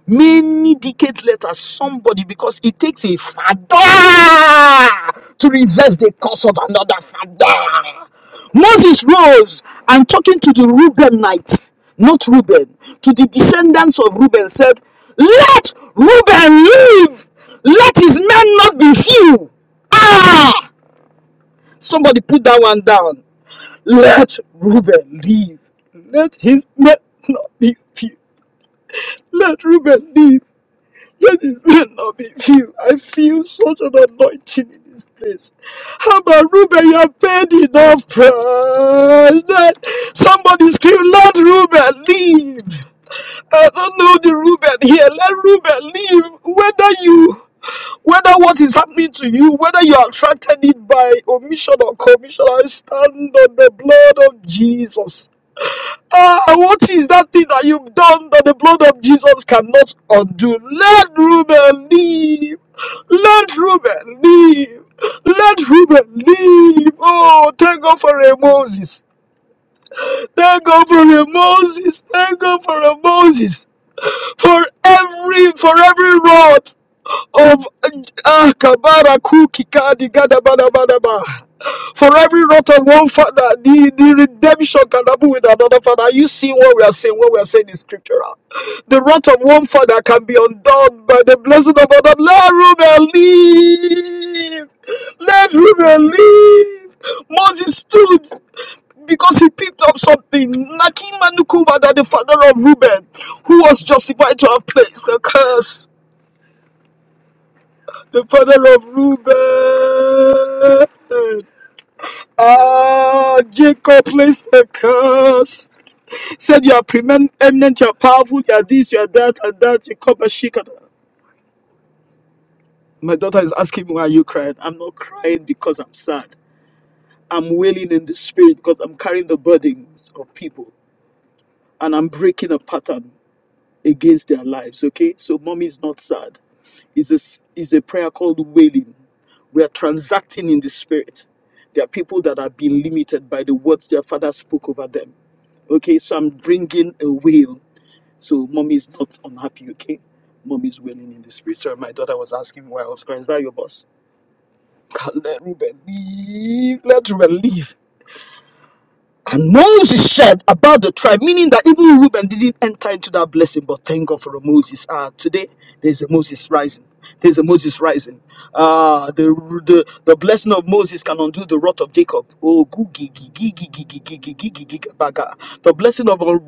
S1: many decades later, somebody, because it takes a father to reverse the course of another father. Moses rose and talking to the Reubenites, not Reuben, to the descendants of Reuben, said, Let Reuben live, let his men not be few. Ah! Somebody put that one down. Let Reuben live, let his men not be few. Let Reuben live. That is it's me and not me feel. I feel such an anointing in this place. Abba Ruben, you have paid enough price. Let somebody scream, let Ruben leave. I don't know the Ruben here. Let Ruben leave. Whether you whether what is happening to you, whether you are attracted it by omission or commission, I stand on the blood of Jesus. Ah, what is that thing that you've done that the blood of Jesus cannot undo? That is who we are. For every Otuki, bada, bada, bada. For every rot of one father, the, the redemption can happen with another father. you see what we are saying? What we are saying is scriptural. The rot of one father can be undone by the blessing of another. Let Reuben live. Let Reuben live. Moses stood because he picked up something. Nakim Manukuba, that the father of Reuben, who was justified to have placed a curse. the father of Reuben. Ah, Jacob placed a curse. Said you are preeminent, you are powerful, you are this, you are that, and that. You come and shake My daughter is asking me why are you crying. I'm not crying because I'm sad. I'm wailing in the spirit because I'm carrying the burdens of people and I'm breaking a pattern. against their lives. Okay, so mommy is not sad. It's a s- it's a prayer called wailing. We are transacting in the spirit. There are people that have been limited by the words their father spoke over them. Okay, so I'm bringing a wail. So mommy is not unhappy. Okay, mommy is wailing in the spirit. Sorry, my daughter was asking why I was crying. Is that your boss? [laughs] let Ruben leave. Let Ruben leave. And Moses said about the tribe, meaning that even Reuben didn't enter into that blessing, but thank God for a Moses. Uh, today, there's a Moses rising. There's a Moses rising. Ah, the, the the blessing of Moses can undo the wrath of Jacob. Oh, goo gee gee gee gee gee baga. The blessing of uh,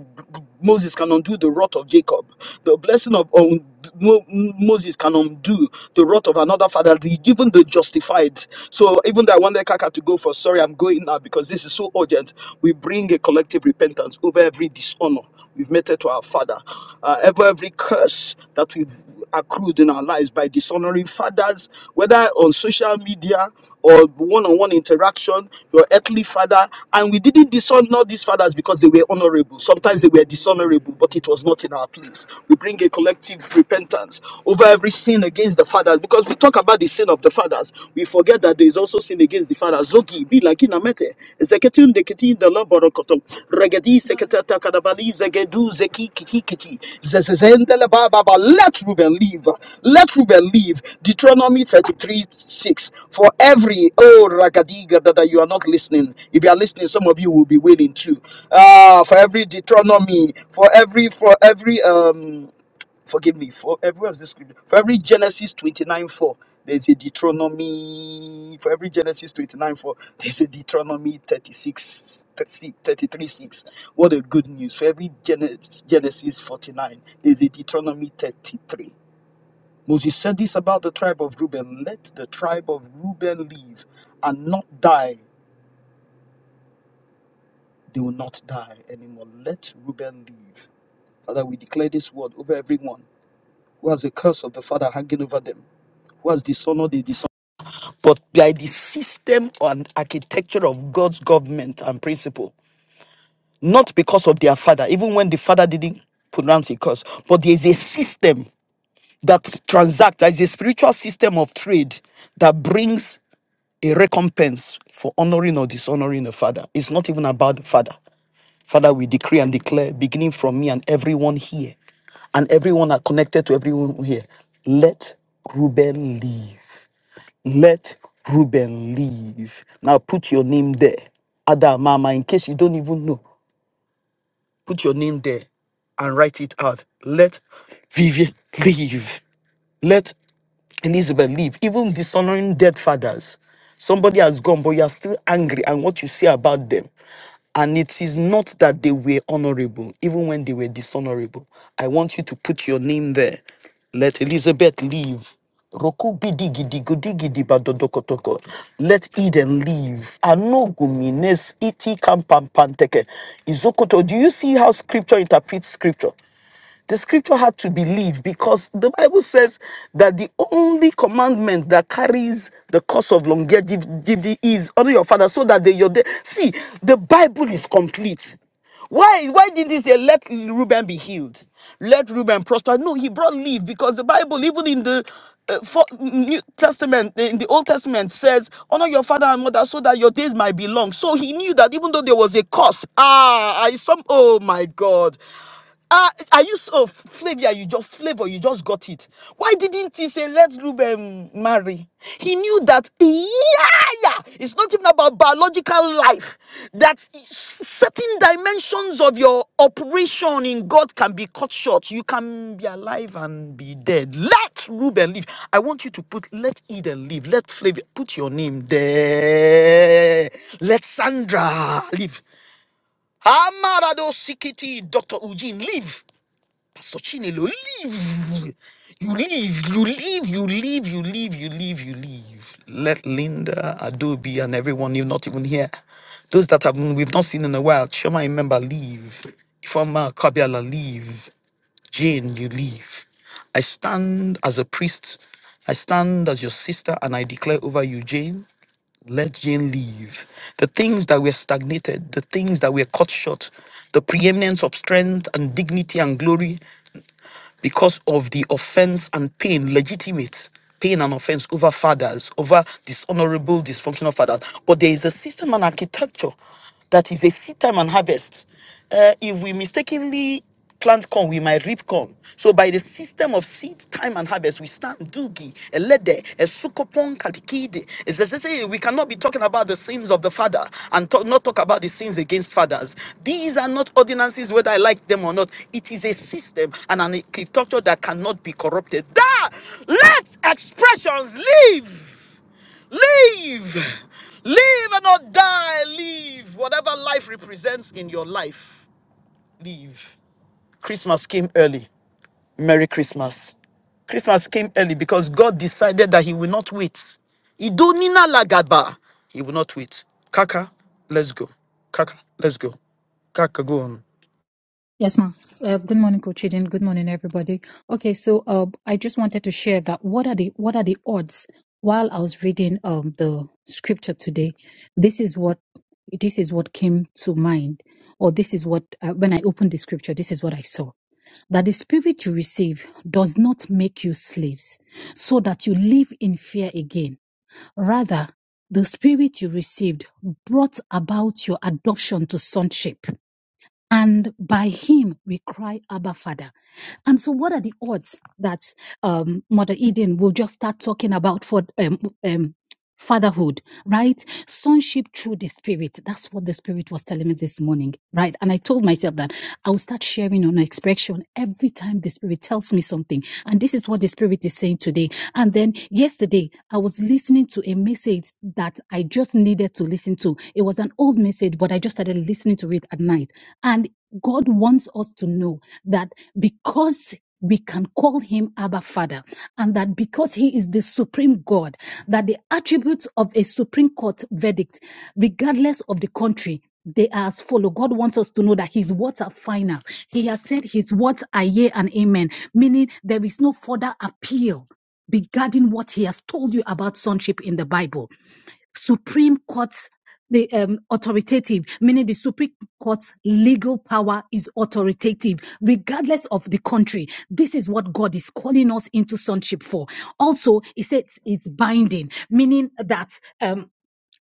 S1: Moses can undo the wrath of Jacob. The blessing of um, Mo- Moses can undo the wrath of another father, the, even the justified. So even though I wanted Kaka to go for sorry, I'm going now because this is so urgent. We bring a collective repentance over every dishonor we've meted to our father, uh, over every curse that we've accrued in our lives by dishonoring fathers, whether on social media or one on one interaction, your earthly father. And we didn't dishonor these fathers because they were honorable. Sometimes they were dishonorable, but it was not in our place. We bring a collective repentance over every sin against the fathers because we talk about the sin of the fathers. We forget that there is also sin against the fathers. Zogi, be like in mete zeketun de kiti de la borokoto regedi seketata kadabali zegedu zeki kiki kiti zezezende le ba ba ba. let Ruben leave let Ruben leave Deuteronomy 33 6 for every oh ragadiga that you are not listening if you are listening some of you will be wailing too ah for every Deuteronomy for every for every um Forgive me for every of this scripture. For every Genesis 29 4, there's a Deuteronomy. For every Genesis 29 4, there's a Deuteronomy 36 thirty-three 6. What a good news. For every Gene- Genesis 49, there's a Deuteronomy 33. Moses said this about the tribe of Reuben let the tribe of Reuben live and not die. They will not die anymore. Let Reuben live. Father, we declare this word over everyone who has a curse of the Father hanging over them. was dishonored is dishonored, but by the system and architecture of God's government and principle, not because of their father, even when the father didn't pronounce a curse, but there is a system that transacts, there is a spiritual system of trade that brings a recompense for honoring or dishonoring the father. It's not even about the father. Father, we decree and declare, beginning from me and everyone here, and everyone are connected to everyone here, let Reuben live let Reuben live. Now put your name there. Ada Mama, in case you don't even know, put your name there and write it out. Let Vivian live. Let Elizabeth live. Even dishonoring dead fathers. Somebody has gone, but you are still angry, and what you say about them. And it is not that they were honorable, even when they were dishonorable. I want you to put your name there. Let Elizabeth live. Roku bidi gidi gudi gidi badodokotoko. Let Eden live. Anogumines iti kampampanteke. Izokoto. Do you see how scripture interprets scripture? The scripture had to believe because the Bible says that the only commandment that carries the cause of longevity is honor your father so that they your day. See, the Bible is complete. Why? Why did he say, "Let Reuben be healed, let Reuben prosper"? No, he brought leave because the Bible, even in the uh, for, New Testament, in the Old Testament, says, "Honor your father and mother, so that your days might be long." So he knew that even though there was a curse, ah, I some, oh my God, Ah, are you so Flavia? You just flavor. You just got it. Why didn't he say let Ruben marry? He knew that. Yeah, it's not even about biological life. That certain dimensions of your operation in God can be cut short. You can be alive and be dead. Let Ruben live. I want you to put let Eden live. Let Flavia put your name there. Let Sandra live. Amarado Sikiti, Dr. Eugene, live. Sochine, you leave. You leave, you leave, you leave, you leave, you leave, you leave. Let Linda, Adobe, and everyone you're not even here, those that have we've not seen in a while, Shema, remember, leave. Ifama, Kabiala, leave. Jane, you leave. I stand as a priest. I stand as your sister, and I declare over you, Jane, let Jane leave. The things that were stagnated, the things that were cut short, the preeminence of strength and dignity and glory, because of the offense and pain, legitimate pain and offense over fathers, over dishonorable, dysfunctional fathers. But there is a system and architecture that is a seed time and harvest. Uh, if we mistakenly plant corn, we might reap corn. So by the system of seed time and harvest, we stand. Dugi, Elede, Esukopon Katikide. It says, it says, we cannot be talking about the sins of the father and talk, not talk about the sins against fathers. These are not ordinances, whether I like them or not. It is a system and an architecture that cannot be corrupted. That let expressions live. Live. Live and not die. Live. Whatever life represents in your life, live. Christmas came early. Merry Christmas. Christmas came early because God decided that He will not wait. Idonina lagaba. He will not wait. Kaka, let's go. Kaka, let's go. Kaka, go on.
S10: Yes, ma'am. Uh, good morning, Coach Eden. Good morning, everybody. Okay, so uh, I just wanted to share that what are the what are the odds? While I was reading um the scripture today, this is what this is what came to mind, or this is what uh, when I opened the scripture, this is what I saw that the spirit you receive does not make you slaves, so that you live in fear again. Rather, the spirit you received brought about your adoption to sonship and by him we cry abba father and so what are the odds that um, mother eden will just start talking about for um, um, fatherhood right sonship through the spirit that's what the spirit was telling me this morning right and i told myself that i will start sharing on expression every time the spirit tells me something and this is what the spirit is saying today and then yesterday i was listening to a message that i just needed to listen to it was an old message but i just started listening to it at night and God wants us to know that because we can call him Abba Father, and that because he is the supreme God, that the attributes of a Supreme Court verdict, regardless of the country, they are as follow. God wants us to know that His words are final. He has said His words are yea and amen, meaning there is no further appeal regarding what He has told you about sonship in the Bible. Supreme Court's the um, authoritative, meaning the Supreme Court's legal power is authoritative, regardless of the country. This is what God is calling us into sonship for. Also, he says it's binding, meaning that. Um,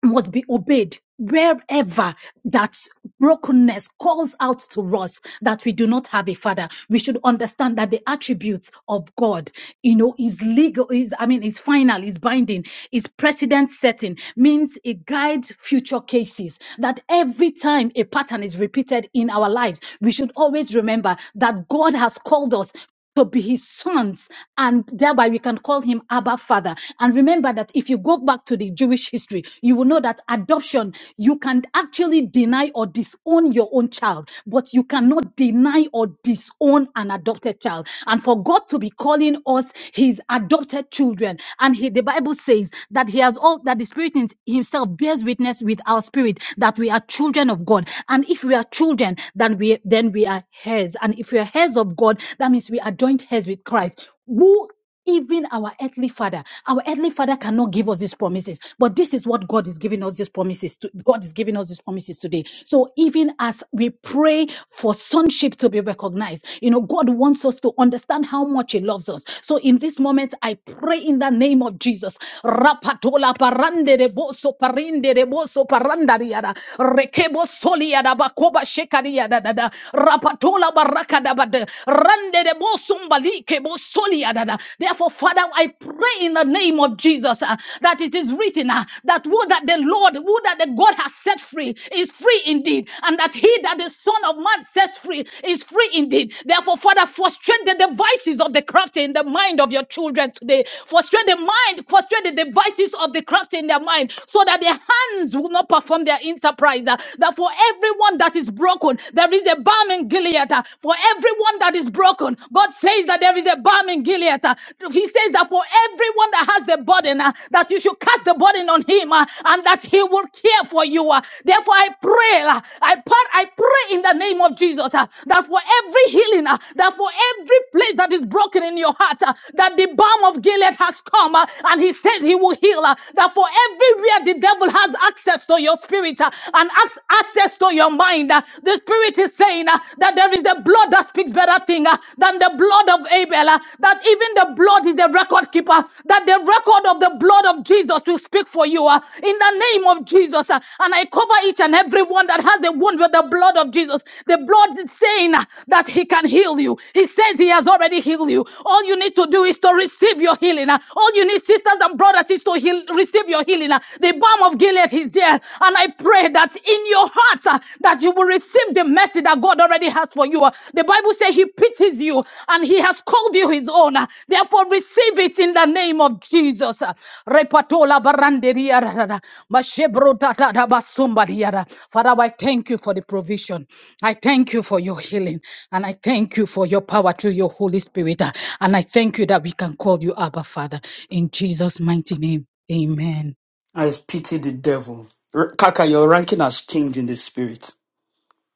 S10: must be obeyed wherever that brokenness calls out to us that we do not have a father we should understand that the attributes of god you know is legal is i mean is final is binding is precedent setting means it guides future cases that every time a pattern is repeated in our lives we should always remember that god has called us to be his sons, and thereby we can call him Abba Father. And remember that if you go back to the Jewish history, you will know that adoption, you can actually deny or disown your own child, but you cannot deny or disown an adopted child. And for God to be calling us his adopted children, and he, the Bible says that he has all that the Spirit in himself bears witness with our spirit that we are children of God. And if we are children, then we then we are heirs. And if we are we are heirs of God, that means we are joint heirs with Christ. Who even our earthly father, our earthly father cannot give us these promises, but this is what God is giving us these promises. To, God is giving us these promises today. So even as we pray for sonship to be recognized, you know, God wants us to understand how much He loves us. So in this moment, I pray in the name of Jesus. Rapatola parande de boso parinde de boso paranda diada. Rekebo soli bakoba shekari yada dada. Rapatola baraka dabada. Rande de bo sumbalike bo soli adada. Therefore, Father, I pray in the name of Jesus uh, that it is written uh, that who that the Lord, who that the God has set free is free indeed, and that he that the Son of Man sets free is free indeed. Therefore, Father, frustrate the devices of the crafty in the mind of your children today. Frustrate the mind, frustrate the devices of the crafty in their mind so that their hands will not perform their enterprise. Uh, That for everyone everyone that is broken. There is a balm in Gilead. uh, For everyone that is broken, God says that there is a balm in Gilead. uh. He says that for everyone that has a burden, uh, that you should cast the burden on him uh, and that he will care for you. uh. Therefore, I pray, uh, I part, I pray in the name of Jesus uh, that for every healing, uh, that for every place that is broken in your heart, uh, that the balm of Gilead has come uh, and he says he will heal. uh, That for everywhere the devil has access to your spirit, uh, and has access to your mind. Uh, The Spirit is saying uh, that there is a blood that speaks better thing uh, than the blood of Abel, uh, that even the blood is a record keeper, that the record of the blood of Jesus will speak for you uh, in the name of Jesus. uh, And I cover each and every one that has a wound with the blood of Jesus. The blood is saying uh, that He can heal you. He says He has already healed you. All you need to do is to receive your healing. uh. All you need, sisters and brothers, is to heal, receive your healing. uh. The balm of Gilead is there. And I pray that in your heart uh, that you will receive the mercy that God already has for you. Uh, The Bible says he pities you and he has called you his own. Uh, Therefore receive it in the name of Jesus. Uh, Repatola baranderia rarara, mashebro tatata basumbariara. Father, I thank you for the provision. I thank you for your healing and I thank you for your power through your Holy Spirit. Uh, And I thank you that we can call you Abba Father in Jesus' mighty name. Amen.
S1: I pity the devil. R- Kaka, your ranking has changed in the spirit.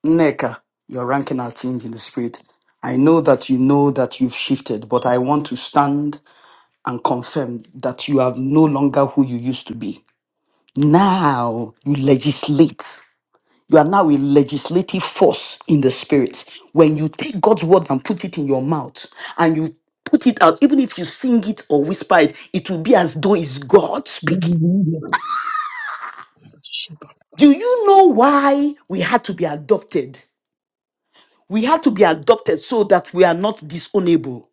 S1: Neka, your ranking has changed in the spirit. I know that you know that you've shifted, but I want to stand and confirm that you are no longer who you used to be. Now you legislate. You are now a legislative force in the spirit. When you take God's word and put it in your mouth and you put it out, even if you sing it or whisper it, it will be as though it's God speaking.
S10: Shit.
S1: Do you know why we had to be adopted? We had to be adopted so that we are not disownable.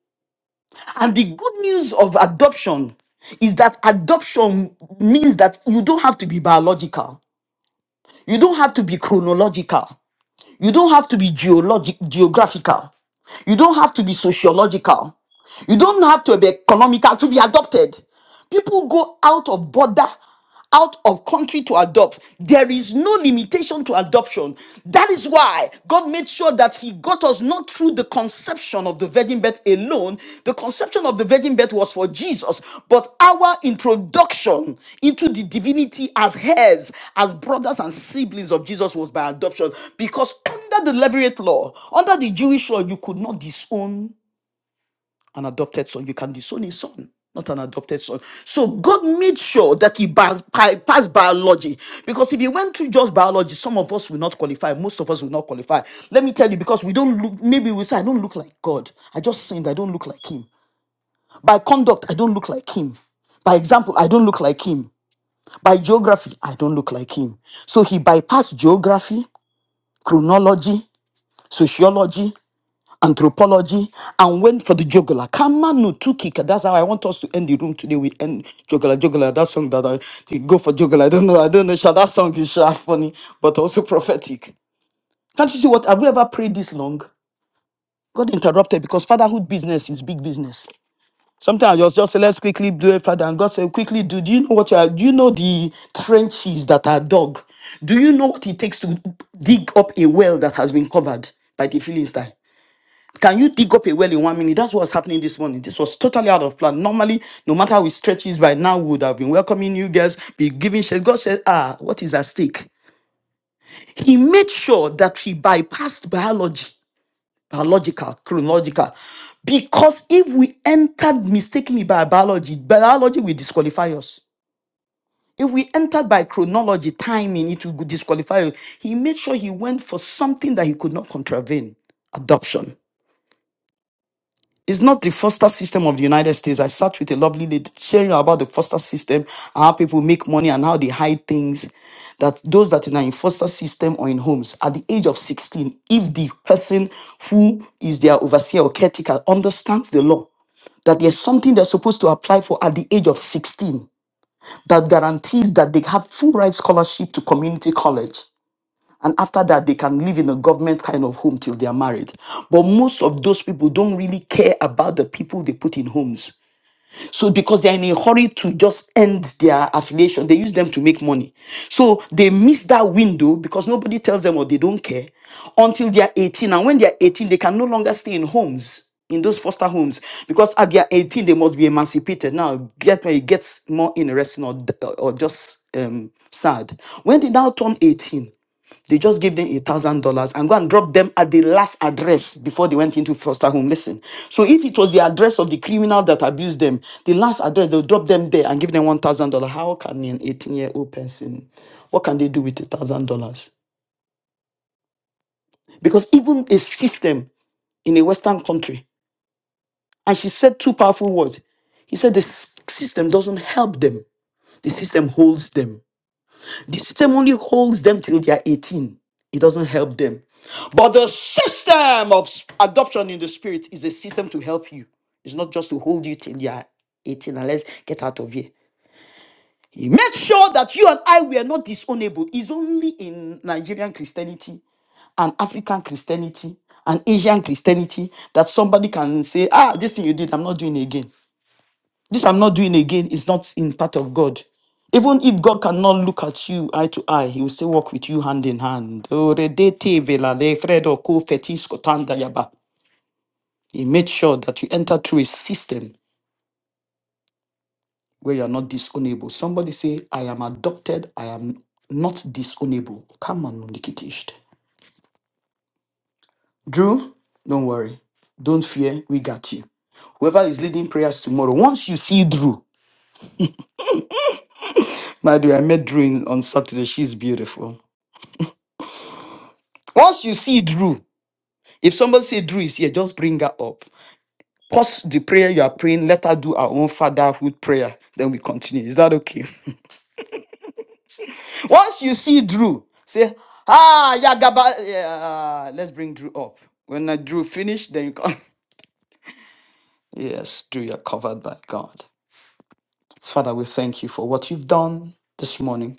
S1: And the good news of adoption is that adoption means that you don't have to be biological. You don't have to be chronological. You don't have to be geologic, geographical. You don't have to be sociological. You don't have to be economical to be adopted. People go out of border, out of country to adopt. There is no limitation to adoption. That is why God made sure that He got us not through the conception of the virgin birth alone. The conception of the virgin birth was for Jesus, but our introduction into the divinity as heirs, as brothers and siblings of Jesus was by adoption. Because under the Levirate law, under the Jewish law, you could not disown an adopted son. You can disown a son, not an adopted son. So God made sure that he bi- pi- passed biology. Because if he went through just biology, some of us will not qualify. Most of us will not qualify. Let me tell you, because we don't look, maybe we say, I don't look like God. I just sinned. I don't look like him. By conduct, I don't look like him. By example, I don't look like him. By geography, I don't look like him. So he bypassed geography, chronology, sociology, anthropology and went for the jugular. Kama no tukika. That's how I want us to end the room today. We end jugular, jugular. That song that I you go for jugular. I don't know. I don't know. Sha, that song is sha funny, but also [laughs] prophetic. Can't you see what? Have we ever prayed this long? God interrupted because fatherhood business is big business. Sometimes you just say, let's quickly do it, Father. And God said, quickly do. Do you know what you are? Do you know the trenches that are dug? Do you know what it takes to dig up a well that has been covered by the Philistine? Can you dig up a well in one minute? That's what's happening this morning. This was totally out of plan. Normally, no matter how it stretches by now, we would have been welcoming you guys, be giving shit. God said, ah, what is at stake? He made sure that he bypassed biology, biological, chronological. Because if we entered mistakenly by biology, biology will disqualify us. If we entered by chronology, timing, it will disqualify you. He made sure he went for something that he could not contravene adoption. It's not the foster system of the United States. I sat with a lovely lady sharing about the foster system, and how people make money and how they hide things. That those that are in foster system or in homes at the age of 16, if the person who is their overseer or caretaker understands the law, that there's something they're supposed to apply for at the age of 16 that guarantees that they have full right scholarship to community college and after that, they can live in a government kind of home till they are married. But most of those people don't really care about the people they put in homes. So, because they're in a hurry to just end their affiliation, they use them to make money. So, they miss that window because nobody tells them or they don't care until they are 18. And when they are 18, they can no longer stay in homes, in those foster homes, because at their 18, they must be emancipated. Now, get it gets more interesting or, or just um, sad. When they now turn 18, they just gave them a thousand dollars and go and drop them at the last address before they went into foster home. Listen. So if it was the address of the criminal that abused them, the last address, they'll drop them there and give them one thousand dollars. How can an 18-year-old person, what can they do with a thousand dollars? Because even a system in a Western country, and she said two powerful words. He said the s- system doesn't help them, the system holds them. The system only holds them till they are 18. It doesn't help them. But the system of s- adoption in the spirit is a system to help you. It's not just to hold you till you are 18 and let's get out of here. He made sure that you and I were not disownable. It's only in Nigerian Christianity and African Christianity and Asian Christianity that somebody can say, ah, this thing you did, I'm not doing again. This I'm not doing again is not in part of God. Even if God cannot look at you eye to eye, He will still walk with you hand in hand. Oredete velale fredo ko fetis kotanda yaba. He made sure that you enter through a system where you are not disownable. Somebody say, I am adopted, I am not disownable. Come on, Nikitist. Drew, don't worry. Don't fear, we got you. Whoever is leading prayers tomorrow, once you see Drew, my dear, I met Drew in- on Saturday. She's beautiful. Once you see Drew, If somebody say Drew is here, just bring her up. Pause the prayer you are praying. Let her do her own fatherhood prayer. Then we continue. Is that okay? [laughs] Once you see Drew, say, Ah, Yagaba. Yeah, let's bring Drew up. When I Drew finish, then you come. [laughs] Yes, Drew, you're covered by God. Father, we thank you for what you've done this morning.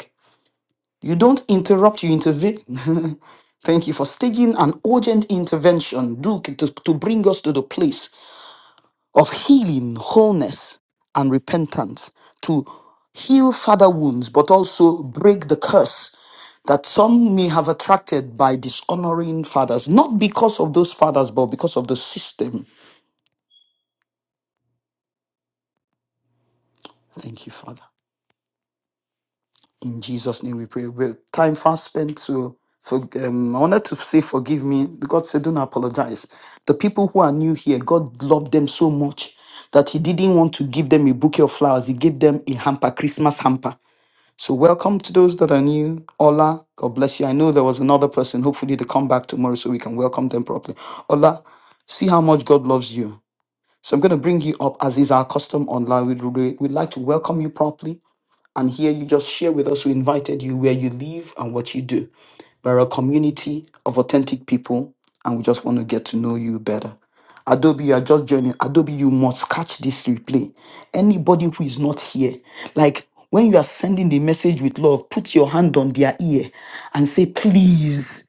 S1: You don't interrupt, you intervene. [laughs] Thank you for staging an urgent intervention, Duke, to, to bring us to the place of healing, wholeness, and repentance to heal father wounds, but also break the curse that some may have attracted by dishonoring fathers, not because of those fathers, but because of the system. Thank you, Father. In Jesus' name we pray. Well, time fast spent to for, um, I wanted to say forgive me. God said, don't apologize. The people who are new here, God loved them so much that He didn't want to give them a bouquet of flowers. He gave them a hamper, Christmas hamper. So, welcome to those that are new. Ola, God bless you. I know there was another person, hopefully, they come back tomorrow so we can welcome them properly. Ola, see how much God loves you. So I'm going to bring you up as is our custom online. We'd, re- we'd like to welcome you properly and here you just share with us. We invited you where you live and what you do. We're a community of authentic people and we just want to get to know you better. Adobe, you are just joining. Adobe, you must catch this replay. Anybody who is not here, like when you are sending the message with love, put your hand on their ear and say, please.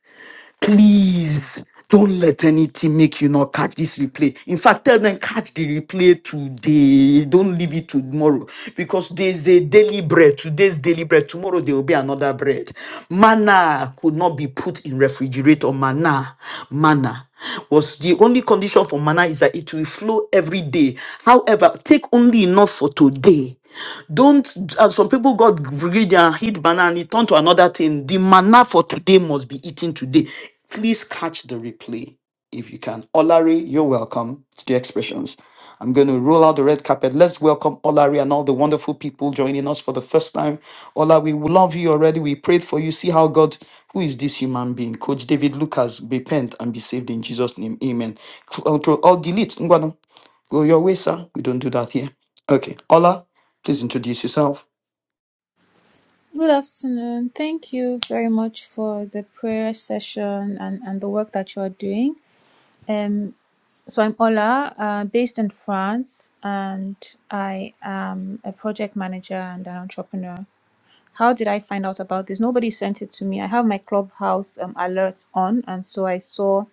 S1: Please don't let anything make you not catch this replay. In fact, tell them catch the replay today. Don't leave it to tomorrow because there's a daily bread. Today's daily bread. Tomorrow there will be another bread. Manna could not be put in refrigerator. Manna, manna was the only condition for manna is that it will flow every day. However, take only enough for today. Don't, uh, some people got greedy and hid banana and it turned to another thing. The manna for today must be eaten today. Please catch the replay if you can. Olari, you're welcome to the expressions. I'm going to roll out the red carpet. Let's welcome Olari and all the wonderful people joining us for the first time. Ola, we love you already. We prayed for you. See how God, who is this human being? Coach David Lucas, repent and be saved in Jesus' name. Amen. Control all delete. Ngwanu. Go your way, sir. We don't do that here. Okay. Ola, please introduce yourself.
S11: Good afternoon. Thank you very much for the prayer session and, and the work that you are doing. Um, so I'm Ola, uh, based in France, and I am a project manager and an entrepreneur. How did I find out about this? Nobody sent it to me. I have my clubhouse um, alerts on, and so I saw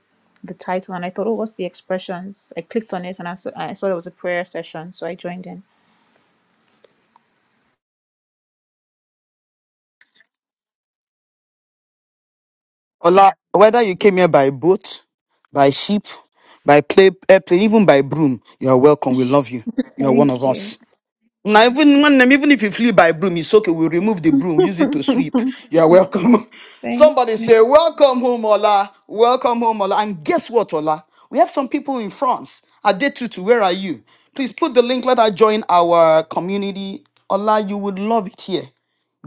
S11: the title and I thought, oh, what's the expressions? I clicked on it and I saw, I saw there was a prayer session, so I joined in.
S1: Ola, whether you came here by boat, by ship, by play, airplane, even by broom, you are welcome. We love you. You are one of
S11: Thank you.
S1: us. Now, even when, even if you flew by broom, it's okay. We'll remove the broom, use it to
S11: [laughs]
S1: sweep. You are welcome. [laughs]
S11: Thank
S1: Somebody
S11: you.
S1: say, Welcome home, Ola. Welcome home, Ola. And guess what, Ola? We have some people in France. Adetutu, where are you? Please put the link. Let her join our community. Ola, you would love it here.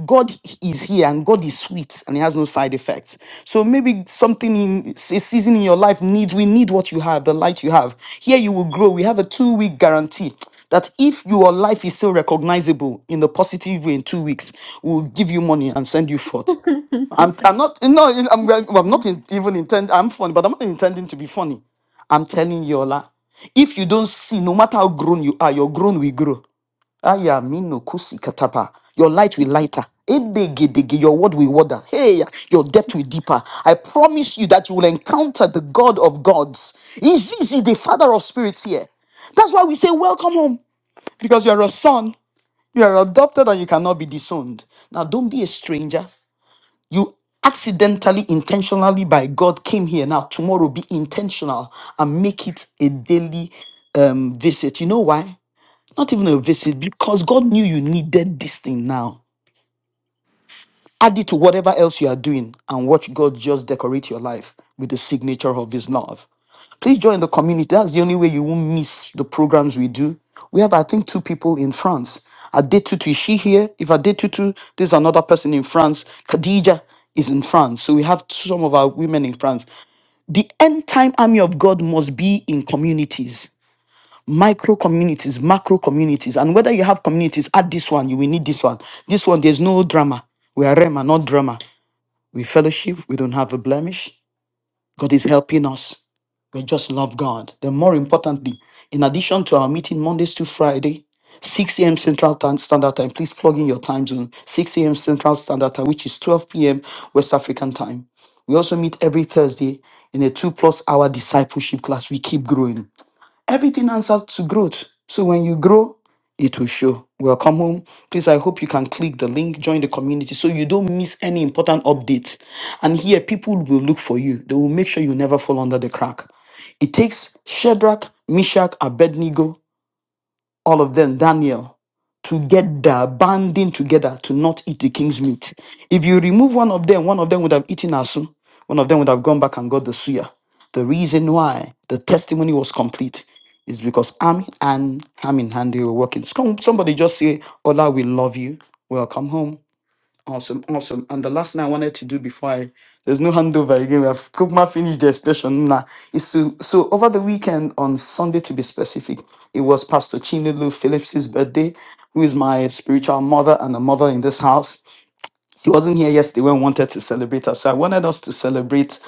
S1: God is here and God is sweet and He has no side effects. So maybe something in a season in your life needs, we need what you have, the light you have. Here you will grow. We have a two week guarantee that if your life is still recognizable in the positive way in two weeks, we'll give you money and send you forth. I'm, I'm not, no, I'm, I'm
S11: [laughs]
S1: not in, even intend. I'm funny, but I'm not intending to be funny. I'm telling you, Ola, if you don't see, no matter how grown you are, your grown will grow. Aya minu kusi katapa. Your light will lighter. Edegedege, Your word will water. Hey, your depth will deeper. I promise you that you will encounter the God of gods. He's easy, the Father of spirits here. That's why we say, Welcome home. Because you're a son, you are adopted, and you cannot be disowned. Now, don't be a stranger. You accidentally, intentionally, by God, came here. Now, tomorrow, be intentional and make it a daily um, visit. You know why? Not even a visit, because God knew you needed this thing now. Add it to whatever else you are doing and watch God just decorate your life with the signature of His love. Please join the community. That's the only way you won't miss the programs we do. We have, I think, two people in France. Adetutu, is she here? If Adetutu, there's another person in France. Khadija is in France. So we have some of our women in France. The end time army of God must be in communities micro communities, macro communities, and whether you have communities, add this one, you will need this one. This one, there's no drama. We are Rema, not drama. We fellowship, we don't have a blemish. God is helping us. We just love God. Then, more importantly, in addition to our meeting Mondays to Friday, 6 a.m. Central Time, Standard Time, please plug in your time zone, 6 a.m. Central Standard Time, which is 12 p.m. West African Time. We also meet every Thursday in a two plus hour discipleship class. We keep growing. Everything answers to growth. So when you grow, it will show. Welcome home. Please, I hope you can click the link, join the community so you don't miss any important update. And here, people will look for you. They will make sure you never fall under the crack. It takes Shadrach, Meshach, Abednego all of them, Daniel, together, banding together to not eat the king's meat. If you remove one of them, one of them would have eaten Asu, one of them would have gone back and got the suya. The reason why the testimony was complete is because Amin and Ham in hand they were working. Some- Somebody just say, Ola, we love you. Welcome home. Awesome, awesome. And the last thing I wanted to do before I there's no handover again. We have Kukma finished the expression now. Is to so over the weekend on Sunday to be specific, it was Pastor Chinelu Phillips's birthday, who is my spiritual mother and a mother in this house. She wasn't here yesterday when we wanted to celebrate her. So I wanted us to celebrate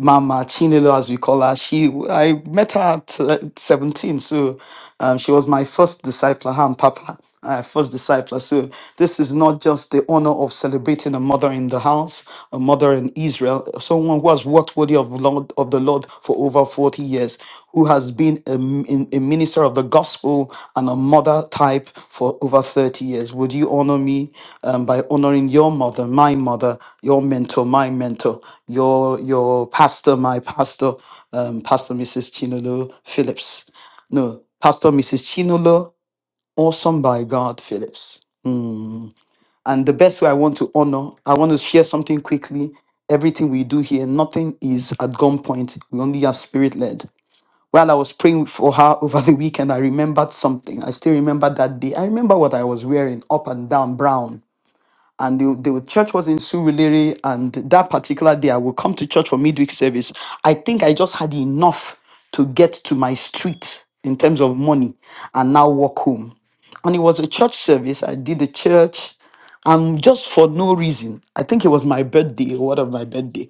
S1: Mama Chinelo, as we call her. She, I met her at uh, 17, so um, she was my first discipler, her and Papa, uh, first discipler. So this is not just the honor of celebrating a mother in the house, a mother in Israel, someone who has worked worthy of Lord of the Lord for over 40 years, who has been a, m- a minister of the gospel and a mother type for over 30 years. Would you honor me um, by honoring your mother, my mother, your mentor, my mentor, your your pastor, my pastor, um, Pastor Mrs. Chinolo Phillips? No, Pastor Mrs. Chinolo, awesome by God Phillips. Hmm. And the best way I want to honor, I want to share something quickly everything we do here, nothing is at gunpoint. We only are spirit led. While I was praying for her [laughs] over the weekend, I remembered something. I still remember that day. I remember what I was wearing up and down, brown. And the, the church was in Surulere, and that particular day, I would come to church for midweek service. I think I just had enough to get to my street in terms of money and now walk home. And it was a church service. I did the church and just for no reason. I think it was my birthday or one of my birthday.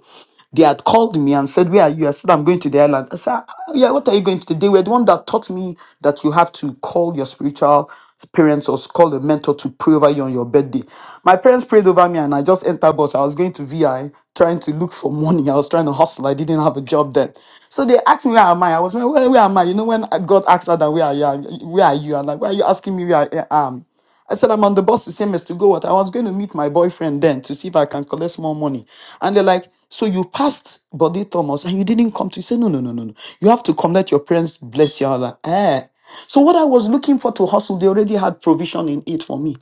S1: They had called me and said, Where are you? I said, I'm going to the island. I said, "Ah, Yeah, what are you going to do? They were the one that taught me that you have to call your spiritual parents or call a mentor to pray over you on your birthday. My parents prayed over me and I just entered bus. I was going to VI trying to look for money. I was trying to hustle. I didn't have a job then. So they asked me where am I? I was like, where, where am I? You know, when God asked Adam, where are you? Where are you? And like, why are you asking me where I am? I said, I'm on the bus to Semes to go What I was going to meet my boyfriend then to see if I can collect more money. And they're like, So you passed Body Thomas and you didn't come to say, No, no, no, no, no. You have to come let your parents bless you. I was like, eh. So what I was looking for to hustle, they already had provision in it for me.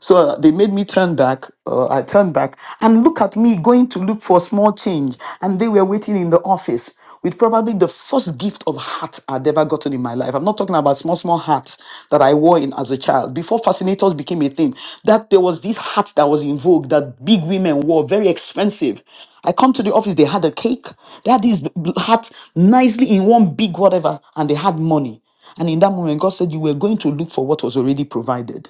S1: So uh, they made me turn back. Uh, I turned back and look at me going to look for small change. And they were waiting in the office with probably the first gift of hat I'd ever gotten in my life. I'm not talking about small, small hats that I wore in as a child. Before fascinators became a thing, that there was this hat that was in vogue that big women wore, very expensive. I come to the office, they had a cake, they had this b- b- hat nicely in one big whatever, and they had money. And in that moment, God said, You were going to look for what was already provided.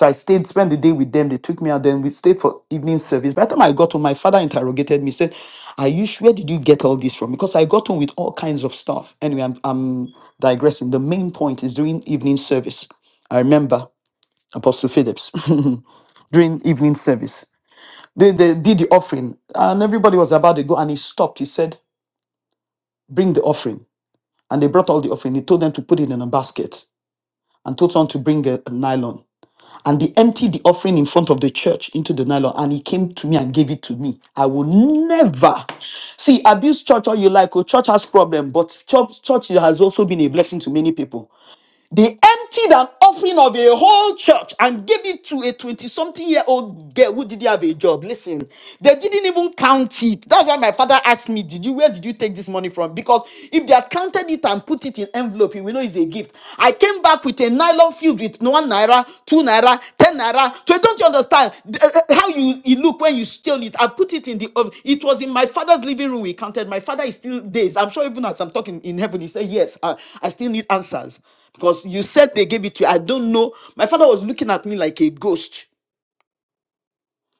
S1: So I stayed, spent the day with them. They took me out, then we stayed for evening service. By the time I got home, my father interrogated me, said, Are you sure Where did you get all this from? Because I got home with all kinds of stuff. Anyway, I'm, I'm digressing. The main point is during evening service. I remember Apostle Phillips [laughs] during evening service. They, they did the offering, and everybody was about to go, and he stopped. He said, Bring the offering. And they brought all the offering. He told them to put it in a basket and told someone to bring a a nylon. and they emptied the offering in front of the church into the nylon and he came to me and gave it to me i will never see abuse church all you like oh church has problem but church church has also been a blessing to many people they emptied an offering of a whole church and gave it to a 20 something year old girl who didn't have a job. Listen, they didn't even count it. That's why my father asked me, Did you, where did you take this money from? Because if they had counted it and put it in envelope, we know it's a gift. I came back with a nylon filled with one naira, two naira, ten naira. So don't you understand uh, uh, how you, you look when you steal it? I put it in the oven. It was in my father's living room. We counted. My father is still dazed. I'm sure even as I'm talking in heaven, he said, Yes, I I still need answers. Because you said they gave it to you. I don't know. My father was looking at me like a ghost.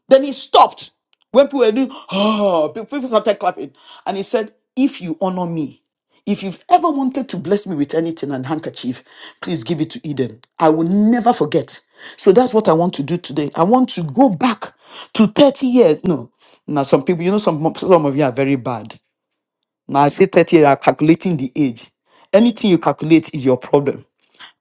S1: Then he stopped. When people were doing, oh, pe- people started clapping. And he said, If you honor me, if you've ever wanted to bless me with anything and handkerchief, please give it to Eden. I will never forget. So that's what I want to do today. I want to go back to 30 years. No, now some people, you know, some, some of you are very bad. Now I say 30 years, you are calculating the age. Anything you calculate is your problem.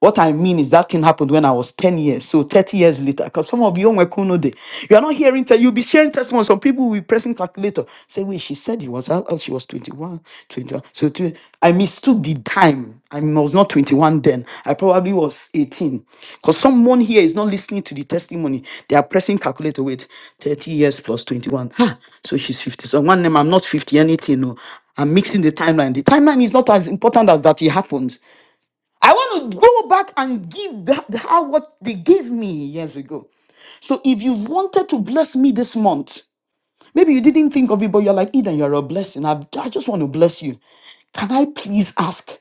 S1: What I mean is that thing happened when I was 10 years, so 30 years later. Because some of you on Wekuno day, you are not hearing, te- you'll be sharing testimonies. Some people will be pressing calculator. Say, wait, she said he was, how old? she was 21, 21. So tw- I mistook the time. I was not 21 then. I probably was 18. Because someone here is not listening to the testimony. They are pressing calculator Wait, 30 years plus 21. Ha! So she's 50. So one name, I'm not 50 anything. No. I'm mixing the timeline. The timeline is not as important as that it happens. I want to go back and give that, her what they gave me years ago. So if you've wanted to bless me this month, maybe you didn't think of it, but you're like, Eden, you're a blessing. I, I just want to bless you. Can I please ask?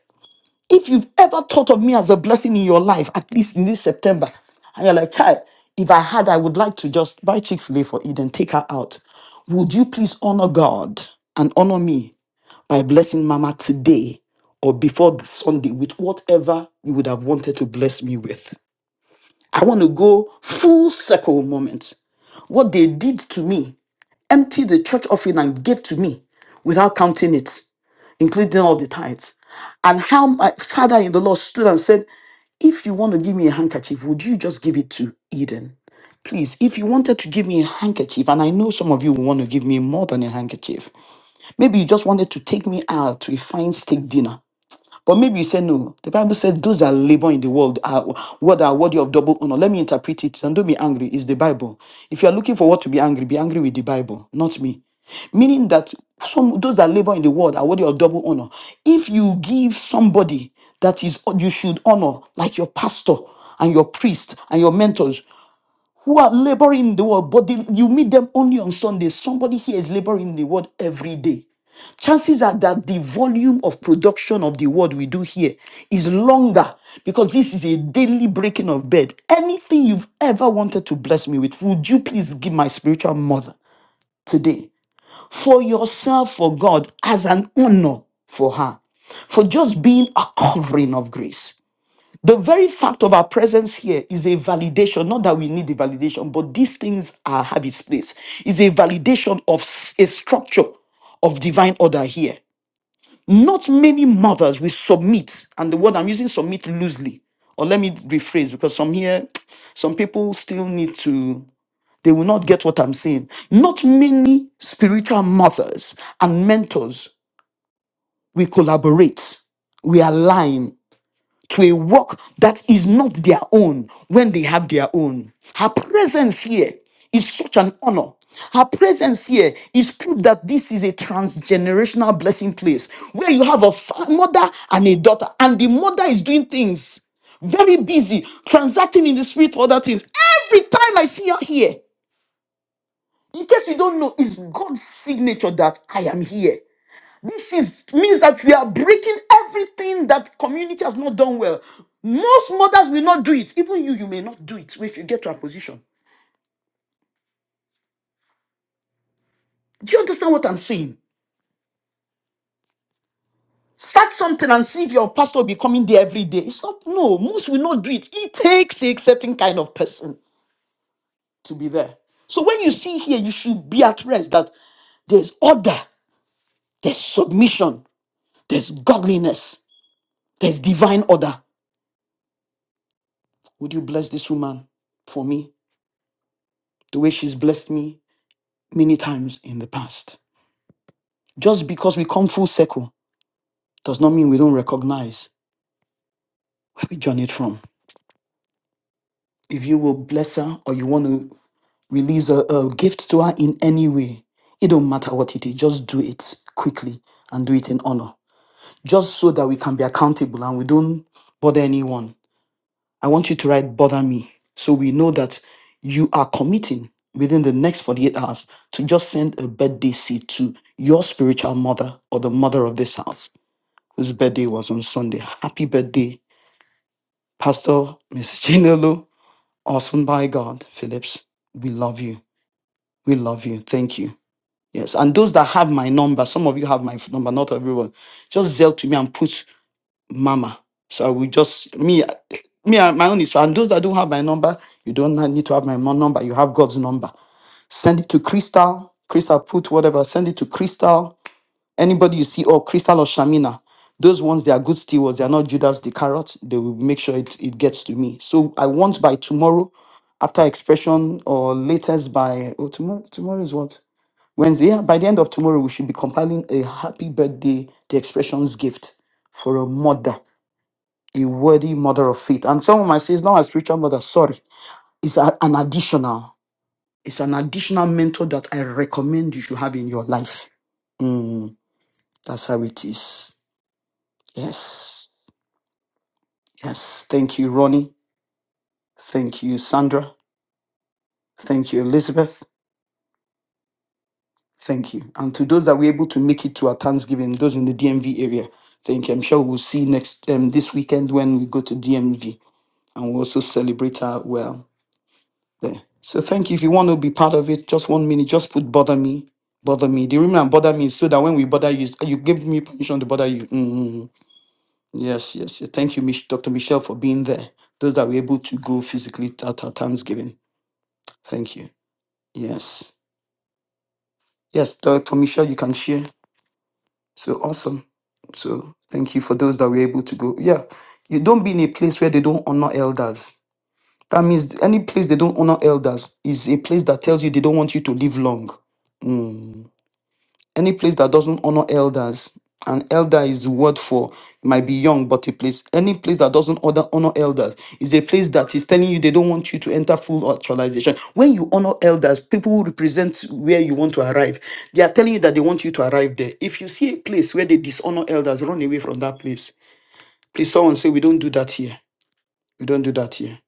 S1: If you've ever thought of me as a blessing in your life, at least in this September, and you're like, child, if I had, I would like to just buy Chick fil A for Eden, take her out. Would you please honor God and honor me by blessing Mama today or before the Sunday with whatever you would have wanted to bless me with? I want to go full circle moment. What they did to me, empty the church offering and gave to me without counting it including all the tithes. And how my father in the Lord stood and said, If you want to give me a handkerchief, would you just give it to Eden? Please, if you wanted to give me a handkerchief, and I know some of you will want to give me more than a handkerchief, maybe you just wanted to take me out to a fine steak dinner. But maybe you say no. The Bible says those that labor in the world are what are worthy of double honor. Let me interpret it and don't be angry. It's the Bible. If you are looking for what to be angry, be angry with the Bible, not me. Meaning that some those that labor in the world are worthy of double honor. If you give somebody that is you should honor, like your pastor and your priest and your mentors, who are laboring in the world, but they- you meet them only on Sunday. Somebody here is laboring in the world every day. Chances are that the volume of production of the word we do here is longer because this is a daily breaking of bed. Anything you've ever wanted to bless me with, would you please give my spiritual mother today for yourself, for God, as an honor for her, for just being a covering of grace? The very fact of our presence here is a validation, not that we need the validation, but these things are, have its place. Is a validation of s- a structure of divine order here. Not many mothers will submit, and the word I'm using submit loosely, or let me rephrase because some here, some people still need to, they will not get what I'm saying. Not many spiritual mothers and mentors will collaborate, we align to a work that is not their own when they have their own. Her presence here is such an honor. Her presence here is proof that this is a transgenerational blessing place where you have a fa- mother and a daughter, and the mother is doing things very busy, transacting in the spirit, for other things. Every time I see her here, in case you don't know, it's God's signature that I am here. This is means that we are breaking everything that community has not done well. Most mothers will not do it. Even you, you may not do it if you get to a position. Do you understand what I'm saying? Start something and see if your pastor will be coming there every day. It's not no, most will not do it. It takes a certain kind of person to be there. So when you see here, you should be at rest that there's order, there's submission, there's godliness, there's divine order. Would you bless this woman for me the way she's blessed me? many times in the past. Just because we come full circle does not mean we don't recognize where we journeyed from. If you will bless her or you want to release a, a gift to her in any way, it don't matter what it is, just do it quickly and do it in honor. Just so that we can be accountable and we don't bother anyone. I want you to write bother me so we know that you are committing within the next 48 hours to just send a birthday seed to your spiritual mother or the mother of this house whose birthday was on Sunday. Happy birthday, Pastor Miss Chinelo, awesome by God, Phillips. We love you. We love you. Thank you. Yes. And those that have my number, some of you have my number, not everyone. Just zell to me and put mama. So we just me me and my own is and those that don't have my number, you don't need to have my mo- number. You have God's number. Send it to Crystal. Crystal put whatever. Send it to Crystal Anybody you see, or Crystal or Shamina, those ones, they are good stewards. They are not Judas the carrot. They will make sure it, it gets to me. So I want by tomorrow, after expression, or latest by, oh, tomorrow, tomorrow is what? Wednesday. Yeah, by the end of tomorrow, we should be compiling a happy birthday, the expressions gift for a mother, a worthy mother of faith. And someone might say, it's not a spiritual mother, sorry. It's a, an additional. It's an additional mentor that I recommend you should have in your life. Mm, that's how it is. Yes. Yes. Thank you, Ronnie. Thank you, Sandra. Thank you, Elizabeth. Thank you. And to those that were able to make it to our Thanksgiving, those in the DMV area, thank you. I'm sure we'll see next um, this weekend when we go to DMV and we'll also celebrate our well there. So thank you. If you want to be part of it, just one minute, just put bother me. Bother me. The reason I bother me is so that when we bother you, you give me permission to bother you. Mm, Yes, yes, yes. Thank you, Mich- Dr. Michelle, for being there. Those that were able to go physically at our Thanksgiving. Thank you. Yes. Yes, Dr. Michelle, you can share. So awesome. So thank you for those that were able to go. Yeah. You don't be in a place where they don't honor elders. That means any place they don't honor elders is a place that tells you they don't want you to live long. Hmm. Any place that doesn't honor elders, and elder is the word for it might be young, but a place, any place that doesn't honor, honor elders is a place that is telling you they don't want you to enter full actualization. When you honor elders, people who represent where you want to arrive, they are telling you that they want you to arrive there. If you see a place where they dishonor elders, run away from that place. Please, someone say, We don't do that here. We don't do that here.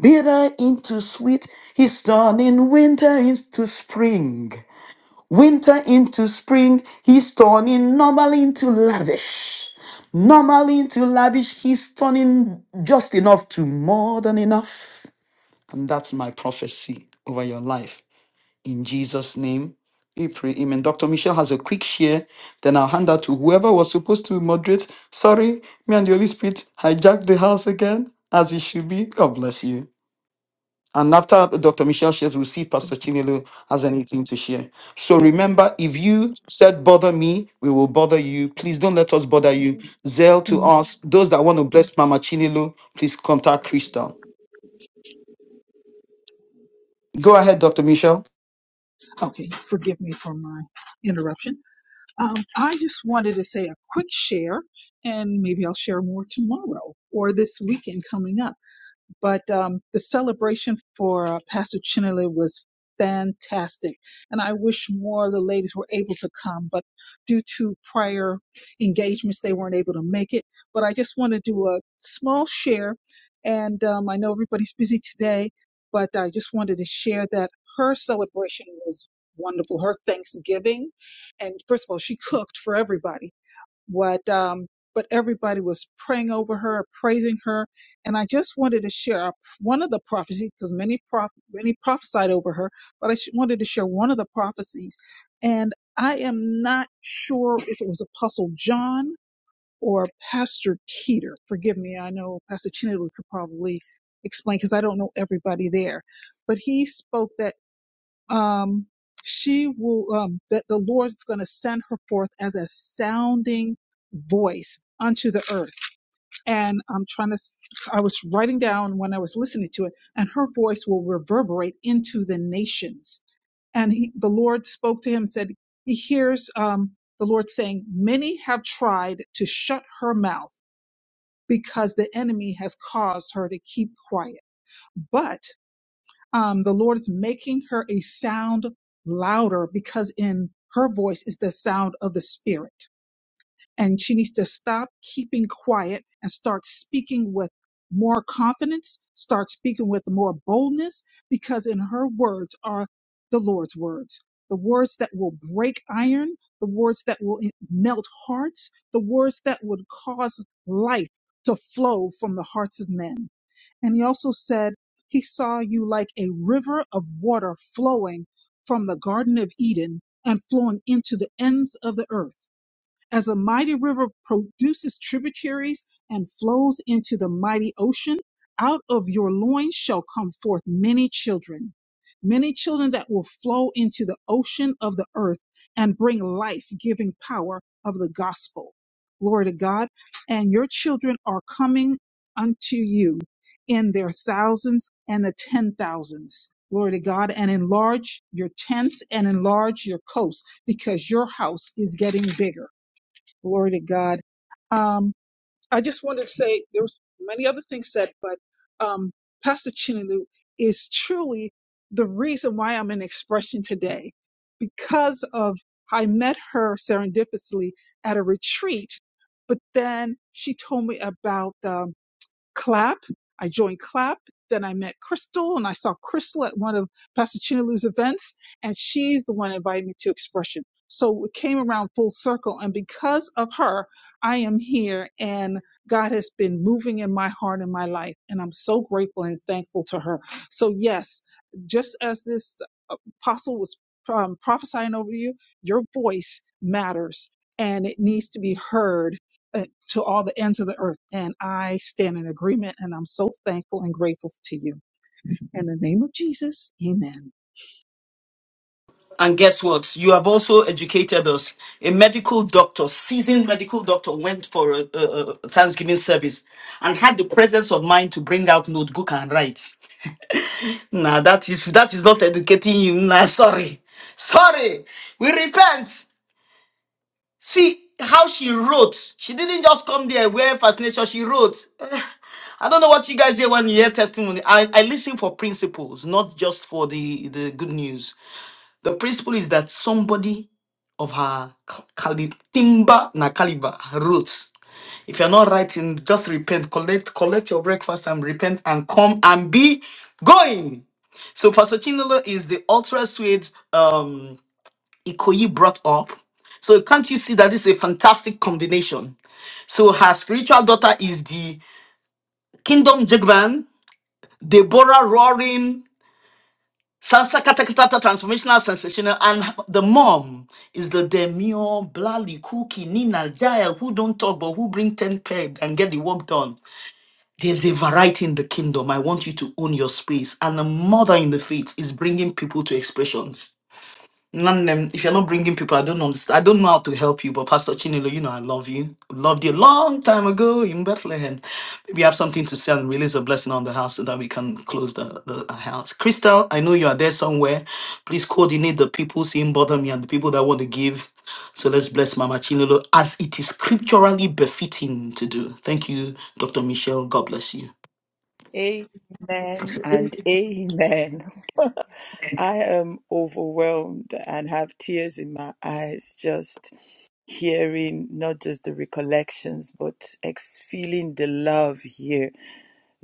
S1: bitter into sweet. He's turning winter into spring. Winter into spring. He's turning normal into lavish. Normal into lavish. He's turning just enough to more than enough. And that's my prophecy over your life. In Jesus' name, we pray. Amen. Dr. Michelle has a quick share. Then I'll hand out to whoever was supposed to moderate. Sorry, me and the Holy Spirit hijacked the house again, as it should be. God bless you. And after Dr. Michelle shares, we'll see if Pastor
S12: Can
S1: Chinelo has anything to share. So
S12: you hear me?
S1: remember, if you said bother me, we will bother you.
S12: Can
S1: Please don't let us bother you. Zeal to
S12: you-
S1: us. Those that want to bless Mama Chinelo, please contact Crystal. Go ahead, Dr. Michelle.
S12: Okay, forgive me for my interruption. Um, I just wanted to say a quick share, and maybe I'll share more tomorrow or this weekend coming up. but um, the celebration for uh, Pastor Chinele was fantastic. And I wish more of the ladies were able to come, but due to prior engagements, they weren't able to make it. But I just want to do a small share. And um, I know everybody's busy today, but I just wanted to share that her celebration was wonderful. Her Thanksgiving. And first of all, she cooked for everybody what um but everybody was praying over her praising her and i just wanted to share a- one of the prophecies because many prof many prophesied over her but i sh- wanted to share one of the prophecies and i am not sure if it was apostle john or pastor peter forgive me i know pastor chinelo could probably explain because i don't know everybody there but he spoke that um, she will um, that the Lord is going to send her forth as a sounding voice unto the earth. And I'm trying to, I was writing down when I was listening to it, and her voice will reverberate into the nations. And he, the Lord spoke to him, said, he hears um, the Lord saying, many have tried to shut her mouth because the enemy has caused her to keep quiet. but um, the Lord is making her a sound louder because in her voice is the sound of the Spirit. And she needs to stop keeping quiet and start speaking with more confidence, start speaking with more boldness, because in her words are the Lord's words. The words that will break iron, the words that will melt hearts, the words that would cause life to flow from the hearts of men. And he also said, He saw you like a river of water flowing from the Garden of Eden and flowing into the ends of the earth. As a mighty river produces tributaries and flows into the mighty ocean, out of your loins shall come forth many children, many children that will flow into the ocean of the earth and bring life giving power of the gospel. Glory to God. And your children are coming unto you in their thousands and the ten thousands. Glory to God. And enlarge your tents and enlarge your coasts because your house is getting bigger Glory to God. Um, I just wanted to say there was many other things said, but um, Pastor Chinelu is truly the reason why I'm in expression today because of I met her serendipitously at a retreat, but then she told me about the clap. I joined clap. Then I met Crystal and I saw Crystal at one of Pastor Chinalu's events and she's the one that invited me to expression. So it came around full circle. And because of her, I am here and God has been moving in my heart and my life. And I'm so grateful and thankful to her. So yes, just as this uh, apostle was um, prophesying over you, your voice matters and it needs to be heard uh, to all the ends of the earth. And I stand in agreement and I'm so thankful and grateful to you. In the name of Jesus, amen.
S1: And guess what? You have also educated us. A medical doctor, seasoned medical doctor, went for a, a, a Thanksgiving service and had the presence of mind to bring out notebook and write. Nah, that is that is not educating you. Nah, sorry. Sorry. We repent. See how she wrote. She didn't just come there wearing fascination. She wrote. [sighs] Eh, I don't know what you guys hear when you hear testimony. I, I listen for principles, not just for the, the good news. The principle is that somebody of her caliber, timber na caliber wrote. If you're not writing, just repent, collect, collect your breakfast and repent and come and be going. So Pastor Chinolo is the ultra sweet um Ikoyi brought up. So can't you see that this is a fantastic combination? So her spiritual daughter is the Kingdom Jigban, Deborah Roaring, Sansa Katakatata Transformational Sensational, and the mom is the demure, Blali, Cookie, Nina, Jael, who don't talk but who bring 10 peg and get the work done. There's a variety in the kingdom. I want you to own your space. And a mother in the faith is bringing people to expressions. None them. If you're not bringing people, I don't understand. I don't know how to help you. But Pastor Chinelo, you know I love you. Loved you a long time ago in Bethlehem. Maybe you have something to say and release a blessing on the house so that we can close the, the house. Crystal, I know you are there somewhere. Please coordinate the people seeing bother me and the people that want to give. So let's bless Mama Chinelo as it is scripturally befitting to do. Thank you, Dr. Michelle. God bless you.
S13: Amen and amen. [laughs] I am overwhelmed and have tears in my eyes just hearing not just the recollections but ex- feeling the love here.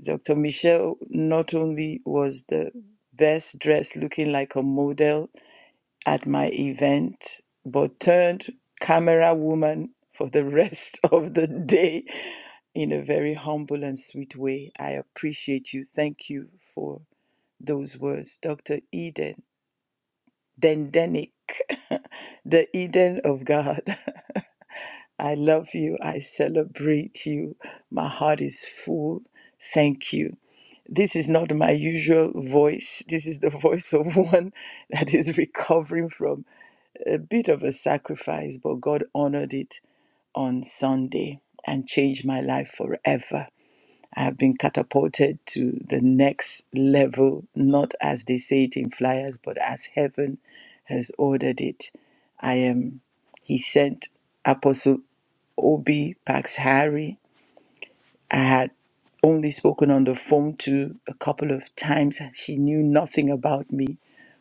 S13: Dr. Michelle not only was the best dressed looking like a model at my event, but turned camera woman for the rest [laughs] of the day in a very humble and sweet way. I appreciate you. Thank you for those words, Dr. Eden. Dendenic, [laughs] the Eden of God. [laughs] I love you. I celebrate you. My heart is full. Thank you. This is not my usual voice. This is the voice of [laughs] one that is recovering from a bit of a sacrifice, but God honored it on Sunday and changed my life forever. I have been catapulted to the next level, not as they say it in flyers, but as heaven has ordered it. I am, he sent Apostle Obi Pax Harry I had only spoken on the phone to a couple of times. She knew nothing about me,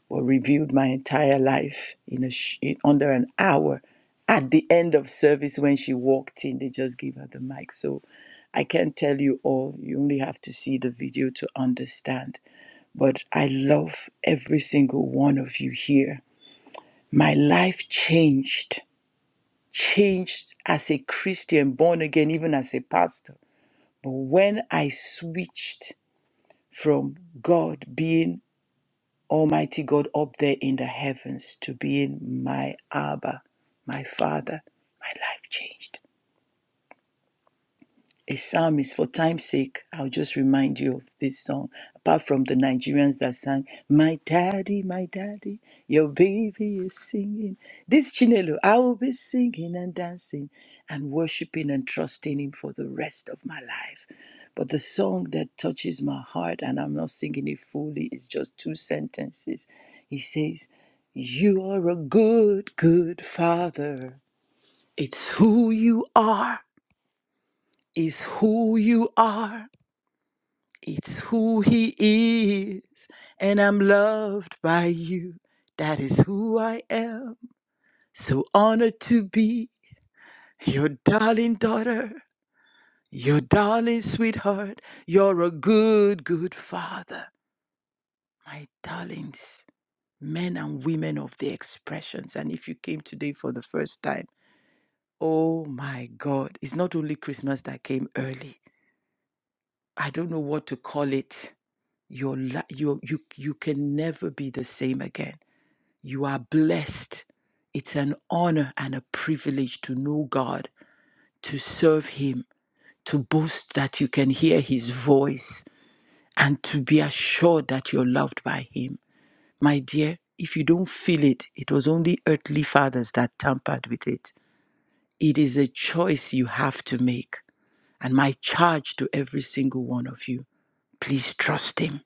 S13: but revealed my entire life in, a sh- in under an hour. At the end of service, when she walked in, they just gave her the mic. So I can't tell you all. You only have to see the video to understand. But I love every single one of you here. My life changed, changed as a Christian, born again, even as a pastor but When I switched from God being Almighty God up there in the heavens to being my Abba, my Father, my life changed. a psalm is for time's sake i'll just remind you of this song apart from the nigerians that sang my daddy my daddy your baby is singing this chinelo i will be singing and dancing and worshiping and trusting him for the rest of my life but the song that touches my heart and i'm not singing it fully is just two sentences he says you are a good good father it's who you are is who you are it's who he is, and I'm loved by you. That is who I am. So honored to be your darling daughter, your darling sweetheart. You're a good, good father, my darlings, men and women of the expressions. And if you came today for the first time, oh my God, it's not only Christmas that came early. I don't know what to call it. Your li- you you you can never be the same again. You are blessed. It's an honor and a privilege to know God, to serve him, to boast that you can hear his voice and to be assured that you're loved by him. My dear, if you don't feel it, it was only earthly fathers that tampered with it. It is a choice you have to make. And my charge to every single one of you, please trust him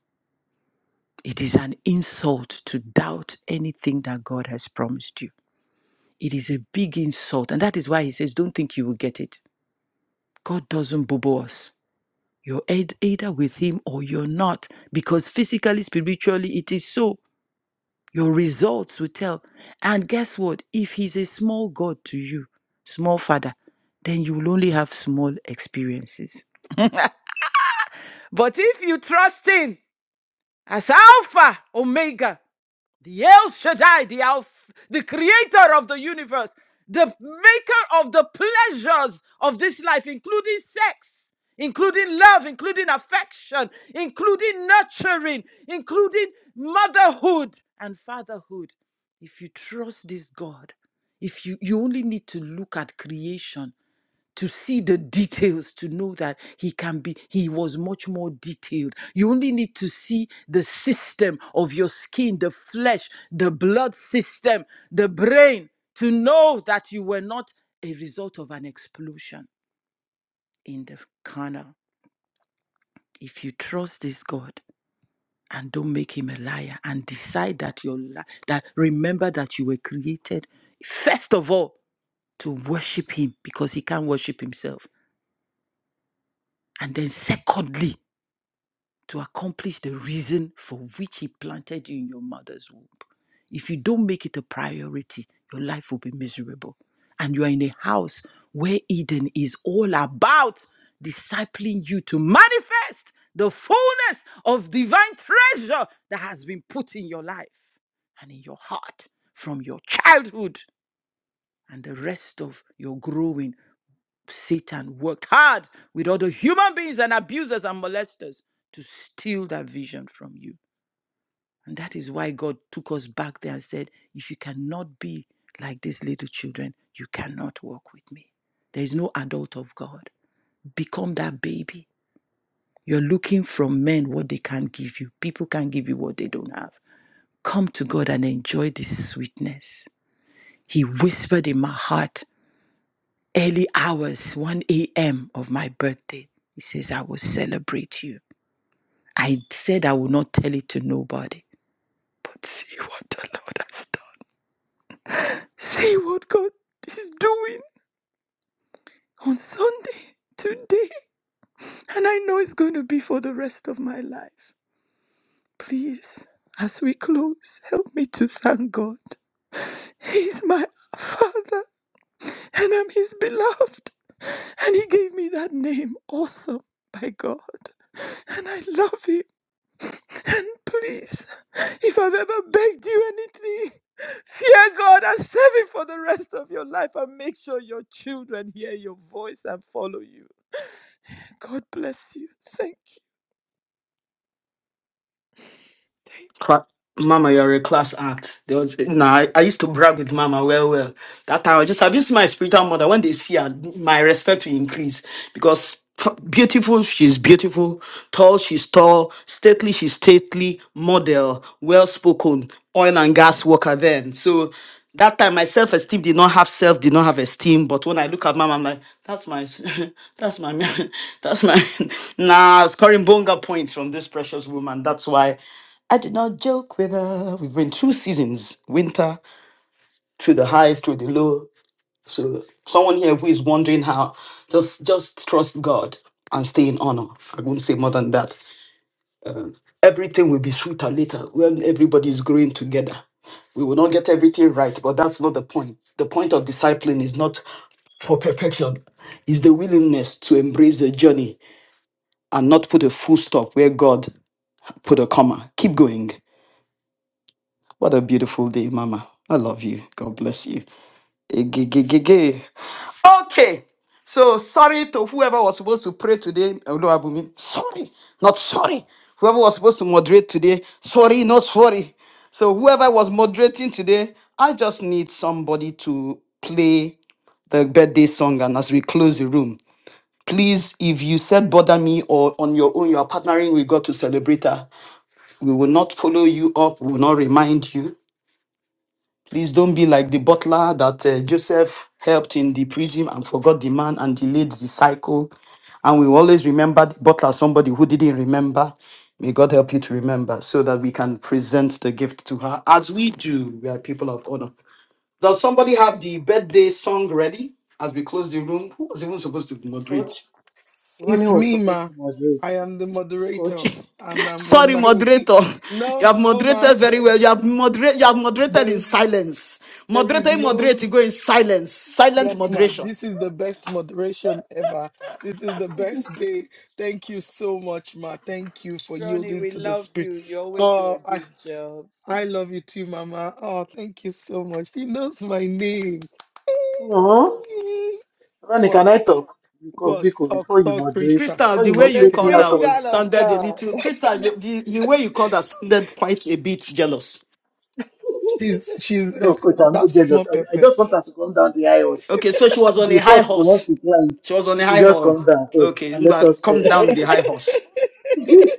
S13: It is an insult to doubt anything that God has promised you. It is a big insult. And that is why he says, Don't think you will get it. God doesn't bubble us. You're eith- either with him or you're not. Because physically, spiritually, it is so. Your results will tell. And guess what? If he's a small God to you, small father, then you will only have small experiences. But if you trust him as Alpha, Omega, the El Shaddai, the, Alf, the creator of the universe, the maker of the pleasures of this life, including sex, including love, including affection, including nurturing, including motherhood and fatherhood. If you trust this God, if you, you only need to look at creation to see the details to know that he can be he was much more detailed you only need to see the system of your skin the flesh the blood system the brain to know that you were not a result of an explosion in the carnal if you trust this god and don't make him a liar and decide that your li- that remember that you were created first of all to worship him because he can't worship himself and then secondly to accomplish the reason for which He planted you in your mother's womb. If you don't make it a priority, your life will be miserable. And you are in a house where Eden is all about discipling you to manifest the fullness of divine treasure that has been put in your life and in your heart from your childhood and the rest of your growing. Satan worked hard with other human beings and abusers and molesters to steal that vision from you. And that is why God took us back there and said, If you cannot be like these little children, you cannot walk with me. There is no adult of God. Become that baby. You're looking from men what they can't give you. People can't give you what they don't have. Come to God and enjoy this sweetness. He whispered in my heart early hours, 1 a.m. of my birthday. He says, I will celebrate you. I said I will not tell it to nobody. But see what the Lord has done. See what God is doing on Sunday, today. And I know it's going to be for the rest of my life. Please, as we close, help me to thank God. He's my Father. and I'm his beloved. And he gave me that name, awesome, by God. And I love him. And please, if I've ever begged you anything, fear God and serve him for the rest of your life and make sure your children hear your voice and follow you. God bless you. Thank you. Thank you.
S1: Mama, you're a class act. There was, nah, I, I used to brag with Mama well, well. That time I just abused my spiritual mother. When they see her, my respect will increase because t- beautiful, she's beautiful. Tall, she's tall. Stately, she's stately. Model, well spoken. Oil and gas worker then. So that time my self esteem did not have self, did not have esteem. But when I look at Mama, I'm like, that's my, s- [laughs] that's my, man, [laughs] that's my. [laughs] nah, scoring bonga points from this precious woman. That's why. I do not joke with her. We've been through seasons, winter, through the highs, through the low. So someone here who is wondering how, just just trust God and stay in honor. I won't say more than that. Everything will be sweeter later when everybody is growing together. We will not get everything right, but that's not the point. The point of discipline is not for perfection, is the willingness to embrace the journey and not put a full stop where God put a comma. Keep going. What a beautiful day, Mama. I love you. God bless you. Egegegege. Okay. So sorry to whoever was supposed to pray today, Oluwabumi. Sorry, not sorry. Whoever was supposed to moderate today, sorry, not sorry. So whoever was moderating today, I just need somebody to play the birthday song. And as we close the room, please, if you said bother me or on your own, you are partnering with God to celebrate her. We will not follow you up. We will not remind you. Please don't be like the butler that uh, Joseph helped in the prison and forgot the man and delayed the cycle. And we always remember the butler, as somebody who didn't remember. May God help you to remember so that we can present the gift to her as we do. We are people of honor. Does somebody have the birthday song ready as we close the room? Who was even supposed to moderate?
S14: Coach, Ronnie
S2: It's
S14: was
S2: me,
S14: supposed
S2: ma.
S14: to moderate.
S2: I am the moderator,
S14: Coach,
S2: and I'm on
S1: Sorry,
S2: my way. [laughs]
S1: moderator. [laughs] You
S2: No,
S1: have
S2: no, ma.
S1: moderated very
S2: There,
S1: well. You have moderate. You have moderated in
S2: there,
S1: silence.
S2: there is
S1: Moderator, you
S2: no.
S1: moderate. You go in silence. Silent
S2: Yes, ma.
S1: moderation.
S2: This is the best moderation ever. This is the best day. Thank you so much, ma. Thank you for
S13: Ronnie,
S2: yielding
S13: we
S2: to the
S13: love
S2: spirit.
S13: you. You always do
S2: Oh,
S13: a
S2: I
S13: good job.
S2: I love you too, Mama. Oh, thank you so much. He knows my name.
S14: no,
S2: [laughs]
S14: Ronnie,
S2: What?
S14: can I talk? Because
S2: What?
S14: Biko,
S2: Talk,
S14: before you
S2: talk,
S14: moderate,
S2: Krista.
S1: Crystal,
S14: before you
S1: the way you
S13: The
S14: moderate me
S2: Okay.
S1: called
S14: out
S1: that
S14: of the
S13: crystal
S1: was
S14: room.
S13: of
S1: sounded a
S13: God.
S1: little. Crystal, the, the the way you called that sounded quite a bit jealous.
S2: She's she's
S14: No, Coach,
S2: [laughs]
S14: I'm not
S2: that's
S14: jealous.
S2: small
S14: I, I
S2: pepper.
S14: just want her to come down the aisles.
S1: Okay, so she was on a
S14: The
S1: high
S14: horse she wants
S1: horse.
S14: to climb,
S1: She was on
S14: she
S1: a
S14: should
S1: high
S14: just come
S1: horse.
S14: down first
S1: Okay,
S14: and let
S1: Ngwa,
S14: us.
S1: come
S14: [laughs]
S1: down the high horse.
S14: [laughs]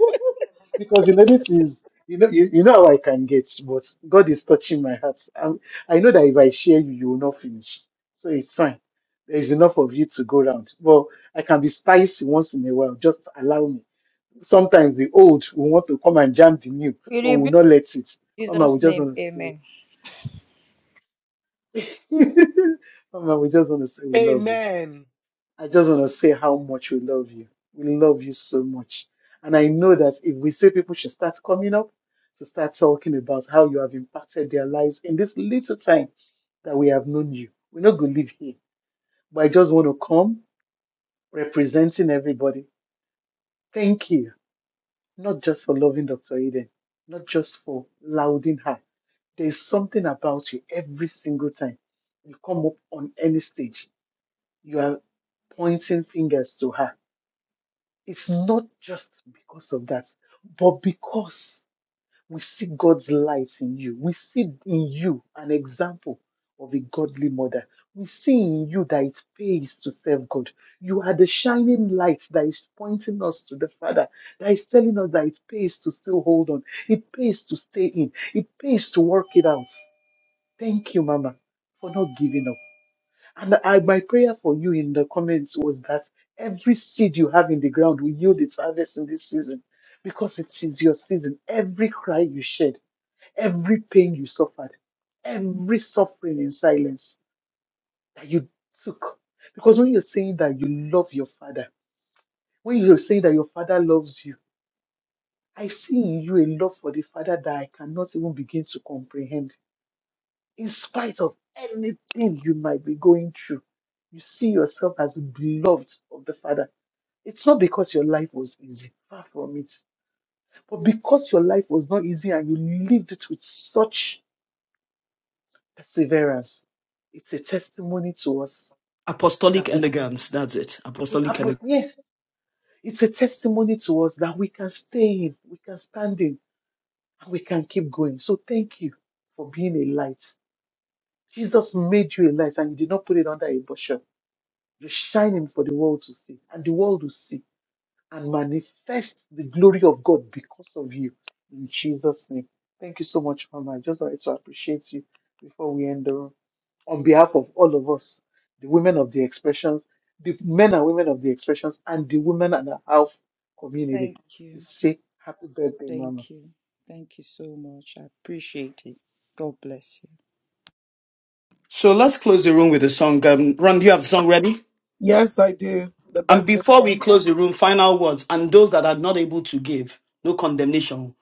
S14: because you know this is you know you, you know how I can get, but God is touching my heart. i I know that if I share you, you will not finish, so it's fine. There is enough of you to go round. Well, I can be spicy once in a while. Just allow me. Sometimes the old will want to come and jam the new,
S5: We
S14: but we will
S5: rebuke in
S14: not let it. Mama,
S5: Jesus'
S14: we just
S5: name.
S14: want to
S5: Amen.
S14: say, [laughs] Mama, we just want to say we love you.
S2: Amen.
S14: I just want to say how much we love you. We love you so much. And I know that if we say people should start coming up to start talking about how you have impacted their lives in this little time that we have known you, we're not going to live here. But I just want to come representing everybody. Thank you, not just for loving Dr. Eden, not just for lauding her. There's something about you every single time you come up on any stage. You are pointing fingers to her It's not just because of that, but because we see God's light in you. We see in you an example of a godly mother. We see in you that it pays to serve God. You are the shining light that is pointing us to the Father, that is telling us that it pays to still hold on. It pays to stay in. It pays to work it out. Thank you, Mama, for not giving up. And I, my prayer for you in the comments was that every seed you have in the ground will yield its harvest in this season because it is your season. Every cry you shed, every pain you suffered, every suffering in silence that you took. Because when you're saying that you love your father, when you're saying that your father loves you, I see in you a love for the father that I cannot even begin to comprehend. in spite of anything you might be going through, you see yourself as beloved of the Father. It's not because your life was easy, far from it, but because your life was not easy and you lived it with such perseverance. It's a testimony to us
S1: Apostolic
S14: that we can.
S1: elegance. That's it.
S14: We can
S1: Apostolic
S14: put-
S1: elegance.
S14: yes, it's a testimony to us that we can stay in, we can stand in, and we can keep going. So thank you for being a light. Jesus made you a light and you did not put it under a bushel. you be shining for the world to see, and the world will see and manifest the glory of God because of you. In Jesus' name. Thank you so much, Mama. I just wanted to appreciate you before we end the room. On behalf of all of us, the women of the expressions, the men and women of the expressions, and the women and the health community,
S13: Thank you.
S14: we say happy birthday, Mama.
S13: Thank you. Thank you so much. I appreciate it. God bless you.
S1: So let's close the room with a song. Um, Ron, do you have the song ready?
S2: Yes, I do. The
S1: And
S2: birthday.
S1: before we close the room, final words. And those that are not able to give, no condemnation.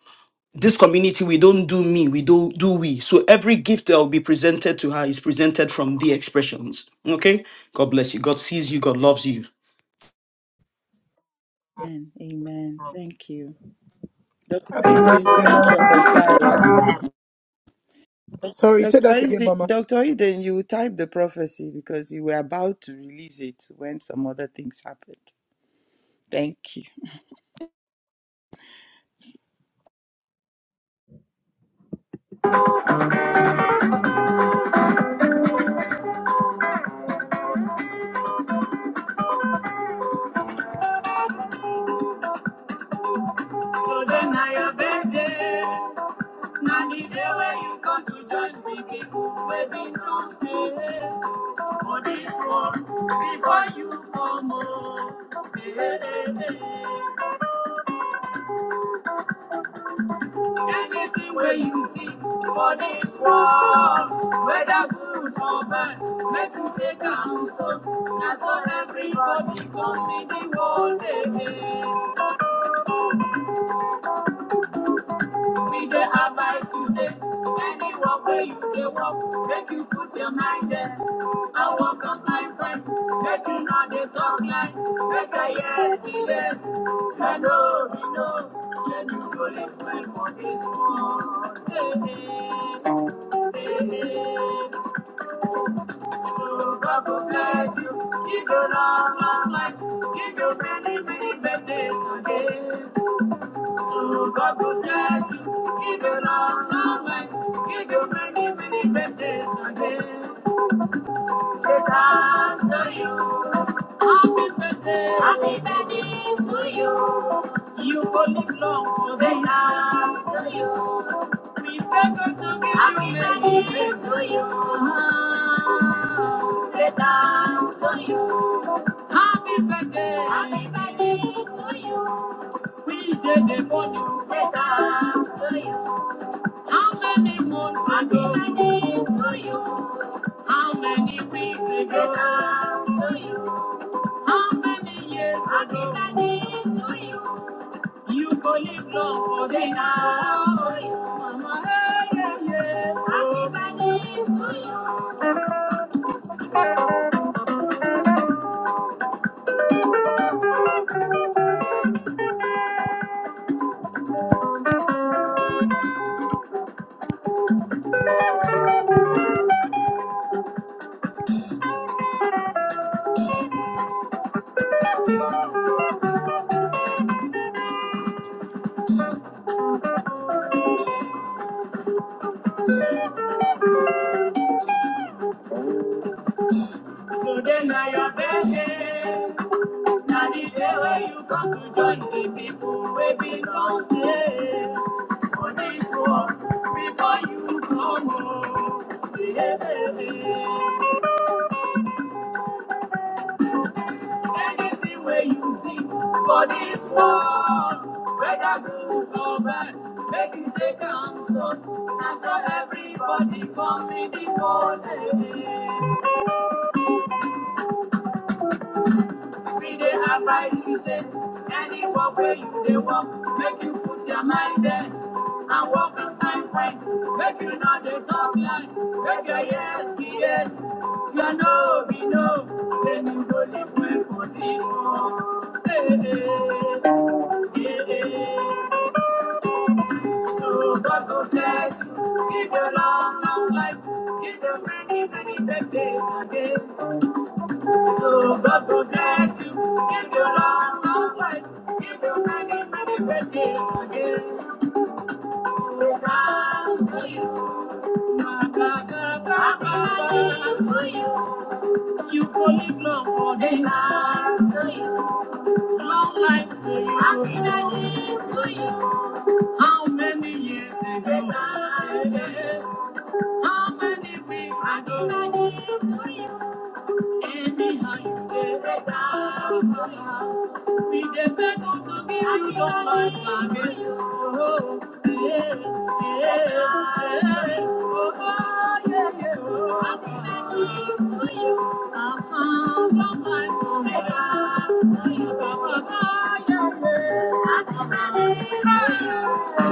S1: this community we don't do me we do do we so every gift that will be presented to her is presented from the expressions okay god bless you god sees you god loves you
S13: Amen. Amen. Thank you. Dr. Eden, you didn't prophesy. Dr. Eden, Dr. Eden, you typed the prophecy because you were about to release it when some other things happened. Thank you.
S2: Today na your birthday. Na the day where you come to join me, people where we don't say. For this one, before you come on. Hey, hey, hey. Anything where you see for this one, whether good or bad, make you take am so. Na so everybody come in the world. Hey, hey. We dey advice. you say, anyone where you they walk, make you put your mind there. I walk on my friend, make you know they talk like, make I yes be yes, I know we know. Then you go live well for this world. Hey, hey, hey. So God will bless you, give you long, long life, give you many, many, many days again. So God will bless you. Give you long, long life. Give you many, many birthdays again. Say thanks to you. Happy birthday. Happy birthday to you. You will live long. Say thanks to you. We beg God to give Happy you many birthday blessings. to you. Say thanks to you. Happy birthday. Happy birthday to you. We did the morning. Say thanks to you. How many months Happy ago? Happy birthday to you. How many weeks ago? How many years ago? You go live long for me now. Mama, hey, yeah, yeah. Oh. So then I am begging. Now the day where you come to join the people where belongs there. For this war, before you come home. Yeah, baby. Anything way you see for this world, whether good or bad, make you take am so. And so everybody come in the morning. We dey have advise you say, any work where you dey work, make you put your mind there and work and find find. Make you know the talk line, make your yes be yes, your no be no. Then you go live well for this world. Hey, hey, hey. hey. hey. So God go bless you, give you long, long life, give you many, many birthdays again. So God will bless you, give you long, long life, give you many, many blessings again. So thanks for you, my God, God, God, God, thanks for you. You will live long for the thanks for you, long life to you. Happiness to you. How many years ago? Say How many weeks ago? Happiness to you. We dey to you Oh, yeah, yeah, yeah. Oh, yeah, yeah, oh. Happy birthday to you. Uh-huh, To you, yeah, yeah. Happy birthday to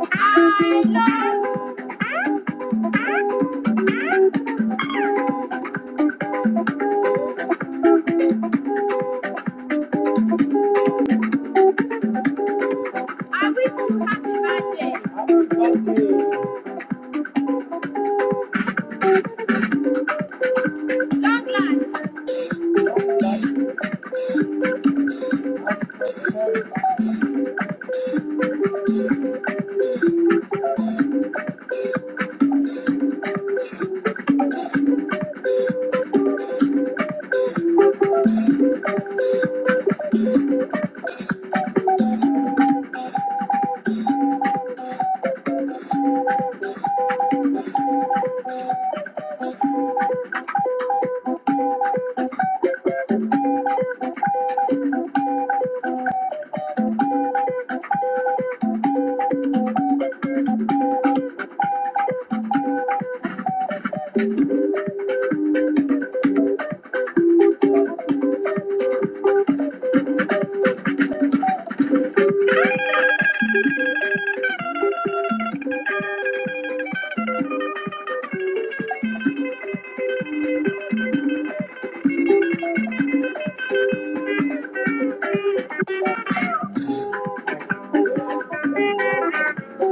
S2: you. I love, I wish you happy birthday. Long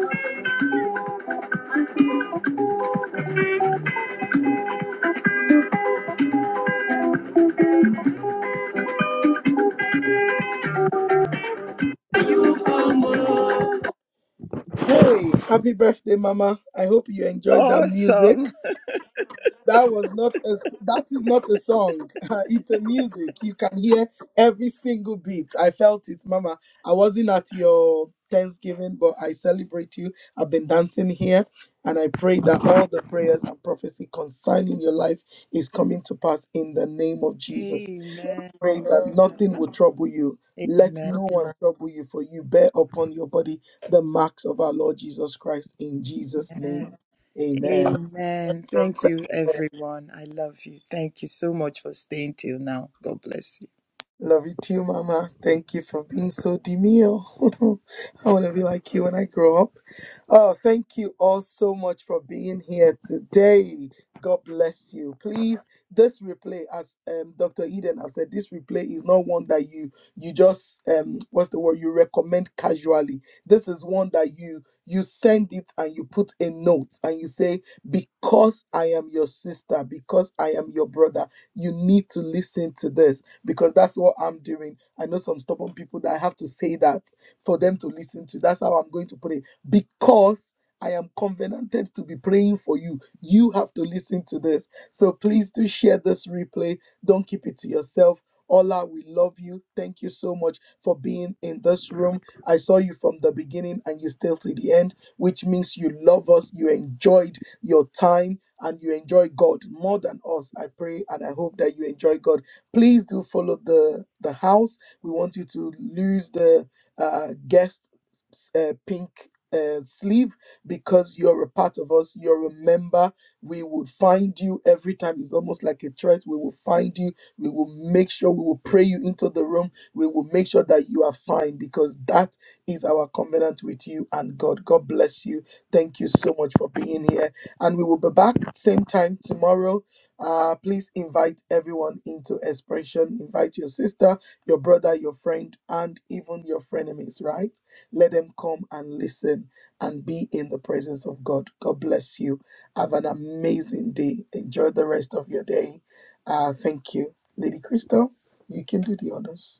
S2: life. Hey, happy birthday, Mama. I hope you enjoyed that music.
S13: Awesome.
S2: That was not a that is not a song. [laughs] it's a music. You can hear every single beat. I felt it, Mama. I wasn't at your Thanksgiving, but I celebrate you. I've been dancing here and I pray that all the prayers and prophecy concerning your life is coming to pass in the name of Jesus
S13: Amen.
S2: praying that nothing will trouble you. Let
S13: Amen.
S2: no one trouble you, for you bear upon your body the marks of our Lord Jesus Christ. In Jesus' name, amen.
S13: Amen. Thank you, everyone. I love you. Thank you so much for staying till now. God bless you.
S2: Love you too, Mama. Thank you for being so demure. [laughs] I want to be like you when I grow up. Oh, thank you all so much for being here today. God bless you. Please, this replay, as um, Dr. Eden have said, this replay is not one that you you just um what's the word you recommend casually. This is one that you you send it and you put a note and you say because I am your sister, because I am your brother, you need to listen to this because that's what I'm doing. I know some stubborn people that I have to say that for them to listen to. That's how I'm going to pray because I am covenanted to be praying for you. You have to listen to this. So please do share this replay. Don't keep it to yourself. Ola, we love you. Thank you so much for being in this room. I saw you from the beginning and you still to the end, which means you love us, you enjoyed your time, and you enjoy God more than us. I pray and I hope that you enjoy God please do follow the the house we want you to lose the uh, guest s- uh, pink uh, sleeve because you're a part of us you're a member we will find you every time it's almost like a threat we will find you we will make sure we will pray you into the room we will make sure that you are fine because that is our covenant with you and god god bless you thank you so much for being here and we will be back same time tomorrow uh, please invite everyone into expression. Invite your sister, your brother, your friend, and even your frenemies, right? Let them come and listen and be in the presence of God. God bless you. Have an amazing day. Enjoy the rest of your day. Uh, thank you. Lady Crystal, you can do the honors.